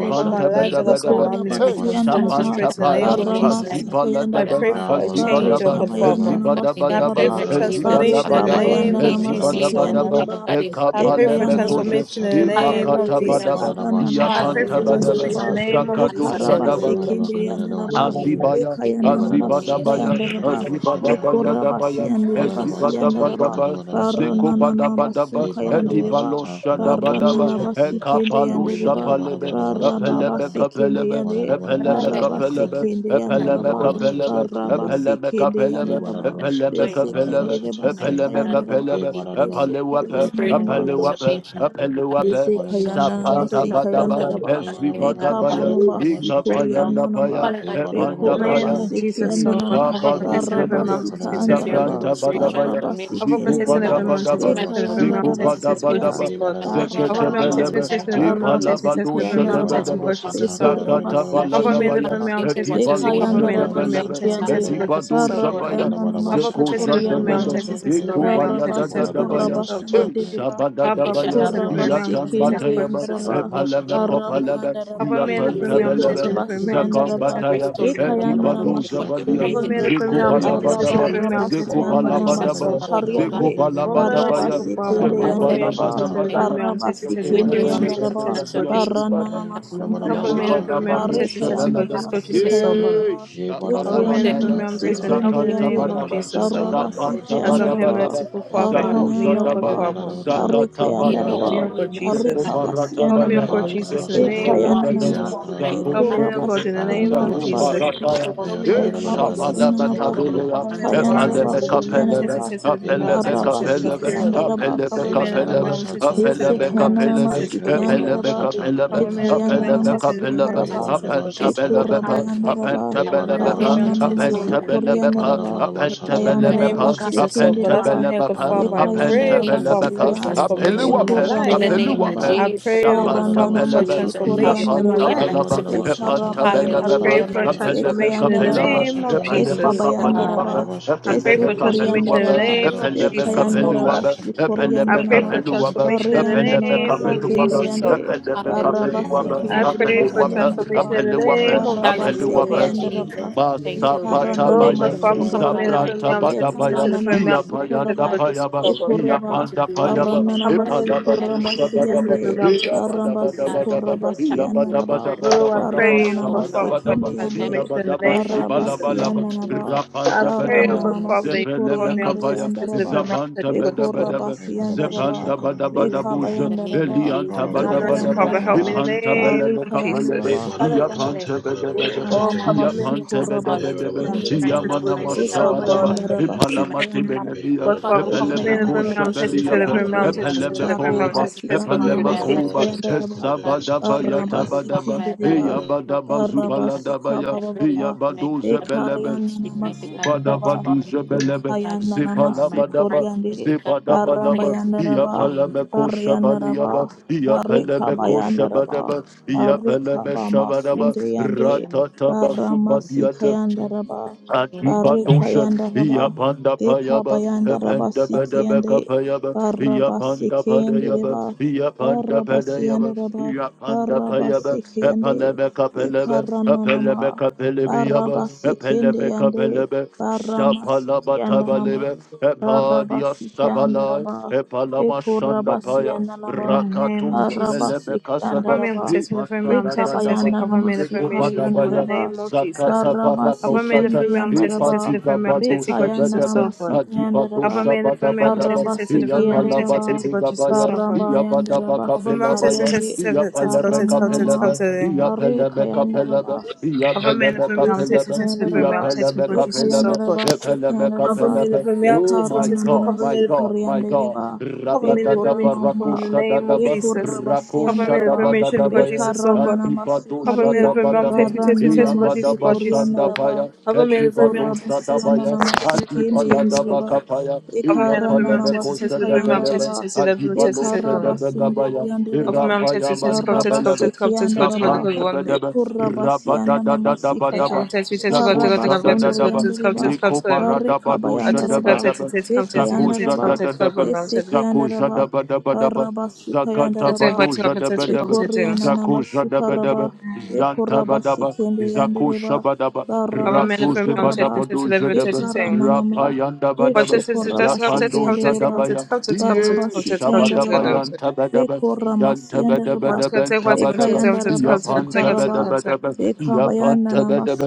upon
sha
my life
came
that
kara.
does not allow
with
me
Ekoraba
Hey,
to be
God.
Hey,
bara
transformed,
Transform
Siananama,
me,
destroyed
Ek
in the
cannot
bara
name
Shapantapaya,
of
bara
change
Barama
sha
my
Jesus.
kara
Aziba
I
Father
Ladaba,
Sikayandaraba,
God.
pray for
Ya
a
bara
In
bara
Aziba
the
sha
change, O
name
Daba,
of
kara.
God
Jesus,
bara bara.
Father.
mighty
Aziba
Barekabayananama
God, in
Daba
And
the
I pray
Hey,
Daba,
name
Sukara,
of
for
bara,
Aziba
Jesus,
transformation
Daba
Father
in the
God,
hey,
in
Daba,
the
bara, bara,
name of
name
bara,
Barekabayananama
of
bara,
Aziba
bara,
Jesus,
Daba
oh
bara,
Jesus,
God.
Daba,
Father
bara,
Sikandareba,
God, in the
I
name of
pray
hey,
for
bara,
Dekayanaraba
Jesus.
bara,
Ekapalemetoshe,
transformation in the
bara,
Sukuraba,
kana,
name of
Imakata
Hallelujah,
Jesus.
Badaba,
bara, bara, bara,
Dekarananama
I pray
kana,
Iapanta
for
bara,
Badaba,
transformation
hallelujah,
in
Sikayanaraba,
the
bara,
my
name
kana,
of
God,
Jesus,
Zakadosha
oh
Dekaraba
God.
hey,
Daba,
bara,
hallelujah,
bara, kana,
Jesus,
bara, bara,
Sekendriandaraba,
bara,
Jesus,
Azibaya,
hey,
Jesus,
bara,
Dekayananama
Jesus,
Azibadabaya,
Sikayandaraba,
bara,
Azibadabaya
Dekoraba
Dabaya,
Jesus,
Siandereba
Jesus,
bara, kana,
Siandaraba,
bara,
Azibadabadaba,
bara, bara, kana, bara, bara, bara, kana, bara, bara,
Zeko
Jesus,
Barananaba
Badabadaba,
Jesus.
Edibalo
Sukayandereba,
bara,
Shadabadaba,
Barananaba
hallelujah,
kana,
Ekapalo
hey, bara,
hallelujah,
Sikendriandareba,
bara, bara, kana, bara, bara, bara, kana, hey, bara, bara, bara,
Shapalebe,
bara, bara,
Baranaba
Epeleme
kana,
hallelujah.
bara, bara, bara, bara, kana, hey, bara, bara, bara, bara, kana, hey, bara, bara, bara,
Kapelebe,
Sekendriande,
And I love
Epeleme
that
Baraba
you
Kapelebe,
still have
Epeleme
call
Sekendriandaraba,
many
Kapelebe,
Baraba
challenges
Epeleme Kapelebe,
Sekendriandaraba,
that
Epeleme
annoys
kana,
me.
bara, bara,
Kapelebe,
Desekendreba
bara,
My
kana.
God,
Epeleme
I don't know if
Sekayandaraba,
Hey,
you
Kapelebe,
did
bada
that
da bada.
through the
Hey,
Epalewape,
Esokoriana
kana
spirit
da
of
naba,
bada bada
Epalewape,
basa
transformation
kana.
into that
Hey,
yese
Epalewape,
bada da
kayanda
basa
the
naba,
Lord,
ta
I
Sapanta
spirit
si
kana.
of
shall
kayanda
Badaba,
gather the
transformation.
naba,
Hey,
and
bada
Make
bada bada
meka
God follow
basa
Ezibadabaya,
da
bama ba,
kana
me
da basa ta
right now.
kana.
sukoriana
Ikapayanda
naba,
Paya,
Father
Hey,
God,
bada da bada
bekora ba. Esokorianaba,
Name
Yesekhayanaba, Sikhayanaba, Mekabamaba, Sukorianaba, Bekoraba,
Epandapaya,
basa
of
kana.
Jesus, so
it
God,
might
Sikhianama,
Ya
cover,
be
kana
that
ba.
protect, and every
Baraba,
transformation,
Hey,
Kabaguzadaba,
kana
mountain
da
be
bada bata
tested,
leader
da
God,
da
Sikaandaraba,
of the
Zabranta
Jesus,
basa
so
spirit
ta
God.
kana.
Badabaya,
ba
transformation.
Cover,
Hey,
Ziku
protect,
kana
and
Sikindereba,
bada
every
God,
mountain
basa da
be
Badabadaba,
da
my
tested,
basa
health,
every
ta
mountain
Ziku
mighty
be
Bekayandaraba,
kana.
God, let
tested,
your
God,
Sikaya,
Jesus,
Badabadaba,
spirit
Hey,
of
God.
bada da
barra
basa
ba.
Cover
transformation
ta
ba
fall
kana
mountain
upon
ba,
da
be
Zeketebelebe,
my
basa
tested,
health
ta
every
and
kana.
heal
mountain
me.
be tested,
Body,
every
Ipalabadosha
Hey,
mighty
Arabasikayandaraba,
bada
mountain
God,
da
be
transform
Debedebe,
God,
basa
my
ta
Jesus, so
kana
health,
da
God.
bada
mighty
Zakata
bada
God.
basa
Cover me in
ta
the
Father,
Baladabaya,
kana.
firm
Bekurabasekendereba,
thank you
mountain be
what you
Hey,
tested,
made
bada
cover
me
da
Edibalosha
me in the
bada
to be,
firm
basa
mighty
Debelebe,
mountain
ta
be
Bekayandarabasekeyande,
kana
God.
tested,
da.
God,
Father, God,
Jesus,
in
Edibado
so
the name
Hey,
God.
of
bada
Jesus,
Zabaya,
da bada
Barabayandanama
Cover,
basa
Zeko
God.
protect,
ta
and
kana
every
da
Father,
basa
God,
Jadadada,
mountain
Sukuriyandanama,
be
let
ta kana.
tested, every
my
Ikubaya
mountain
Hey,
be
soul
bada
tested,
da
God,
bada
Jesus,
Dadabaya,
so
basa ta
God.
E
and
kana.
Barabasukurabasiyendereba,
Cover,
transformation
Sabadadabaya,
protect,
of
and every
spirit.
mountain
Yatan
mighty
be
God.
Ba-da-da-ba-da-ba-sha-ta-ka-da.
tested, God,
Batayaba,
Jesus,
Restore
Bekurabasekendeyandaraba,
so God.
Epaleme
Ba-da-da-ba-sha-ta-ka-da.
Kopalebe,
Baramayandaraba,
Cover me in the firm mountain be
people,
Iapantabelebe,
the
tested, every
Ekorabasiyanda
mountain be
Be-ba-da-da-ba-sha-ta-ka-da-ba-ba-ba.
raba.
tested,
Lord, I
God,
Zakambataya,
Jesus, God.
Bekayanda
to
Edibado
what you
Be-ba-da-da-ba-da-ba-da-ba-sha-ta-ka-da.
will
ramasikende
Zabadia,
not
created
Government
yanda.
me
be
to
the
Zeko
be,
Lord,
premium
my God.
taxes
Barra
sensitive
Balabadaba,
Be-ba-da-da-ba-sha-ka.
barra
Restore
premium
me,
Zeko
taxes
oh
basiyanda
local
God.
Jesus
I
Balabadaba,
will not
Transform me,
support.
be the
oh
Lord,
God.
namasukariyande.
Zeko
Barra
Be-ba-da-da-ba-sha-ta-ka-da-da-ba-ba-ba.
Woman
Show me
Balabadabaya,
super
the
I
forever.
basikende
will
Zeko
and
yanda
set
Government
me
raba.
free,
protected
my
Balabadabadaba.
Barra
God.
premium taxes
be ba
sensitive
With
da
basikende
be
your
premium
yanda
spirit of
taxes
raba.
sensitive Jesus
transformation,
Barra
support.
my
nanamasunda
God. Wash
nama.
away
Government
my
premium
Barre
sins,
taxes
kayanda
sensitive
my God. and Set
Jesus
me,
ramasukayanda
support.
raba.
ba da be
Bekayanda
Government
set me
premium
free,
ba
taxes
my
help
namasikende
me in
God.
the
yande.
name of Jesus
Barra
support. As
basikayanda
I'm
Transform
here
me,
raba.
merciful
be ka
oh
Father,
Barra
Lord. Transform me, Lord.
help me,
mayanda
O
My
God
raba.
be
God,
ba
Father.
da
into what
Barre
you
kayanda
made me
Help
to
me, O
be,
God
Barre
my
Jesus. Help
kabasiyanda
me,
um,
O
or
God
raba.
let
Jesus, in the
what you
name of
want me to
Ekayananama,
Jesus.
do, make me
Help me,
up,
O God,
Ekorabasi,
in the
Hey, what
name of
restore
Jesus.
Emarabasu,
me,
Zakubarataya,
restore me,
Help me, in the name of
restore me, restore
Jesus, O
my
God.
Ekabasunanaba,
soul, and
Shapalamatabelea,
Cover me, I'm
transform
tested,
me,
tested,
Ekayanarabasi,
every man,
and
Epalemekapelebe,
Kayanaraba,
tested, tested, every man,
are
my
tested, tested,
good
Barabasi,
God,
Apelebekapelebe,
Jesus,
spirit
God.
of
the
Kayandaraba,
Cover me,
transformation,
every
Apelebekapelebe,
make
man,
it
tested, tested,
God,
Yese
make
every
it
man,
God,
tested,
Apelebekapelebe,
Kayananamasi,
wash
tested, God,
away
Jesus,
my
God.
Kayandaraba,
sins,
Epelebekapelebe,
Cover me, every man,
Ekayananama,
take away
tested, every man,
Apelebekapelebe,
God,
Sukaraba,
tested, tested, God,
cleanse
Jesus, God.
my heart,
Apentabelebepa,
make it
Ekorabayandaraba,
God,
Cover me, every
cleanse
Apentabelebepa,
my
man,
Barananama,
test
soul,
me.
make it God,
Apentabelebepa,
Sukoriandaraba,
cleanse me,
In the
make
name
Apentabelebepa,
Bayandaraba,
it
of
God,
Jesus, oh God,
for
as
Sekendereba,
I'm here, God
Apentabelebepa,
Father, I pray, oh
the
Vikayandaraba
God
name of
Father, for a
Sikaya
Jesus.
Apentabelebepa,
transformation in my
Peluape,
In
life.
the name of
Vikurabayandaraba
Apeluape,
I
Jesus,
pray, oh
in the
God,
name
Sapanta
Father,
Barananama
for a
of
Belebe,
Jesus,
transformation in my
Yapanta
Sukuriandaraba
hallelujah,
life, oh
Balaba,
mighty
God,
God,
Jesus.
Epanta
I
Vikarabayandaraba
pray
Belebe,
hallelujah,
for a
mighty God,
Apelebe
transformation in the
Vikayandaraba
Jesus,
Capelaba,
name of
Vararabashatakre,
Epalema
mighty
Jesus.
Vikabayandaraba
God,
Capaluaba,
I
mighty
pray
Epelebe
for
Vararabashatakarara,
Jesus,
transformation in the
Capeluaba,
Vesukuriandaraba
name
mighty
of
Epelebe
Jesus,
Jesus, oh
Vikayandaraba
God.
Capeluaba,
Vararabashatakararabashatakre,
mighty
I
Epelebe
God,
pray
Sukuriandanama
for
Capeluaba,
transformation in the
Epelebe
Bariandanama
Vararabashatakararabashatakre,
name of
Capeluaba,
hallelujah,
Jesus,
Vararabashata,
Sikindiandi
oh God.
Epelebe
Baraba
hallelujah,
Capeluaba,
I
Sikindireba
pray
hallelujah,
for
Apeluapa,
Vararabashatakarara,
mighty
Siandaraba
transformation
God,
in the
Apeluapa,
name of
Baraba
Jesus, oh God.
Hallelujah,
Apeluapa.
Sikayandaraba
Vararabashatakararabashatakre,
Jesus. Thank you, Lord.
Ikaranda
Oh
Thank
God,
Masapatabaya,
you,
Father,
Vararabashakara,
namasinda
mighty
cover me in
God.
raba.
the
Thank
family.
Sabranta
you,
I'm
mighty
testing,
Badabaya,
God.
testing
Ekaranda
the
Thank
family. I'm
you,
namasuko
testing,
mighty
testing
Iapayanda
raba.
God.
God, Jesus,
Payaba,
oh
What
God.
you're
Ekoraba.
about to
Iapanda
do on me,
Payaba,
Baranda
mighty
Cover
God,
me in
in my
the
namasuko
family.
life,
I'm
raba
mighty
testing,
God, for
testing
Ipadabatushadadaba,
the
siyande.
the
family. I'm
transformation,
testing, testing
Baramba
God,
mighty God.
Jesus,
suko
I
Iyabadabadabadaba,
oh
give
raba
God.
you thanks
siyanda
for the
raba.
Spirit and
Oh, I
give you
Iyabadabadabadabadaba,
Baranda
thanks,
pray, O God
oh
Father,
Lord.
for
namasekende
Shabadabadaba,
yande.
Thank
transformation
you,
in the
Father
name
God,
of
Baraba
in
Jesus.
the name
Iyabadabashibalabalaba,
of
siyanda raba.
Jesus.
I pray, O
Baranda
Rapandabadaba,
God
In
Father, that you
namasuko
cover me
riyanda
on
Zepelemekapaya,
Jesus'
riyanda
face,
raba.
living mouth as you go to school.
Bekoraba
Zabantabadabadaba,
siyanda
the
raba.
name of Jesus, in
Zepandabadabadabuja,
the
Bekabayanda
name of
raba.
Vararabashatakararabadakre,
Jesus,
Oh,
mighty
mercy,
Dekayanda
Eliantabadabadaba,
God.
Father,
raba.
help me in the
Vararabarabarabarabarabashatakara,
name of
Barikayanda
Ipantabelebekapalebe,
Jesus.
raba.
Father God, I the spirit
Iyapantabadabadaba,
of
Oh,
Ekamama
cover
Vararabashatakararabashatakre,
me on
transformation
Jesus'
sukuraba
face,
fall
living
upon
Iyapantabadabadaba,
mouth
me
as
sikindiriba.
right now,
you go to
mighty
Jesus,
God,
so
fall
Iyamanamashabadaba,
God, oh
upon
Ekabayandara
God.
my
Vararabashatakararabarabashatakre,
words, mighty God,
basikayandara ba.
Be
Ipalamatibelebia,
God
bara da
fall
Father,
basha
upon
cover
my
me
ta
in the
kada
health,
Ekayandara
room,
da
I'm
basha
mighty
testing to
basiki
God,
ta
the
Epelemekoshabeliafe,
kada
fall
da
room,
yandere
bara
I'm
upon my
testing
basha
to
words,
ta
the room,
mighty
kada.
I'm
Epelemakoba,
God,
testing
barabasi
to the
yanana
transform
Be
room,
my
Jesus,
bara
life,
da
Jesus,
masika
God,
Epelemakoba,
mighty
basha
Jesus.
yandara
ta
ba
kada da
God,
basha ta
Hesabadaba
every
kada
aspect
barabasi
of
Yatabadaba,
my life
kendere
Be
ba
right
bara
now,
Eyabadaba
mighty God,
barabasi kaba
Zubaladabaya,
my
baba ba
religion, mighty
Eyabado
God, my
Zebelebe,
ekayanana
ministry, mighty God,
masukura ba
Zikubadabadu
transform me, mighty
Zebelebe,
God,
ekayanana
transform my
masukur
heart,
Zipalabadaba,
yande
mighty God,
baramba
cleanse
Zipadabalaba,
me,
yandara ba
wash me,
Iapalameko
mighty
barre yandara ba
Father,
Shabaliaba,
in the
barre
name of
kaba
Iapalemeko
Jesus, and
yandara
the
ba
God
Shabadaba,
barre kaba
transforms my
Iapalemeshabadaba,
masunde yande
expectation
Ratataba
this
barama sika
Subadiata,
yandara ba
not be the
Adipatosha,
Barikayanda Raba,
Yapanda
Deka
Payaba,
bayanda Arikayandaraba, Dekabayandaraba
Ependa
Lord.
Sikiande,
Bedabeka Payaba, Yapanda Padayaba,
Barabasikiandereba,
Yapanda Padayaba,
Barabasiandereba,
Yapanda Payaba,
Barabasikiande,
Epalemeka Pelebe,
Dekarananama,
Epelemeka Pelebiaba,
Barabasikiande,
Epelemeka Pelebe, Sapalaba
nama.
Tabalebe, Epadia
Barabasi
Sabala,
Kandaraba,
Epalama Shanda
Ekurabasi
Paya,
Andanaba,
In the name of
Rakatuze,
Jesus.
Barabasi
Belebe
Cover
Kasaba,
me, and I'm
Kandaraba,
testing the room, I'm
Ipasada
Jesus, to
Dadaba,
cover
Ekabayandaraba
me in the room, issue reform in the
Zekobadabaya,
Sukariandaraba,
name of Jesus.
Zakata
Barabasi
Alpha male and
Paracosata.
Kendi
female, I'm testing,
Andaraba,
testing, the female, I'm testing, God, Jesus,
Bekayandarama
so good.
Siki Andaraba,
Alpha male and female, I'm testing,
Barabasi
testing, the female, I'm testing,
Kandaraba,
testing, God, Jesus, so good.
Barabayandaraba
Alpha male, I'm testing,
Sukariandi,
testing, testing, testing, God, testing, God, testing,
Barananama,
God, testing, God.
Barekayandaraba,
Alpha male and female, I'm testing, testing, the
Yesekayandaraba,
female, I'm testing, God, Jesus, so good.
Ekayandaraba,
Alpha
Sekayandaraba,
male and female, I'm
Oh
testing,
my
testing,
Lekarananama
God,
cover
my
male,
God, my God.
Sukariandeba,
cover male
Rakadadaba
information
Bekuramama,
from in the name of
rakoshadadaba,
Jesus. Cover male
Bekurabasiandaraba,
information, God,
rakoshadabadadabaya,
Jesus, so good.
Bekarananama
adibado
Cover
Sukari,
male and female, I'm
shadabadaba,
testing, testing, testing,
Barananama
God, Jesus,
iyabadaba
God, Jesus, God.
Sukuriandaraba,
sandabaya,
Cover male and female,
Ekibado
I'm testing, testing,
Korabasiyana
Shadabaya,
testing, God, Jesus,
namasikende
God,
Adibala
Jesus, God.
yandereba
Dabakapaya,
Alpha male, alpha
ekaranda
male, testicle,
Iapalebeko
namasika
testicle, female,
Shadabelebe,
testicle,
yandaraba
testicle, testicle,
Adibalo
testicle, testicle.
ekarabasunduru
Shadabegabaya,
Alpha
yandereba
male,
Irapaya
testicle, testicle, testicle,
Mantabelebe,
arabaseke
testicle, testicle,
yandaraba
testicle, one.
Zapantabedebe,
ekorabasiyana namasika ya
Rabadadadabadaba,
Testicle, testicle, testicle,
Zako
testicle, one,
barabasunduru
testicle,
Shadadadaba,
testicle,
yandereba
testicle,
Liko
two.
barekaba
Baradabado
A
yandaraba
testicle,
Shadabadaba,
testicle, testicle, testicle,
Zako
ekayandaraba
testicle, testicle,
Shadadadaba,
female,
eseka
testicle.
Zako
yandaraba
Shadabadabadaba,
barabasuka yandaraba
Testicle,
Zakatabado
testicle, testicle,
Shadabadaba,
testicle.
Bekoriana
Zako
namasukaraba,
Shadabadaba,
bekoraba
Zantabadaba,
sikende
Zako
yandereba,
Shabadaba,
baraba
Alpha male, alpha
Ratuze
male,
sukoraba,
testicle,
badabado
testicle, testicle,
jadaba,
bekarana
testicle.
nama,
rapayanda
One
badaba,
testicle,
besukoraba
testicle,
yapando
testicle,
sikendereba,
testicle, testicle,
jadabaya,
testicle,
ye
Barabasi
testicle, testicle, testicle, testicle. One testicle, testicle,
Kayandaraba,
shabadabayan
testicle,
tabadaba,
Bekoramasiandaraba,
yantabadabadaba, tabadaba,
Ekayandaraba
testicle,
yapanta
testicle,
Sukaraba,
testicle, testicle.
badabadaba, yapanta
Ekabayandanama
Badaba,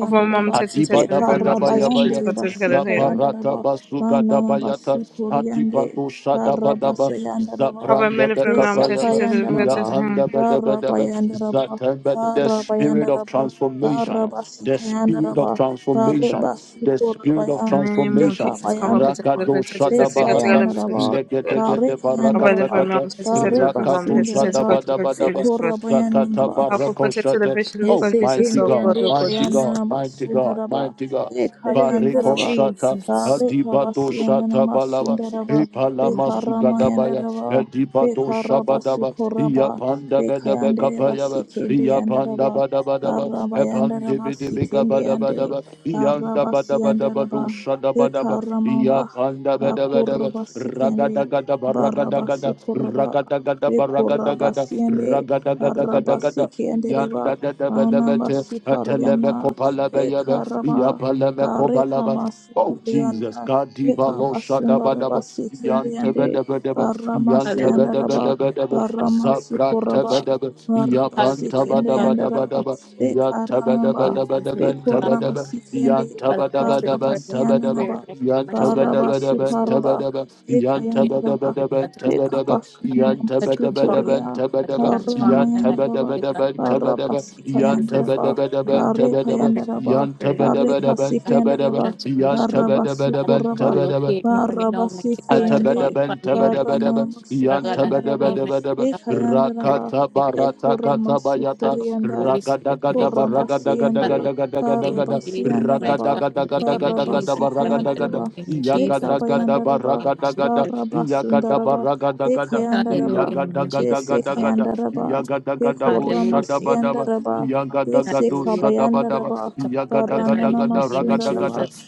Havama mam sesin sesin fırın mam sesin sesin
Adibadabadabayabaya,
Bekarabayandaraba
katı kadar hayırlı.
Zabarata
Sikayandaraba,
basuga daba
Mananaba
Basugadabayata,
Sukoriande,
Adibado Shadabadaba,
Barabasayandaraba,
Havama
Zabranda
mele fırın mam sesin
Bekapayaba,
sesin fırın
Esakayandaraba,
sesin
Yapanda Bedabedaba,
Barabayandaraba,
Zatembe, the spirit of
Barabayandaraba,
transformation, the spirit
Barabasikayandaraba,
of transformation,
Bareba
the spirit of
Sukorabaya,
Name of
transformation,
Jesus cover protect
Bekabayandaraba.
Rakado
the sesin sesin katı
Shadabahata,
kadar bir
Desayandaraba,
sesin katı.
Legedegede
Tarik
Havama
Yandaraba,
fırın
Barakatakata,
mam sesin
Tarik
sesin fırın mam
Rakato
sesin sesin
Basindaraba,
katı kadar bir
Shadabadabadaba,
sesin katı.
Zakata
Ekorabayandaraba,
Havama
Barako
protect the
Shata,
vision of
Oh,
God Jesus
mighty
Esekende
so God
God,
Yande
oh God
mighty
Jesus.
God,
Kayandaraba
mighty God,
Sundaraba,
mighty God.
The name of
Bareko
Ekayandaraba,
shata,
Jesus.
Tarik
adibato shata
Abasiyandaraba
balaba,
Sundaraba,
ipalama sudadabaya,
Bekaramayandaraba,
adibato shabadaba,
Bekarabasukoraba,
iyapanda bedebe
Bekayandaraba
kapayaba,
Sikende
iyapanda
Yandaraba,
badabadaba, epande
Barabayandaraba
bedebe
Sikende Yande,
gabadabadaba, iyanda badabadaba
Barabasiyandaraba,
do shadabadaba,
Bekaramaba,
iyapanda bedebedebe,
Bakuraba sikende,
ragadagadaba
baraba
ragadagada,
sukuraba,
ragadagada
bekuraba
ragadagada,
siende, baraba
ragadagadagadagada,
sikende reba,
Yanda da da ba da ba
anamba
te,
sukariana,
ateleme kopala ba ya ba,
bekaraba,
ya paleme kopala ba.
barekama
Oh
sukuriana,
Jesus, God di ba
bekaba
lo shaka ba da
sundaraba
ba,
sikende
yanta
yande,
ba da ba da ba,
barama
yanta ba da
Hallelujah,
ba
siandaraba,
Jesus.
da ba da ba,
We
barama
zabra ta
sukuraba,
ba
acknowledge you.
da ba, ya
baraba
panta ba
Hallelujah,
sikende
da ba
Father.
da ba
yandaraba,
da
in
ba, yanta ba da
bekaramba,
the
ba
name
da ba da
and
ba, ta
God,
ba da
bekuraba
ba,
sikende,
yanta
Father,
ba da
I ask
ba
you to
baraba
pray with the
siananaba,
Spirit, my Almighty God, be
Barabasi
da ba,
released with
ta
paraba,
ba da ba,
the
yanta
Holy Spirit, and I ask
ba da
Ekayandaraba,
ba
you,
da ba,
God, to
ta ba
come,
da ba, yanta
God,
ba
to
Ekabasunaması
da ba da ba, ta ba da ba, yanta ba da ba da
transform,
ba,
Korea,
ta ba
God,
da
to
ba.
transform my life,
Baramayandaraba,
mighty God.
Barabasi
Yantabadabadabantaba,
Jesus,
Kayandaraba,
my God,
Yantabadabadabantaba,
pray for
Barekayandaraba,
that gift of the
Barekasi
spirit of
Yantabadabadabantaba,
Kayandaraba,
transformation,
Barabasu
God,
Koraba,
to
Yantabadabadabantaba,
locate me right now,
Barabasi
mighty God, to
Kayande,
qualify me,
Atabadabantaba,
mighty God,
Baranamasu
Father God, and
Kayandaraba,
me, mighty
Yantabadabadabadaba,
God, the spirit,
Ekayandaraba,
Rakata
mighty God,
Barata
and
Bekoramasu
mighty God,
Katabayata,
of the
Koreanda,
Holy Spirit, mighty
Ragadagadaba,
God,
Bekorabasi Yande,
Father God, in the name of
Ragadagadagadagadagadagada,
Barabasi
Jesus, mighty
Yandaraba,
God, in the name of
Baraba
Ragadagadagadagadagada,
Jesus, Father God, in
Ragadagada,
Sikayandaraba,
the name of Jesus, Father God,
Yakadagadaba,
Dekabayandaraba,
in
Ragadagada,
Baraba
Yakadaba,
Sundaraba,
Ragadagada,
the
Dekayandaraba,
name of Jesus, Hallelujah, in the name of Jesus, mighty
Yakadagadagadagadagada,
God,
Desekayandaraba,
Yagadagadabu,
Dekorama
Hallelujah,
Shadabadaba,
Siandaraba,
Yagadagadu,
Hallelujah.
Shadabadaba,
Desekabayandaraba,
Father God, in
Barananama
Yagadagadagadagada,
the name of
Sundaraba,
Ragadagada,
Jesus,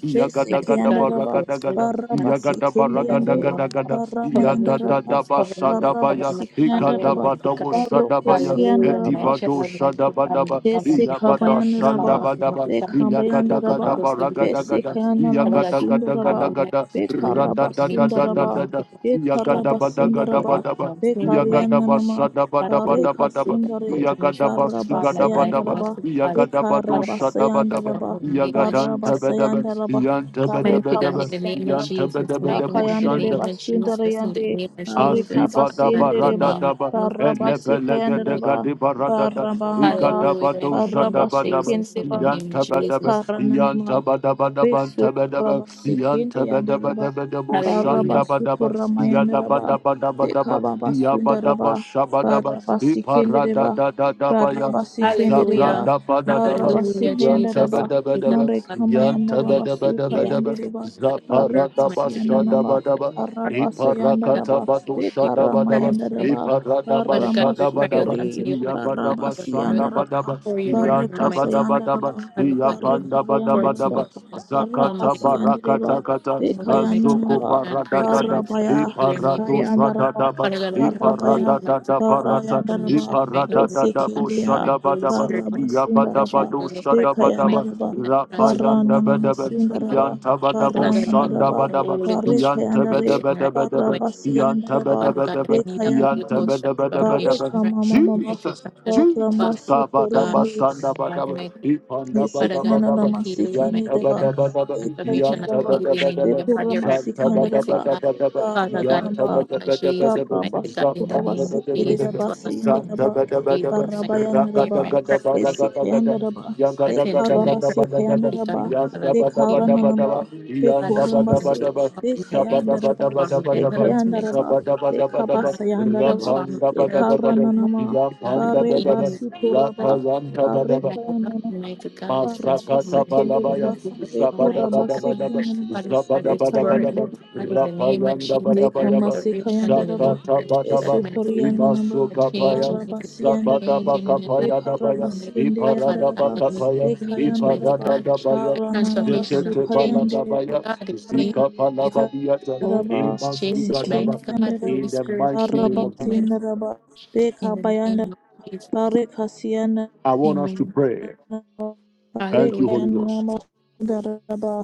mighty God, if
Desekayandaraba,
you
Yagadagadabaragadaga.
speak,
Baraba
mighty
Yagada
God, cover
baragada
Sikindiyande,
me,
gada
Lord God.
gada
Cover me,
yada da
Baramayandaraba,
da
Jesus. Cover
basa
me,
da
Lord.
Baraba
Cover
baya
my family,
ikada
Sikayandaraba,
mighty
bada
God.
wosha da
Baroko
baya
Hallelujah. My
ediba
child,
dosha da
mighty God.
bada
My
ba
mother, mighty God.
yabada
Besikabayandaraba,
shanda
Transform us,
bada ba
mighty God, into who
yagada
you
Bekabayandaraba,
gada
want us to be,
baragada
mighty
gada
God.
Besikayandarama
Father God,
yagada gada
Sundaraba,
gada
transform us, mighty God,
gada
into who you
Bekaraba
rada
need
da
me
da
to
da
be,
da
Sundaraba,
da
mighty God.
yagada
Bekaraba
Father
bada
God,
gada
for
Sundaraba,
bada
wisdom,
yagada
Bekaryananama,
basa da
Father
bada
God, we
bada
Bareka
bada
pray that
Sundare,
transformation,
yagada basu
Baraba
transform my
gada
life,
bada ba
Sayandaraba,
mighty God. Father
yagada
Bekaraba
God,
badosha
Father
da
God,
Sayandaraba,
in the name of
Yagadan
Baraba
Jesus.
Tabedaba,
Sayandaraba,
Yan
Mighty
Bareka
God,
Tabedabedaba,
in the name of
Yan
Basayandaraba.
Jesus.
Tabedabeda
Mighty God, in the
Akayandere
Bushanda,
name of Jesus.
basundara
In the
yande
name of
arika
Jesus. Father
Azibada
God, in the
basiyendere ba
barada
name of
daba
Jesus. Mighty
barabasi
elebelege
kayandere
de
God.
ba
gadi barada da
baraba baba
ikada
Hallelujah.
bado
In the name
shada
of
barabasi
Jesus.
badaba
In
kendere ba
the name of
yanta badaba
Jesus.
ekaranana ma
yanta badaba daba taba daba
Vesukuraba sikinde
yanta badaba
yandereba
daba daba
baraba
Hallelujah.
shanda badaba
sukurama
yada
yandereba
badaba daba daba
dekaba basundaraba
yabadaba shabadaba
baraba sikinde
iparada
deba
da da daba ya
baraba sikinde deba
Hallelujah.
zabranda bada daba
baraba
Hallelujah,
yanta
sikayandereba
Jesus.
badaba
Mighty God.
daba
mare
Father
kama
God,
yanta
in the
yandereba
name of
badaba
suka
daba
Jesus.
daba
yandereba
God, cover
barika
us,
zaparada
mighty God.
siyananaba
bashada
baraba siyandereba
Iparakata bado
you are
shada
dekarama
badaba,
Christ, my
yandereba
iparada
Father God,
barama
we
bashada
pray out
badaba,
sukuri
unto you, mighty
iyabada
God,
baraba
for us, and we
bashanda
come
siyandereba
badaba,
for you right now,
barika
iyanta
mighty
badaba
God,
siyandereba
daba,
Father God, in
barika
iyapanda badaba
bayandereba
fortunate
daba,
God, come,
zakata
Arakasi
mighty
and Reba,
God,
barakata kata,
Lord, mighty
azuko
God,
Ekayananaba,
and I
parada
praise
dada,
me for
Barabaya,
that, your name,
iparado
mighty God.
shada
Kayandaraba,
daba,
Father God, I come before
Barabaya,
you,
iparada
mighty
dada
God,
barata,
for
Barayandaraba,
nation right now,
iparada
mighty
dada
God,
Esekidia,
my
bushada
Holy
badaba,
Spirit, mighty God,
iyabada
touch
Barabasundaraba,
bado
my life right now,
shada
mighty
Ekayandaraba,
God, transform,
Rapayanda Bedebe,
mighty God.
Barananamasundaraba,
Yanta
Father
Badabo
God, I
Shanda
need
Barayandaraba,
a
Badaba,
Holy Ghost
Yanta
Barikayandare,
transformation right now,
Bedebedebedebe,
mighty God.
Yanta
Barabasiandaraba,
Father God, I
Bedebedebe,
need a Holy
Yanta
Ekayananama,
Ghost transformation
Bedebedebedebe,
Barika
right
Mama
now,
Mama,
mighty
Jesus,
God.
Jesus,
Father
Baramasukuria
God,
Kabadaba Shanda
Father,
Badaba,
mighty
Ipanda
Father God,
Badaba
I
Isikhanana
Daba,
need healing,
Yanta
mighty
masikhaneleba,
God.
Badaba Daba,
Transformation
Yanta
and
ikhaneleba,
healing
Badaba
in my
Daba,
ikurra
body right
Zanta
now, mighty
masikhaneleba,
Badaba
God.
Daba Daba,
Father God,
Yanta
barranaba,
in the name of
Badaba
Jesus,
Daba
barraba
Daba,
mighty God, in the
sikurra
Zapanda
name of
Badaba
Jesus,
masikhaneleba,
Daba,
Father God, in the name
Santa
sindeleba,
of
Badaba
Jesus,
Daba,
mighty
barraba
God, hear
yandeleba,
Ragada
my cry,
Gada
mighty
Baragada Gada,
isikhayandeleba,
Rapanda
God. attend to
ikharra
my cry, mighty God,
masikhaneleba,
Father God, hear my cry
ikharrananaba,
blood
ikurra
and
masi, ikhayandeleba,
transform my mind, or transform my
ikhayandeleba,
health, my God,
ikhabasayandeleba,
transform my health, my mind,
ikharrananama,
God, and
barreba
even my
sikurraba,
God, my blood,
barrekananama,
mighty God, transform my
Masakata
Rabasikendereba,
balabaya,
humanity,
Eko
zabada bada
almighty God,
bada ba,
Rabasikendereba,
Father God,
zabada bada
restore it,
bada
mighty
ba,
Ekayandereba,
God, in the name of
rapayanda
Jesus,
bada
the
bada ba,
restoration in the
Yekamasikayandereba,
name of
zakata bada
Jesus,
ba,
mighty God,
Esukoriananaba,
the
imasuka
change,
paya,
mighty
zabada
Barabasiandereba,
change
ba
in my life.
kapaya baya,
Mighty God, Father
iparada
God,
ba
Bekarabasiendeyandereba,
I need
kapaya,
a change, mighty
Ekayandereba,
iparada
God,
da baya,
a transformational
zekete bala
change.
Barananabasukayandereba,
mighty God, in the name of
zika pala
Jesus,
badiyata,
the Holy
Rekaraba,
Ghost
imasuka
change,
da
mighty God, the
Sikendereba,
Holy
In the
Spirit
mighty name
change,
of
mighty
Jesus,
God,
Barabasiendereba,
in the name of
Bekabayandereba,
Jesus.
Barekasiandereba,
I want us to
Amen.
pray. Thank you,
Hallelujah.
Holy Ghost.
Rikanama daraba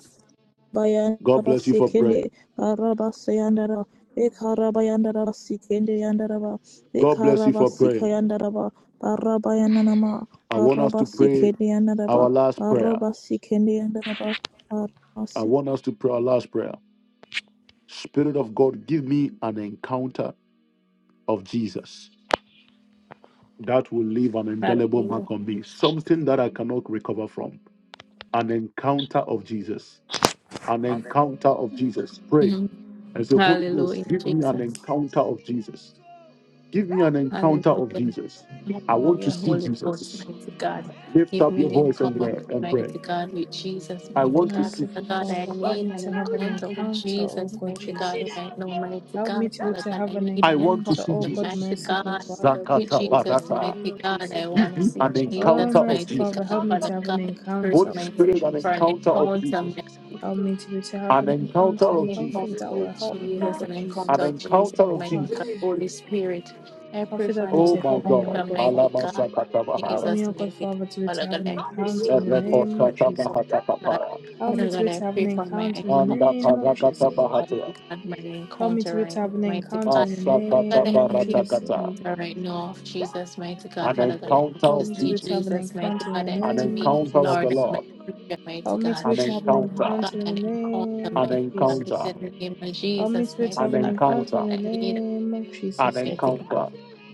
God
bayanaba
bless you for
sikende
praying.
baraba sayandara ekaraba yandaraba sikende yandaraba
God bless you
ekaraba
for praying.
sikayandaraba baraba yananama
I want us
baraba
to pray
sikende yandaraba
our last prayer.
baraba sikende yandaraba baraba
I want us to pray our last prayer. Spirit of God, give me an encounter of Jesus that will leave an indelible
Hallelujah.
mark on me, something that I cannot recover from. An encounter of Jesus. An encounter of Jesus. Pray
Mm.
and say, Holy
Hallelujah,
Ghost, give me an
Jesus.
encounter of Jesus. Give me an encounter of
Hallelujah.
Jesus. I want to
Hallelujah.
see
Holy Ghost,
Jesus.
mighty God.
Lift
Give
up
me
your
an
voice and
encounter,
pray.
mighty God, with Jesus,
I
mighty
want to
God.
see
Father
Merciful
Jesus.
God, I
Father, help
need
me
an
to have an
encounter with
encounter, oh
Jesus,
God
mighty God,
Jesus.
right now, mighty
Help me
God.
to be able
Father
to
God, I
have an
need
I
an
want to
encounter,
see
oh
encounter,
God,
Jesus.
mighty
merciful
God,
Father, with
with
you
Zakata
all in
Jesus,
the
Barata,
name
mighty
of
God.
Jesus.
I want to see
an
Oh,
Jesus,
encounter of
mighty
merciful Father,
Jesus.
God.
help me
Father
to have
God,
an
I pray,
encounter,
Holy
oh
mighty God,
God
Spirit, an
Jesus.
for
encounter
an
of
encounter,
Jesus.
Help me to be to have
An
an
encounter
encounter,
an
of Jesus.
something
encounter
that will
with
help me, oh
Jesus, an
God
encounter
An
Jesus.
of Jesus,
encounter of
mighty
Oh, this
Jesus.
God,
is ridiculous.
Holy Spirit. I pray
something
for
that will
an
be
Oh
to
my
help me, oh
God.
encounter,
God Father.
mighty
Palama
God,
Sakata
Help
Bahata.
me,
Jesus,
oh God
mighty God.
Father, to be
Father
to have
God,
an
I pray for
encounter in the
Jesus,
Erepo
name
pray
of
Sata
for
Jesus.
Bahata
mighty God.
Kapara.
Help me
Father
to
God,
be
I
to have an
pray for my
encounter in the
Anda
encounter,
name of
Parakata
Jesus.
Bahata.
mighty God, my
Help me
encounter,
to be to
right now,
have an
mighty
encounter
God.
in the
Father God,
Masakata
I
name of
need an
Barata
Jesus.
Kata.
encounter right now of Jesus, mighty God.
An
Father God, I need
encounter
Help
to
of
me to
see
be to have
Jesus.
an
Jesus,
encounter
mighty
in
God.
the
I need
An
to
name of
meet
encounter
my
of the
Lord
Jesus.
and
Lord.
my Savior, mighty
Help me
God.
to be
An
to have an
Oh my
encounter.
encounter
God, that
in the
includes the
name
An
of
mighty God.
Jesus.
encounter.
In the name of
Help me
Jesus,
to be able
mighty
to
An
have an
God, what
encounter in
encounter.
I
the
need,
name of
an
Jesus,
a
Lord
mighty
God.
God.
encounter,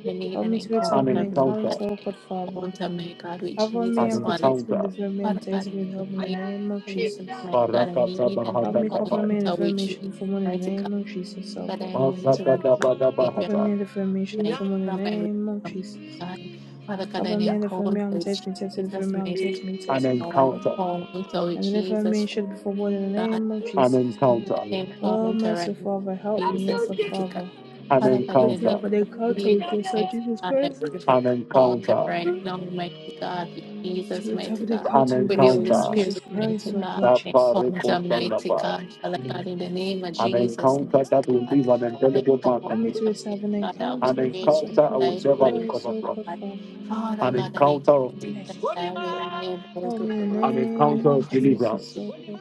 We need
Help
an
me to be able to
encounter,
an
have an
God, an
encounter,
encounter, oh God, Father.
encounter, my God, with
Cover me
an
Jesus,
and
Father.
protect me,
encounter.
deliver me
Father
and
God,
take
in
me and
the
help me
name
in the name of
of Jesus,
Jesus.
mighty God, I
Barakata
need an
Help
Bahata
me cover
Kapai,
me and
encounter
deliver
with
me and shield
Jesus,
me from all in the
mighty God.
name of Jesus, oh
That
God.
I need to meet
Masakata
my Savior,
Cover me
Badabahata,
and deliver me and shield
my
me
healer,
from all in
my
the
redeemer,
name of
my
Jesus.
God. Father God,
Cover
an
me and deliver
encounter
me, I'm
with
take me, take me, deliver
Jesus,
me, i
mighty God,
take me,
right
an
take me,
now,
cover.
an
encounter,
encounter with
And deliver me
Jesus,
and
right
shield me from all in the
now. God.
name of
an
Jesus.
In the
encounter,
name
Oh,
of the right now,
merciful Father, help me, oh
Jesus,
God,
mighty God.
Father.
an
Father God, in
Be
the
to
name
encounter,
have an
of
encounter
Jesus,
with your Son
mighty
Jesus
God, I
Christ.
pray for
an
Conquer
encounter,
right
To
now, mighty God, with Jesus,
Spirit have
mighty
an
God,
an
encounter with
with
your
the Holy
son
encounter.
Spirit,
Jesus
mighty
Christ, O
God,
God
and
Jesus.
Safareko
Conquer, mighty
Sandabaya.
God, Father God, in the name of
An
Jesus,
encounter
mighty
that will
God,
leave an
and
indelible mark
Conquer,
Let
on
me
me.
to be
mighty
to have an
God, that will
encounter
An
with your
change
son
encounter I
my
will
life,
Jesus
never
mighty
Christ,
recover
O God
from.
God.
Father.
Father
An
God, and
encounter of
Conquer,
Hey,
peace.
that I will never
help me in the
An encounter
name
of
of
regret
Jesus,
deliverance.
O God.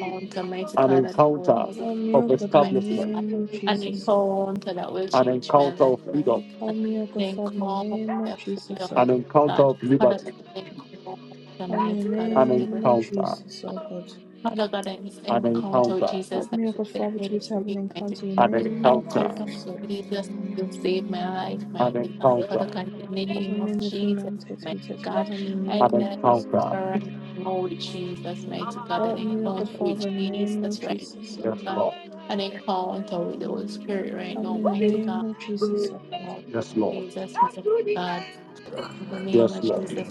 onto mighty
An
God that I will
encounter
never
Help me, O
of
forget,
God, in the
mighty
establishment
God.
name of
An
Jesus, O God.
encounter that will
an
change my
encounter
life,
of
mighty
freedom,
God.
Help me, O
An
God Father, in the
encounter
name of
of
Jesus, O
freedom,
an
God.
encounter
mighty God.
of
Father,
liberty,
an encounter,
Help me in
mighty
the
God, of
an
name
liberty.
of
encounter,
Jesus, O God.
Father God, I miss
an
encounter with
encounter,
Jesus
Help
and
me, O God
you set
Father, to be
me
to have an
free, mighty
encounter in the
God.
an
name
An
of
encounter,
encounter
Jesus, O
with
God.
Jesus that
Amen.
you save my life,
an
mighty God. Father
encounter,
God, in the
Cover
name
me in
of
the room,
Jesus,
and
mighty
me, protect me,
God,
help me in the
I need
an
name of
an
Jesus.
encounter.
encounter right now with Jesus, mighty God. An
Help me, O God,
encounter with
Father, in the name of
Jesus, right,
Jesus, O God.
Yes,
God.
Lord.
An encounter with the Holy Spirit right
Help
now,
me in the
mighty
name
God.
of
An
Jesus, O God.
Encounter with
Yes, Lord.
Jesus, mighty God. In the name
Yes,
of
Lord.
Jesus,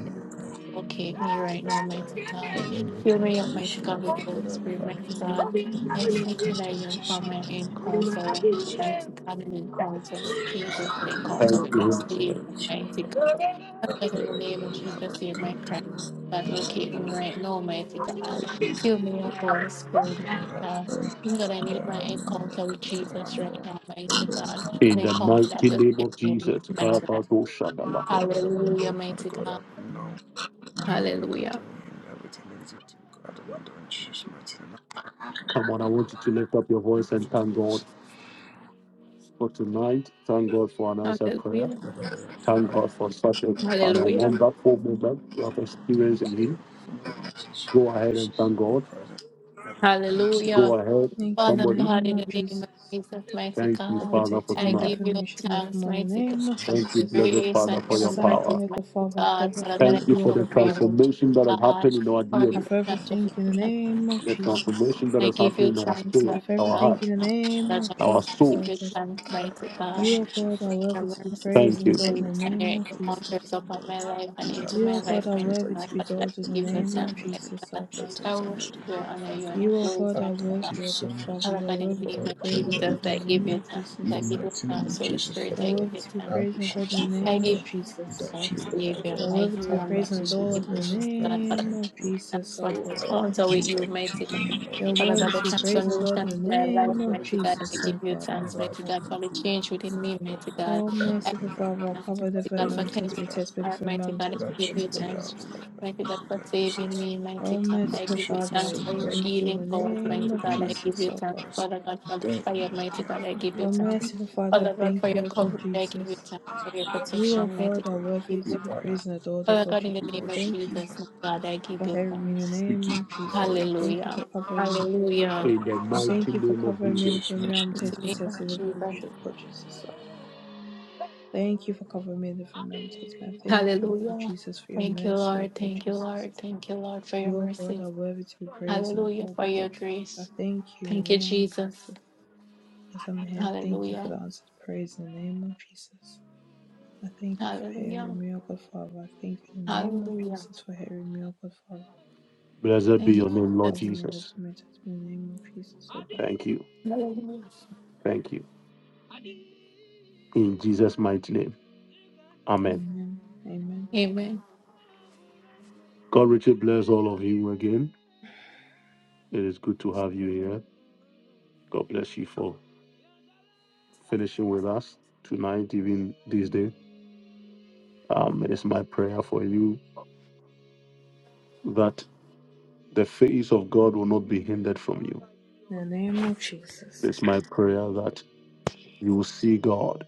locate me right now, mighty God.
Have an
Fill me
encounter,
up, mighty God,
Yeshua,
with the
for
Holy
God I
Spirit,
pray.
mighty God.
Let
Mm.
me have
I
an
seek and I
encounter with
yearn for my
Yeshua in the mighty
encounter,
name of Jesus.
mighty God, an encounter with Jesus, an encounter
Thank
with my
you,
Encounter
Holy
Savior,
with
Spirit.
Yeshua,
mighty
for
God.
I
Father, in
pray
the
that you
name of
let me have an
Jesus, hear my cry.
encounter with
God, locate me right now, mighty God. Fill me up, Holy Spirit,
God
mighty
I
God.
pray.
Mighty God, I
That
need
I
my
have no
encounter with
encounter, I
Jesus right
know.
now, mighty
And the
God. An
encounter
In the
encounter that
mighty
will
name
save
of
me in
Jesus,
my
negativity.
life.
We
Kabadoshadaba.
go out of the
Hallelujah,
window, Father
mighty
God,
God.
I know. I have an encounter
Hallelujah.
with him, everything negativity. We go out of the window in Jesus' mighty name.
come on, I want you to lift up your voice and thank God for tonight. Thank God for an answered prayer.
Hallelujah.
Thank God for such a, an, a
Hallelujah.
wonderful moment you have experienced in
Thank you.
Him.
Thank
Go ahead and thank
Your
God.
presence. Thank you.
Go
Hallelujah.
ahead,
Thank you
Father
in the
somebody.
God,
name
in the
of
name of
Jesus.
Jesus, mighty
Thank you,
For
God,
Father, for
protecting me
I
and
tonight.
give you
delivering me, shielding me from
thanks,
all in the
mighty God,
name
Yes,
of
for
Thank
Lord,
you,
your
Jesus.
blessed
grace
we
Father,
and
for
your
praise
your
As I'm
power.
mercies,
you.
here, O God,
mighty
Father, I
God.
forever
Father God, I
Thank
thank
you
you,
come
O
for the
God,
before you,
Father.
transformation that has
mighty God,
happened in our
for
I
DNA,
your
forever thank you in the
transformation.
name
Thank
of
you.
the
God.
Jesus.
transformation that
I
has
give you
happened in our
thanks,
I
spirit,
mighty
forever
our
God.
thank
hearts,
you in the name
Father
Thanks,
of
God,
God,
our
I
Jesus,
for
give
the
O
Father.
you
God.
souls.
thanks, mighty
I
God.
You, O
appreciate you
God,
for
are
Your
worthy
God.
to be
mercies
Thank
praised
Thank
and
and
you.
you
adored
for
in
grace
the
making
and
name
your
me
of
feel better.
encounters
Jesus.
upon
Father
my
God.
life
We
and
love
into
you
You,
my
O
for all
God,
life,
the
are
my
things that
worthy
you
life
to
do
be
like,
for
that
us
adored in
I
and
the
the
give the
things
name
that you
of
thanks,
continue
my
to
Jesus,
God.
O
do and
God.
the
I
things that you already
worship you, I
done
honor you,
for
and
God.
I
You, O God,
glorify you,
are
I thank
God.
you
worthy, O
so
God
much
Father.
Father
You are
God, in the
worthy
for
to
all
name
be
the
of
praised
things
and
that
Jesus,
you
adored in
do
I
for
the
give
name
me.
you
of
thanks.
In the
I
Jesus.
give you
mighty name
thanks,
of
Holy
Jesus,
Spirit,
You
Father
are
I
God,
give
worthy
you
to be
I
thanks,
praised and
Lord.
adored
appreciate you,
in the
Father
I
name
give
of
God.
you
Jesus.
Without you,
thanks,
Father
Savior,
You are
God,
my
worthy to be
our
healer, my
praised
lives
and
is
redeemer,
adored in the
meaningless.
my
Father God,
God.
we
name
thank
of
you
Thanks
Jesus,
for
O
the
for
God.
all the
encounter with
things that
you,
you
mighty
keep doing
God.
and all
You
the
are
Father
things
worthy
God, the
to be
that you
praised and
keep
adored
transformation
in
doing
the
in my life,
for
name of
mighty
everything
God. I
Jesus,
to
O
give you
God, O
find
thanks,
God
life
mighty
to
Father.
God, for
come
the
true,
change within
So
me, mighty
thankful
God.
Oh,
for for
I give
merciful
you
everything that
Father,
you
our
do
thanks,
cover
for
the
us
mighty
very
God, for
day
mum,
in,
test
cleansing
me,
day out.
test me,
my
the
Father.
heart,
very
mighty
mum,
God.
test me,
I give
Without you,
test
you
me, O God,
we are,
thanks,
Jesus,
we
O
are,
God.
mighty
we
God,
are,
for
we are
saving
useless.
me, mighty
O
God.
We
I
merciful
give
appreciate
you
you
Father,
so
thanks
I
for your
much
thank you in
healing
the
for
powers,
name
mighty
of
God.
everything
I
that you
give
do
Jesus,
you
O
thanks,
God.
for us
Father God, for
day
the
in and
fire, mighty
day out,
God. I
Father
give you
O
thanks,
God.
merciful Father, I
Father God,
thank
for your
you,
Thank
O
you,
coverage.
God,
all
I
glory
give you
Jesus.
thanks for your
and
You,
honor,
O
protection,
Father
mighty
God, are
God.
God. I
worthy
give
We
you
to be
bow
thanks.
down,
praised and adored, O
Father
God
God, in
Jesus.
the
we
I
name of
worship
thank
you,
you
for
Jesus,
the
my
God.
God, I give
for
you
hearing me in the
thanks.
We
name
give you
of Jesus.
glory,
I
Father
thank you
Hallelujah.
for
God.
covering me.
All
Hallelujah.
In the
you
I
deserve
mighty
thank
it.
you for
name of
In
covering me,
Jesus.
Jesus'
deliver
In
me,
mighty
the
I'm
name,
mighty
taste me,
name
test me,
of
deliver me,
Jesus.
should God Jesus. I thank you for covering me, deliver me, I'm taste me. I thank you, O God
Hallelujah.
Jesus, for your
Thank you,
mercy, O
Lord.
God
Thank you,
Jesus.
Lord. Thank you, Lord, for your
You, O God,
mercies.
are worthy to be praised and
Hallelujah,
adored,
for
O
your
God Jesus. I
grace.
thank you in
Thank
the
you,
name of
Jesus.
Jesus. As I'm here, I thank you for
Hallelujah.
the answered praise in the name of Jesus. I thank you for every
Hallelujah.
miracle, Father. I thank you in the name of
Hallelujah.
Jesus for every miracle, Father.
Blessed be
Thank you,
Thank
your
you for
name, Lord
Jesus.
covering me the
Jesus.
from my touch in the name of Jesus, oh God.
Thank you.
Hallelujah.
Thank you. In Jesus' mighty name. Amen.
Amen. Amen.
Amen.
God richly bless all of you again. It is good to have you here. God bless you for finishing with us tonight, even this day. Um, it is my prayer for you that the face of God will not be hindered from you.
In the name of Jesus.
It's my prayer that you will see God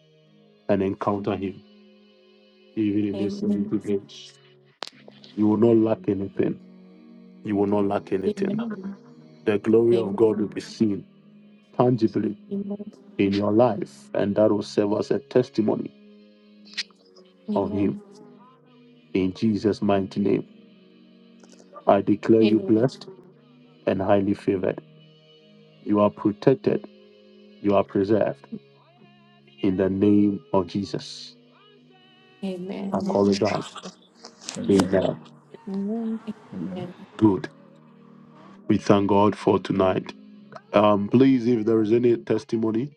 and encounter Him, even in this
Amen.
70 days. You will not lack anything. You will not lack anything.
Amen.
The glory of God
Amen.
will be seen tangibly
Amen.
in your life, and that will serve as a testimony of Him.
Amen.
In Jesus' mighty name, I declare you
Amen.
blessed and highly favored. You are protected You are preserved in the name of Jesus.
Amen.
In
I
the name
call
of
it down.
Jesus.
Amen.
Amen.
Amen.
Amen.
Amen.
Good. We thank God for tonight. Um, please, if there is any testimony,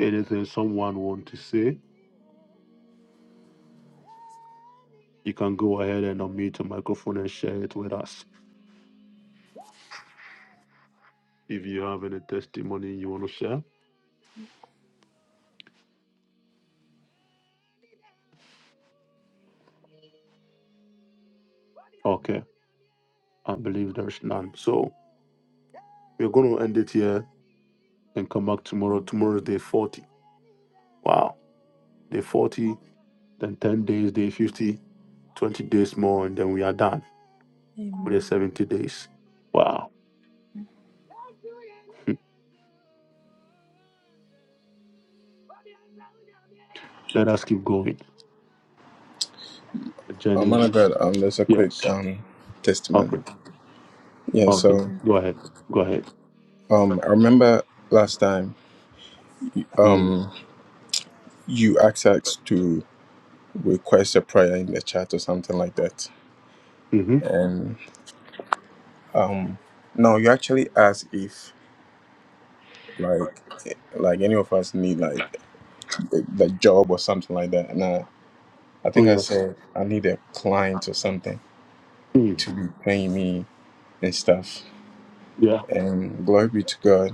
anything someone want to say, you can go ahead and unmute your microphone and share it with us. If you have any testimony you want to share, okay. I believe there's none. So we're going to end it here and come back tomorrow. Tomorrow is day 40. Wow. Day 40, then 10 days, day 50, 20 days more, and then we are done. for the
Amen.
70 days. Wow. Let us keep going. The
Um,
journey.
man of God, um, there's a quick
Yes.
um testament.
Okay.
Yeah,
Okay.
so
Amen.
Go ahead. Go ahead.
um, I remember last time
Mm.
um you asked us to request a prayer in the chat or something like that,
hmm
and um, no, you actually asked if like like any of us need like the, the job or something like that, and I I
Oh,
think I
yes.
said I need a client or something to
Mm.
be paying me and stuff.
Yeah.
And glory be to God.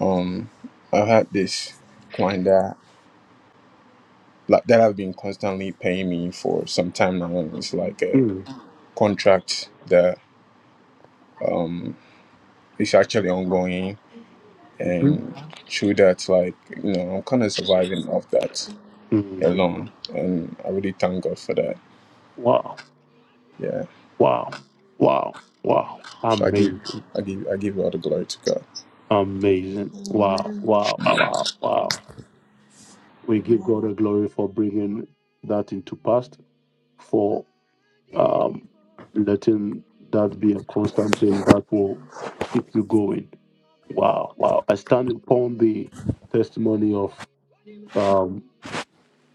Um, I've had this client that like that have been constantly paying me for some time now. and It's like a
Mm-hmm.
contract that um is actually ongoing,
hmm
and through that, like you know, I'm kind of surviving off that
Mm-hmm.
alone, and I really thank God for that.
Wow.
Yeah.
Wow. Wow. Wow.
So I give,
Amazing.
I give, I give all the glory to God.
Amazing.
Amen.
Wow.
Amen.
Wow.
Amen.
Wow. Wow. We give God
Amen.
the glory for bringing that into past, For. um, letting that be a constant thing that will keep you going. Wow, wow. I stand upon the testimony of um,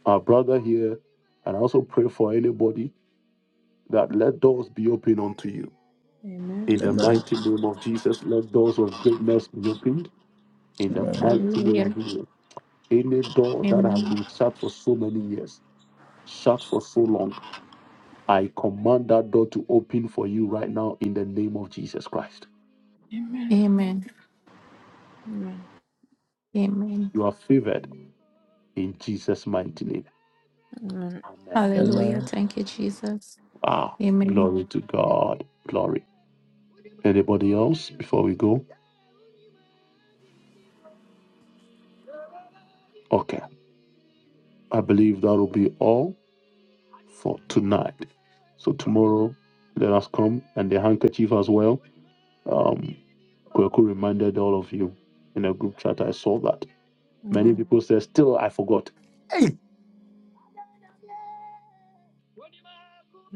our brother here, and I also pray for anybody that let doors be open unto you. In the
Amen.
mighty name of Jesus, let doors of greatness be opened. In the
Amen.
mighty name of
Hallelujah.
Jesus. Any door that has
Amen.
been shut for so many years, shut for so long, I command that door to open for you right now in the name of Jesus Christ.
Amen.
Amen.
Amen.
Amen.
You are favored in Jesus' mighty name.
Amen.
Amen.
Hallelujah.
Amen.
Thank you, Jesus.
Wow.
Amen.
Glory to God. Glory. Anybody else before we go? Okay. I believe that will be all for tonight. So tomorrow, let us come and the handkerchief as well. Um, Kweku reminded all of you in a group chat. I saw that. Many
Yeah.
people said, still, I forgot. Hey,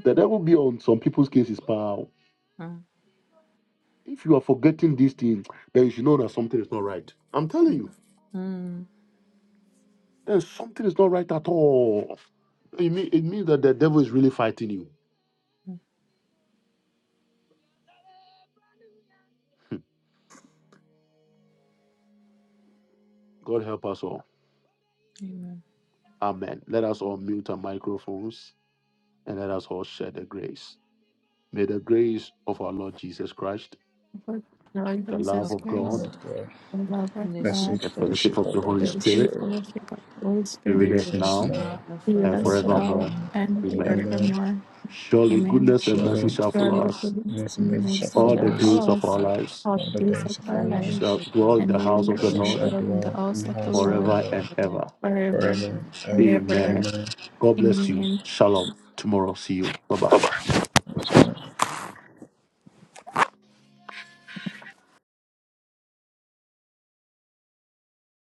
the devil be on some people's cases, pal.
Mm.
If you are forgetting these things, then you should know that something is not right. I'm telling you.
Mm. Mm.
then something is not right at all. It, mean, it means that the devil is really fighting you. God help us all.
Amen.
Amen. Let us all mute our microphones and let us all share the grace. May the grace of our Lord Jesus Christ,
For the Lord
the love
Of
Jesus
of
Christ,
God,
God
Amen.
the love of
and the
God,
sweet
Message
the
for the
fellowship
fellowship
sheep
of
of
of
the
the
the
Holy
and
Holy
Holy
the sweet
Spirit
Spirit
Spirit.
fellowship of the Holy
be
be
with
be
Spirit
with
us
with
us
us
now
now
now and
be
forevermore.
with
and
and
us now
forevermore.
forevermore.
and
Amen.
Amen.
Amen.
forevermore.
Surely
Amen.
goodness and mercy
Surely,
shall follow
Surely
us
goodness
goodness
and
and mercy shall
mercy
all
follow
the
shall
us
days
follow
of our
us
Hallelujah.
lives.
all
all the
the days of
days of
I
our
our
We
wish I
life,
shall
did in
lives,
the
dwell in
house,
and
the
of
we
the
house of the
and we
Lord,
shall
Lord
shall
dwell in the
dwell in
house
the
of the
house of the
Lord
forever
Lord
and
and
ever.
forever
forever and
and
ever.
Amen.
ever.
Amen.
God bless
Amen.
you. Shalom. Tomorrow, see you. Bye bye.
Shalom.